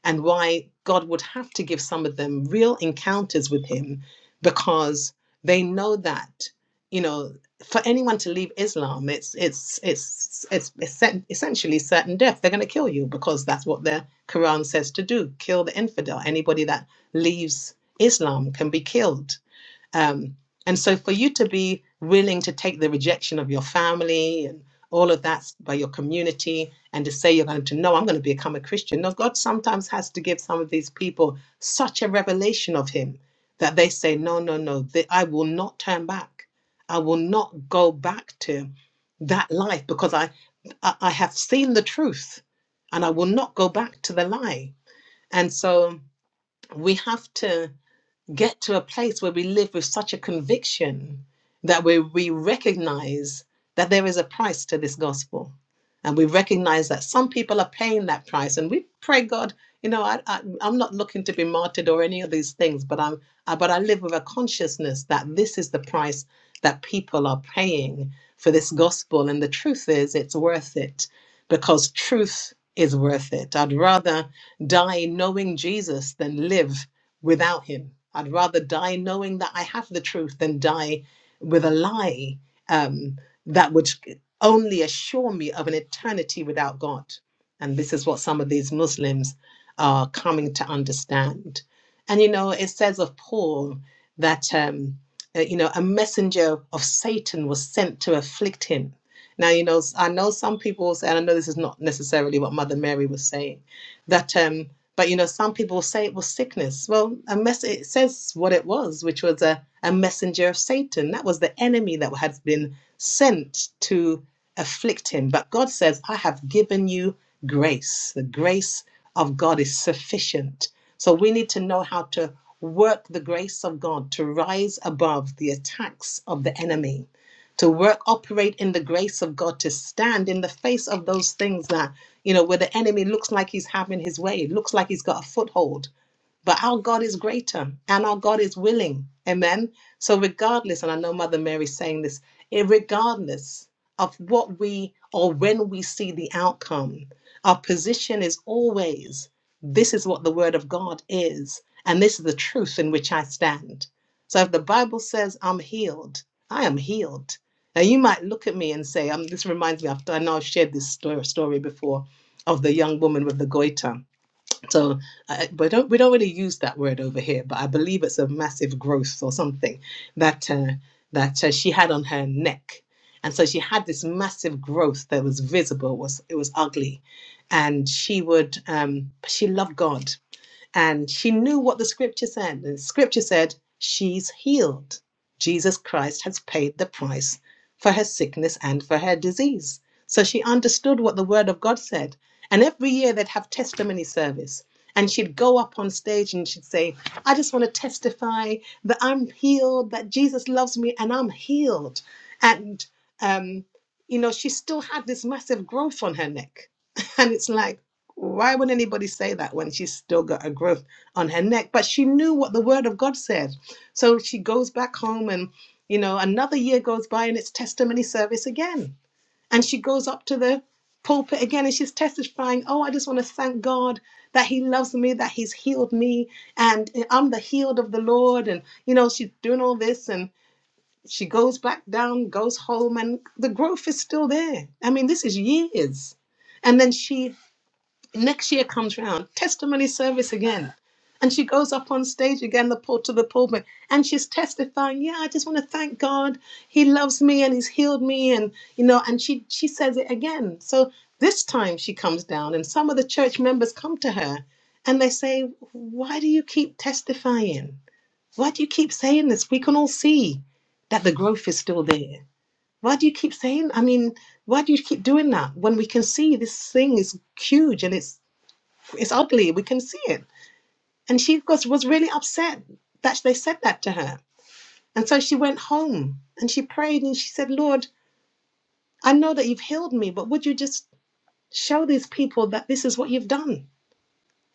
S2: and why God would have to give some of them real encounters with Him because they know that you know for anyone to leave Islam, it's it's it's it's, essen- essentially certain death. They're going to kill you because that's what the Quran says to do: kill the infidel. Anybody that leaves Islam can be killed um, and so for you to be willing to take the rejection of your family and all of that by your community and to say you're going to no, I'm going to become a Christian. No, God sometimes has to give some of these people such a revelation of Him that they say, no, no, no, th- I will not turn back. I will not go back to that life because I, I, I have seen the truth and I will not go back to the lie. And so we have to get to a place where we live with such a conviction that we, we recognize that there is a price to this gospel. And we recognize that some people are paying that price. And we pray, God, you know, I, I, I'm not looking to be martyred or any of these things, but I'm, I, but I live with a consciousness that this is the price that people are paying for this gospel. And the truth is, it's worth it because truth is worth it. I'd rather die knowing Jesus than live without him. I'd rather die knowing that I have the truth than die with a lie um, that would only assure me of an eternity without God. And this is what some of these Muslims are coming to understand. And you know, it says of Paul that um, uh, you know a messenger of Satan was sent to afflict him. Now, you know, I know some people will say, and I know this is not necessarily what Mother Mary was saying, that. Um, but you know, some people will say it was sickness. Well, a mess it says what it was, which was a, a messenger of Satan. That was the enemy that had been sent to afflict him. But God says, I have given you grace. The grace of God is sufficient. So we need to know how to work the grace of God to rise above the attacks of the enemy. To work, operate in the grace of God, to stand in the face of those things that you know, where the enemy looks like he's having his way, looks like he's got a foothold but our God is greater and our God is willing. Amen. So, regardless, and I know Mother Mary's saying this, eh, regardless of what we or when we see the outcome, our position is always this is what the word of God is, and this is the truth in which I stand. So, if the Bible says I'm healed, I am healed. Now, you might look at me and say, um, This reminds me, after I know I've shared this story, story before of the young woman with the goiter so I, we don't we don't really use that word over here, but I believe it's a massive growth or something that uh, that uh, she had on her neck, and so she had this massive growth that was visible. was It was ugly, and she would um, she loved God and she knew what the scripture said. The scripture said, She's healed. Jesus Christ has paid the price for her sickness and for her disease. So she understood what the word of God said. And every year they'd have testimony service. And she'd go up on stage and she'd say, I just want to testify that I'm healed, that Jesus loves me and I'm healed. And, um, you know, she still had this massive growth on her neck. [LAUGHS] And it's like, why would anybody say that when she's still got a growth on her neck? But she knew what the word of God said. So she goes back home and, you know, another year goes by and it's testimony service again. And she goes up to the pulpit again and she's testifying, oh, I just want to thank God that he loves me, that he's healed me, and I'm the healed of the Lord. And, you know, she's doing all this and she goes back down, goes home, and the growth is still there. I mean, this is years. And then she Next year comes round, testimony service again. And she goes up on stage again, the port to the pulpit, and she's testifying, Yeah, I just want to thank God. He loves me and he's healed me. And you know, and she she says it again. So this time she comes down and some of the church members come to her and they say, Why do you keep testifying? Why do you keep saying this? We can all see that the growth is still there. Why do you keep saying? I mean, why do you keep doing that when we can see this thing is huge and it's it's ugly. We can see it. And she was, was really upset that they said that to her. And so she went home and she prayed and she said, Lord, I know that you've healed me, but would you just show these people that this is what you've done?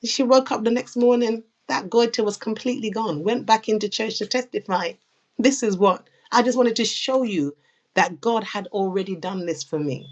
S2: And she woke up the next morning, that goiter was completely gone, went back into church to testify. This is what I just wanted to show you that God had already done this for me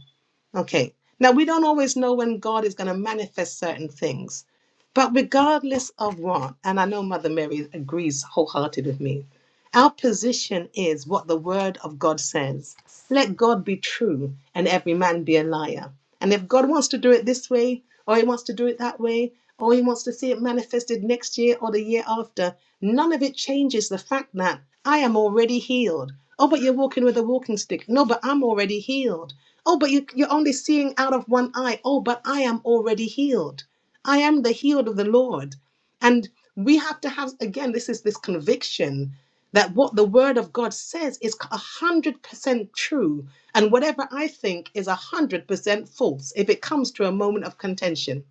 S2: Okay. Now, we don't always know when God is going to manifest certain things. But regardless of what, and I know Mother Mary agrees wholehearted with me, our position is what the Word of God says. Let God be true and every man be a liar. And if God wants to do it this way, or he wants to do it that way, or he wants to see it manifested next year or the year after, none of it changes the fact that I am already healed. Oh, but you're walking with a walking stick. No, but I'm already healed. Oh, but you, you're only seeing out of one eye. Oh, but I am already healed. I am the healed of the Lord. And we have to have, again, this is this conviction that what the word of God says is 100% true, and whatever I think is 100% false if it comes to a moment of contention.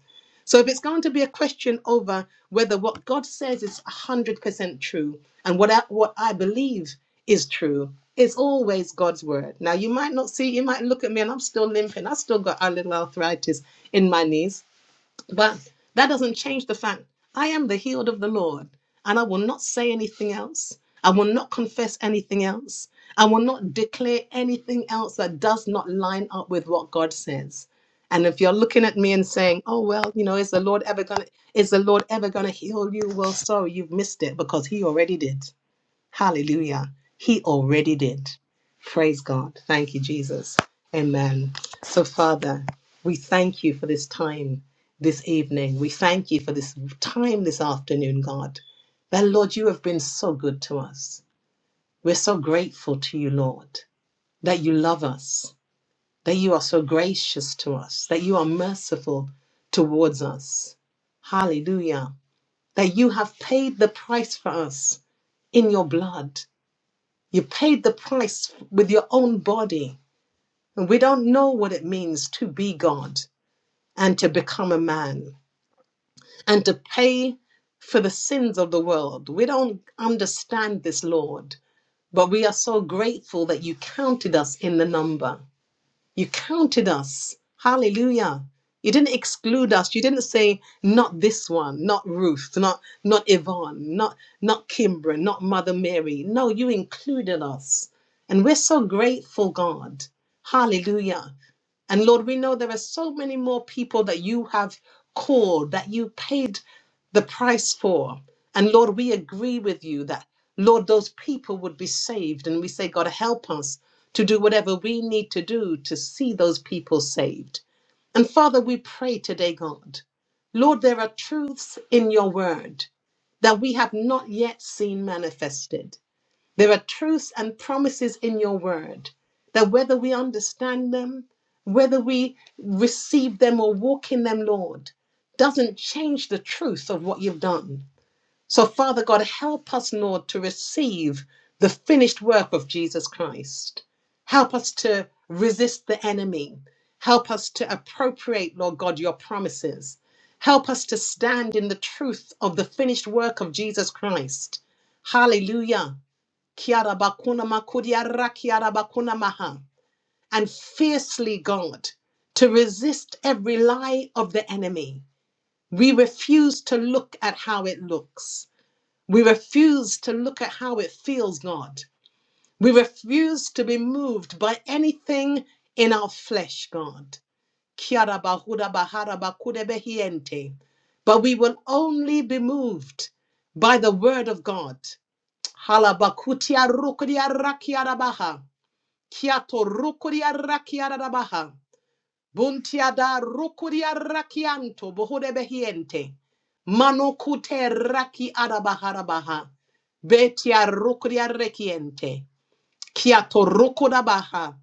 S2: So, if it's going to be a question over whether what God says is 100% true and what I, what I believe is true, it's always God's word. Now, you might not see, you might look at me and I'm still limping. I still got a little arthritis in my knees. But that doesn't change the fact I am the healed of the Lord, and I will not say anything else. I will not confess anything else. I will not declare anything else that does not line up with what God says. And if you're looking at me and saying, "Oh well, you know, is the Lord ever gonna is the Lord ever gonna heal you?" Well, sorry, you've missed it because He already did. Hallelujah. He already did. Praise God. Thank you, Jesus. Amen. So, Father, we thank you for this time this evening. We thank you for this time this afternoon, God. That, Lord, you have been so good to us. We're so grateful to you, Lord, that you love us, that you are so gracious to us, that you are merciful towards us. Hallelujah. That you have paid the price for us in your blood. You paid the price with your own body. And we don't know what it means to be God and to become a man and to pay for the sins of the world. We don't understand this, Lord, but we are so grateful that you counted us in the number. You counted us. Hallelujah. You didn't exclude us. You didn't say, not this one, not Ruth, not not Yvonne, not not Kimbra, not Mother Mary. No, you included us. And we're so grateful, God. Hallelujah. And Lord, we know there are so many more people that you have called, that you paid the price for. And Lord, we agree with you that, Lord, those people would be saved. And we say, God, help us to do whatever we need to do to see those people saved. And Father, we pray today, God, Lord, there are truths in your word that we have not yet seen manifested. There are truths and promises in your word that whether we understand them, whether we receive them or walk in them, Lord, doesn't change the truth of what you've done. So, Father God, help us, Lord, to receive the finished work of Jesus Christ. Help us to resist the enemy. Help us to appropriate, Lord God, your promises. Help us to stand in the truth of the finished work of Jesus Christ. Hallelujah. Kiara bakuna makudia bakuna maha. And fiercely, God, to resist every lie of the enemy. We refuse to look at how it looks. We refuse to look at how it feels, God. We refuse to be moved by anything in our flesh, God. Kiara bahuda bahara bakude behiente. But we will only be moved by the word of God. Halabakutia rukudia Kiato rukuria rakiara rabaha. Buntiada rukuria rakianto bohude behiente. Mano kute raki arabaha rabaha. Betia rukuria rekiente. Kiato rukuda baha.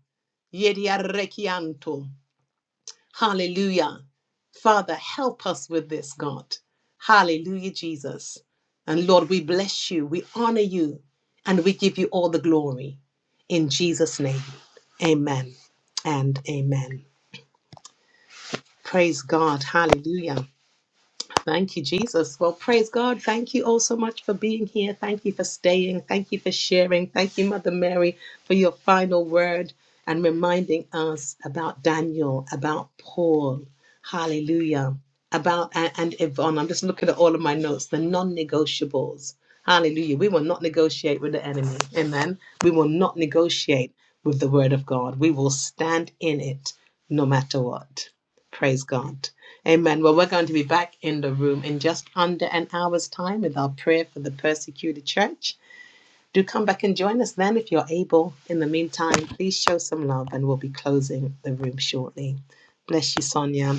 S2: Yedia rekianto. Hallelujah. Father, help us with this, God. Hallelujah, Jesus. And Lord, we bless you, we honor you, and we give you all the glory. In Jesus' name, amen and amen. Praise God. Hallelujah. Thank you, Jesus. Well, praise God. Thank you all so much for being here. Thank you for staying. Thank you for sharing. Thank you, Mother Mary, for your final word and reminding us about Daniel, about Paul. Hallelujah. About and, and Yvonne. I'm just looking at all of my notes, the non negotiables. Hallelujah. We will not negotiate with the enemy. Amen. We will not negotiate with the word of God. We will stand in it no matter what. Praise God. Amen. Well, we're going to be back in the room in just under an hour's time with our prayer for the persecuted church. Do come back and join us then if you're able. In the meantime, please show some love and we'll be closing the room shortly. Bless you, Sonia.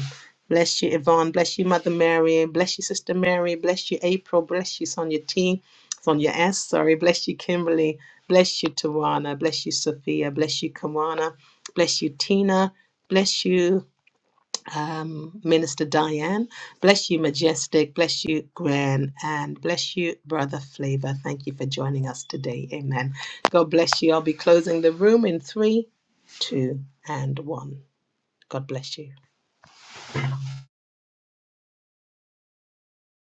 S2: Bless you, Yvonne. Bless you, Mother Mary. Bless you, Sister Mary. Bless you, April. Bless you, Sonia T. Sonia S. Sorry. Bless you, Kimberly. Bless you, Tawana. Bless you, Sophia. Bless you, Kawana. Bless you, Tina. Bless you um, Minister Diane. Bless you, Majestic. Bless you, Gwen. And bless you, Brother Flavor. Thank you for joining us today. Amen. God bless you. I'll be closing the room in three, two, and one. God bless you.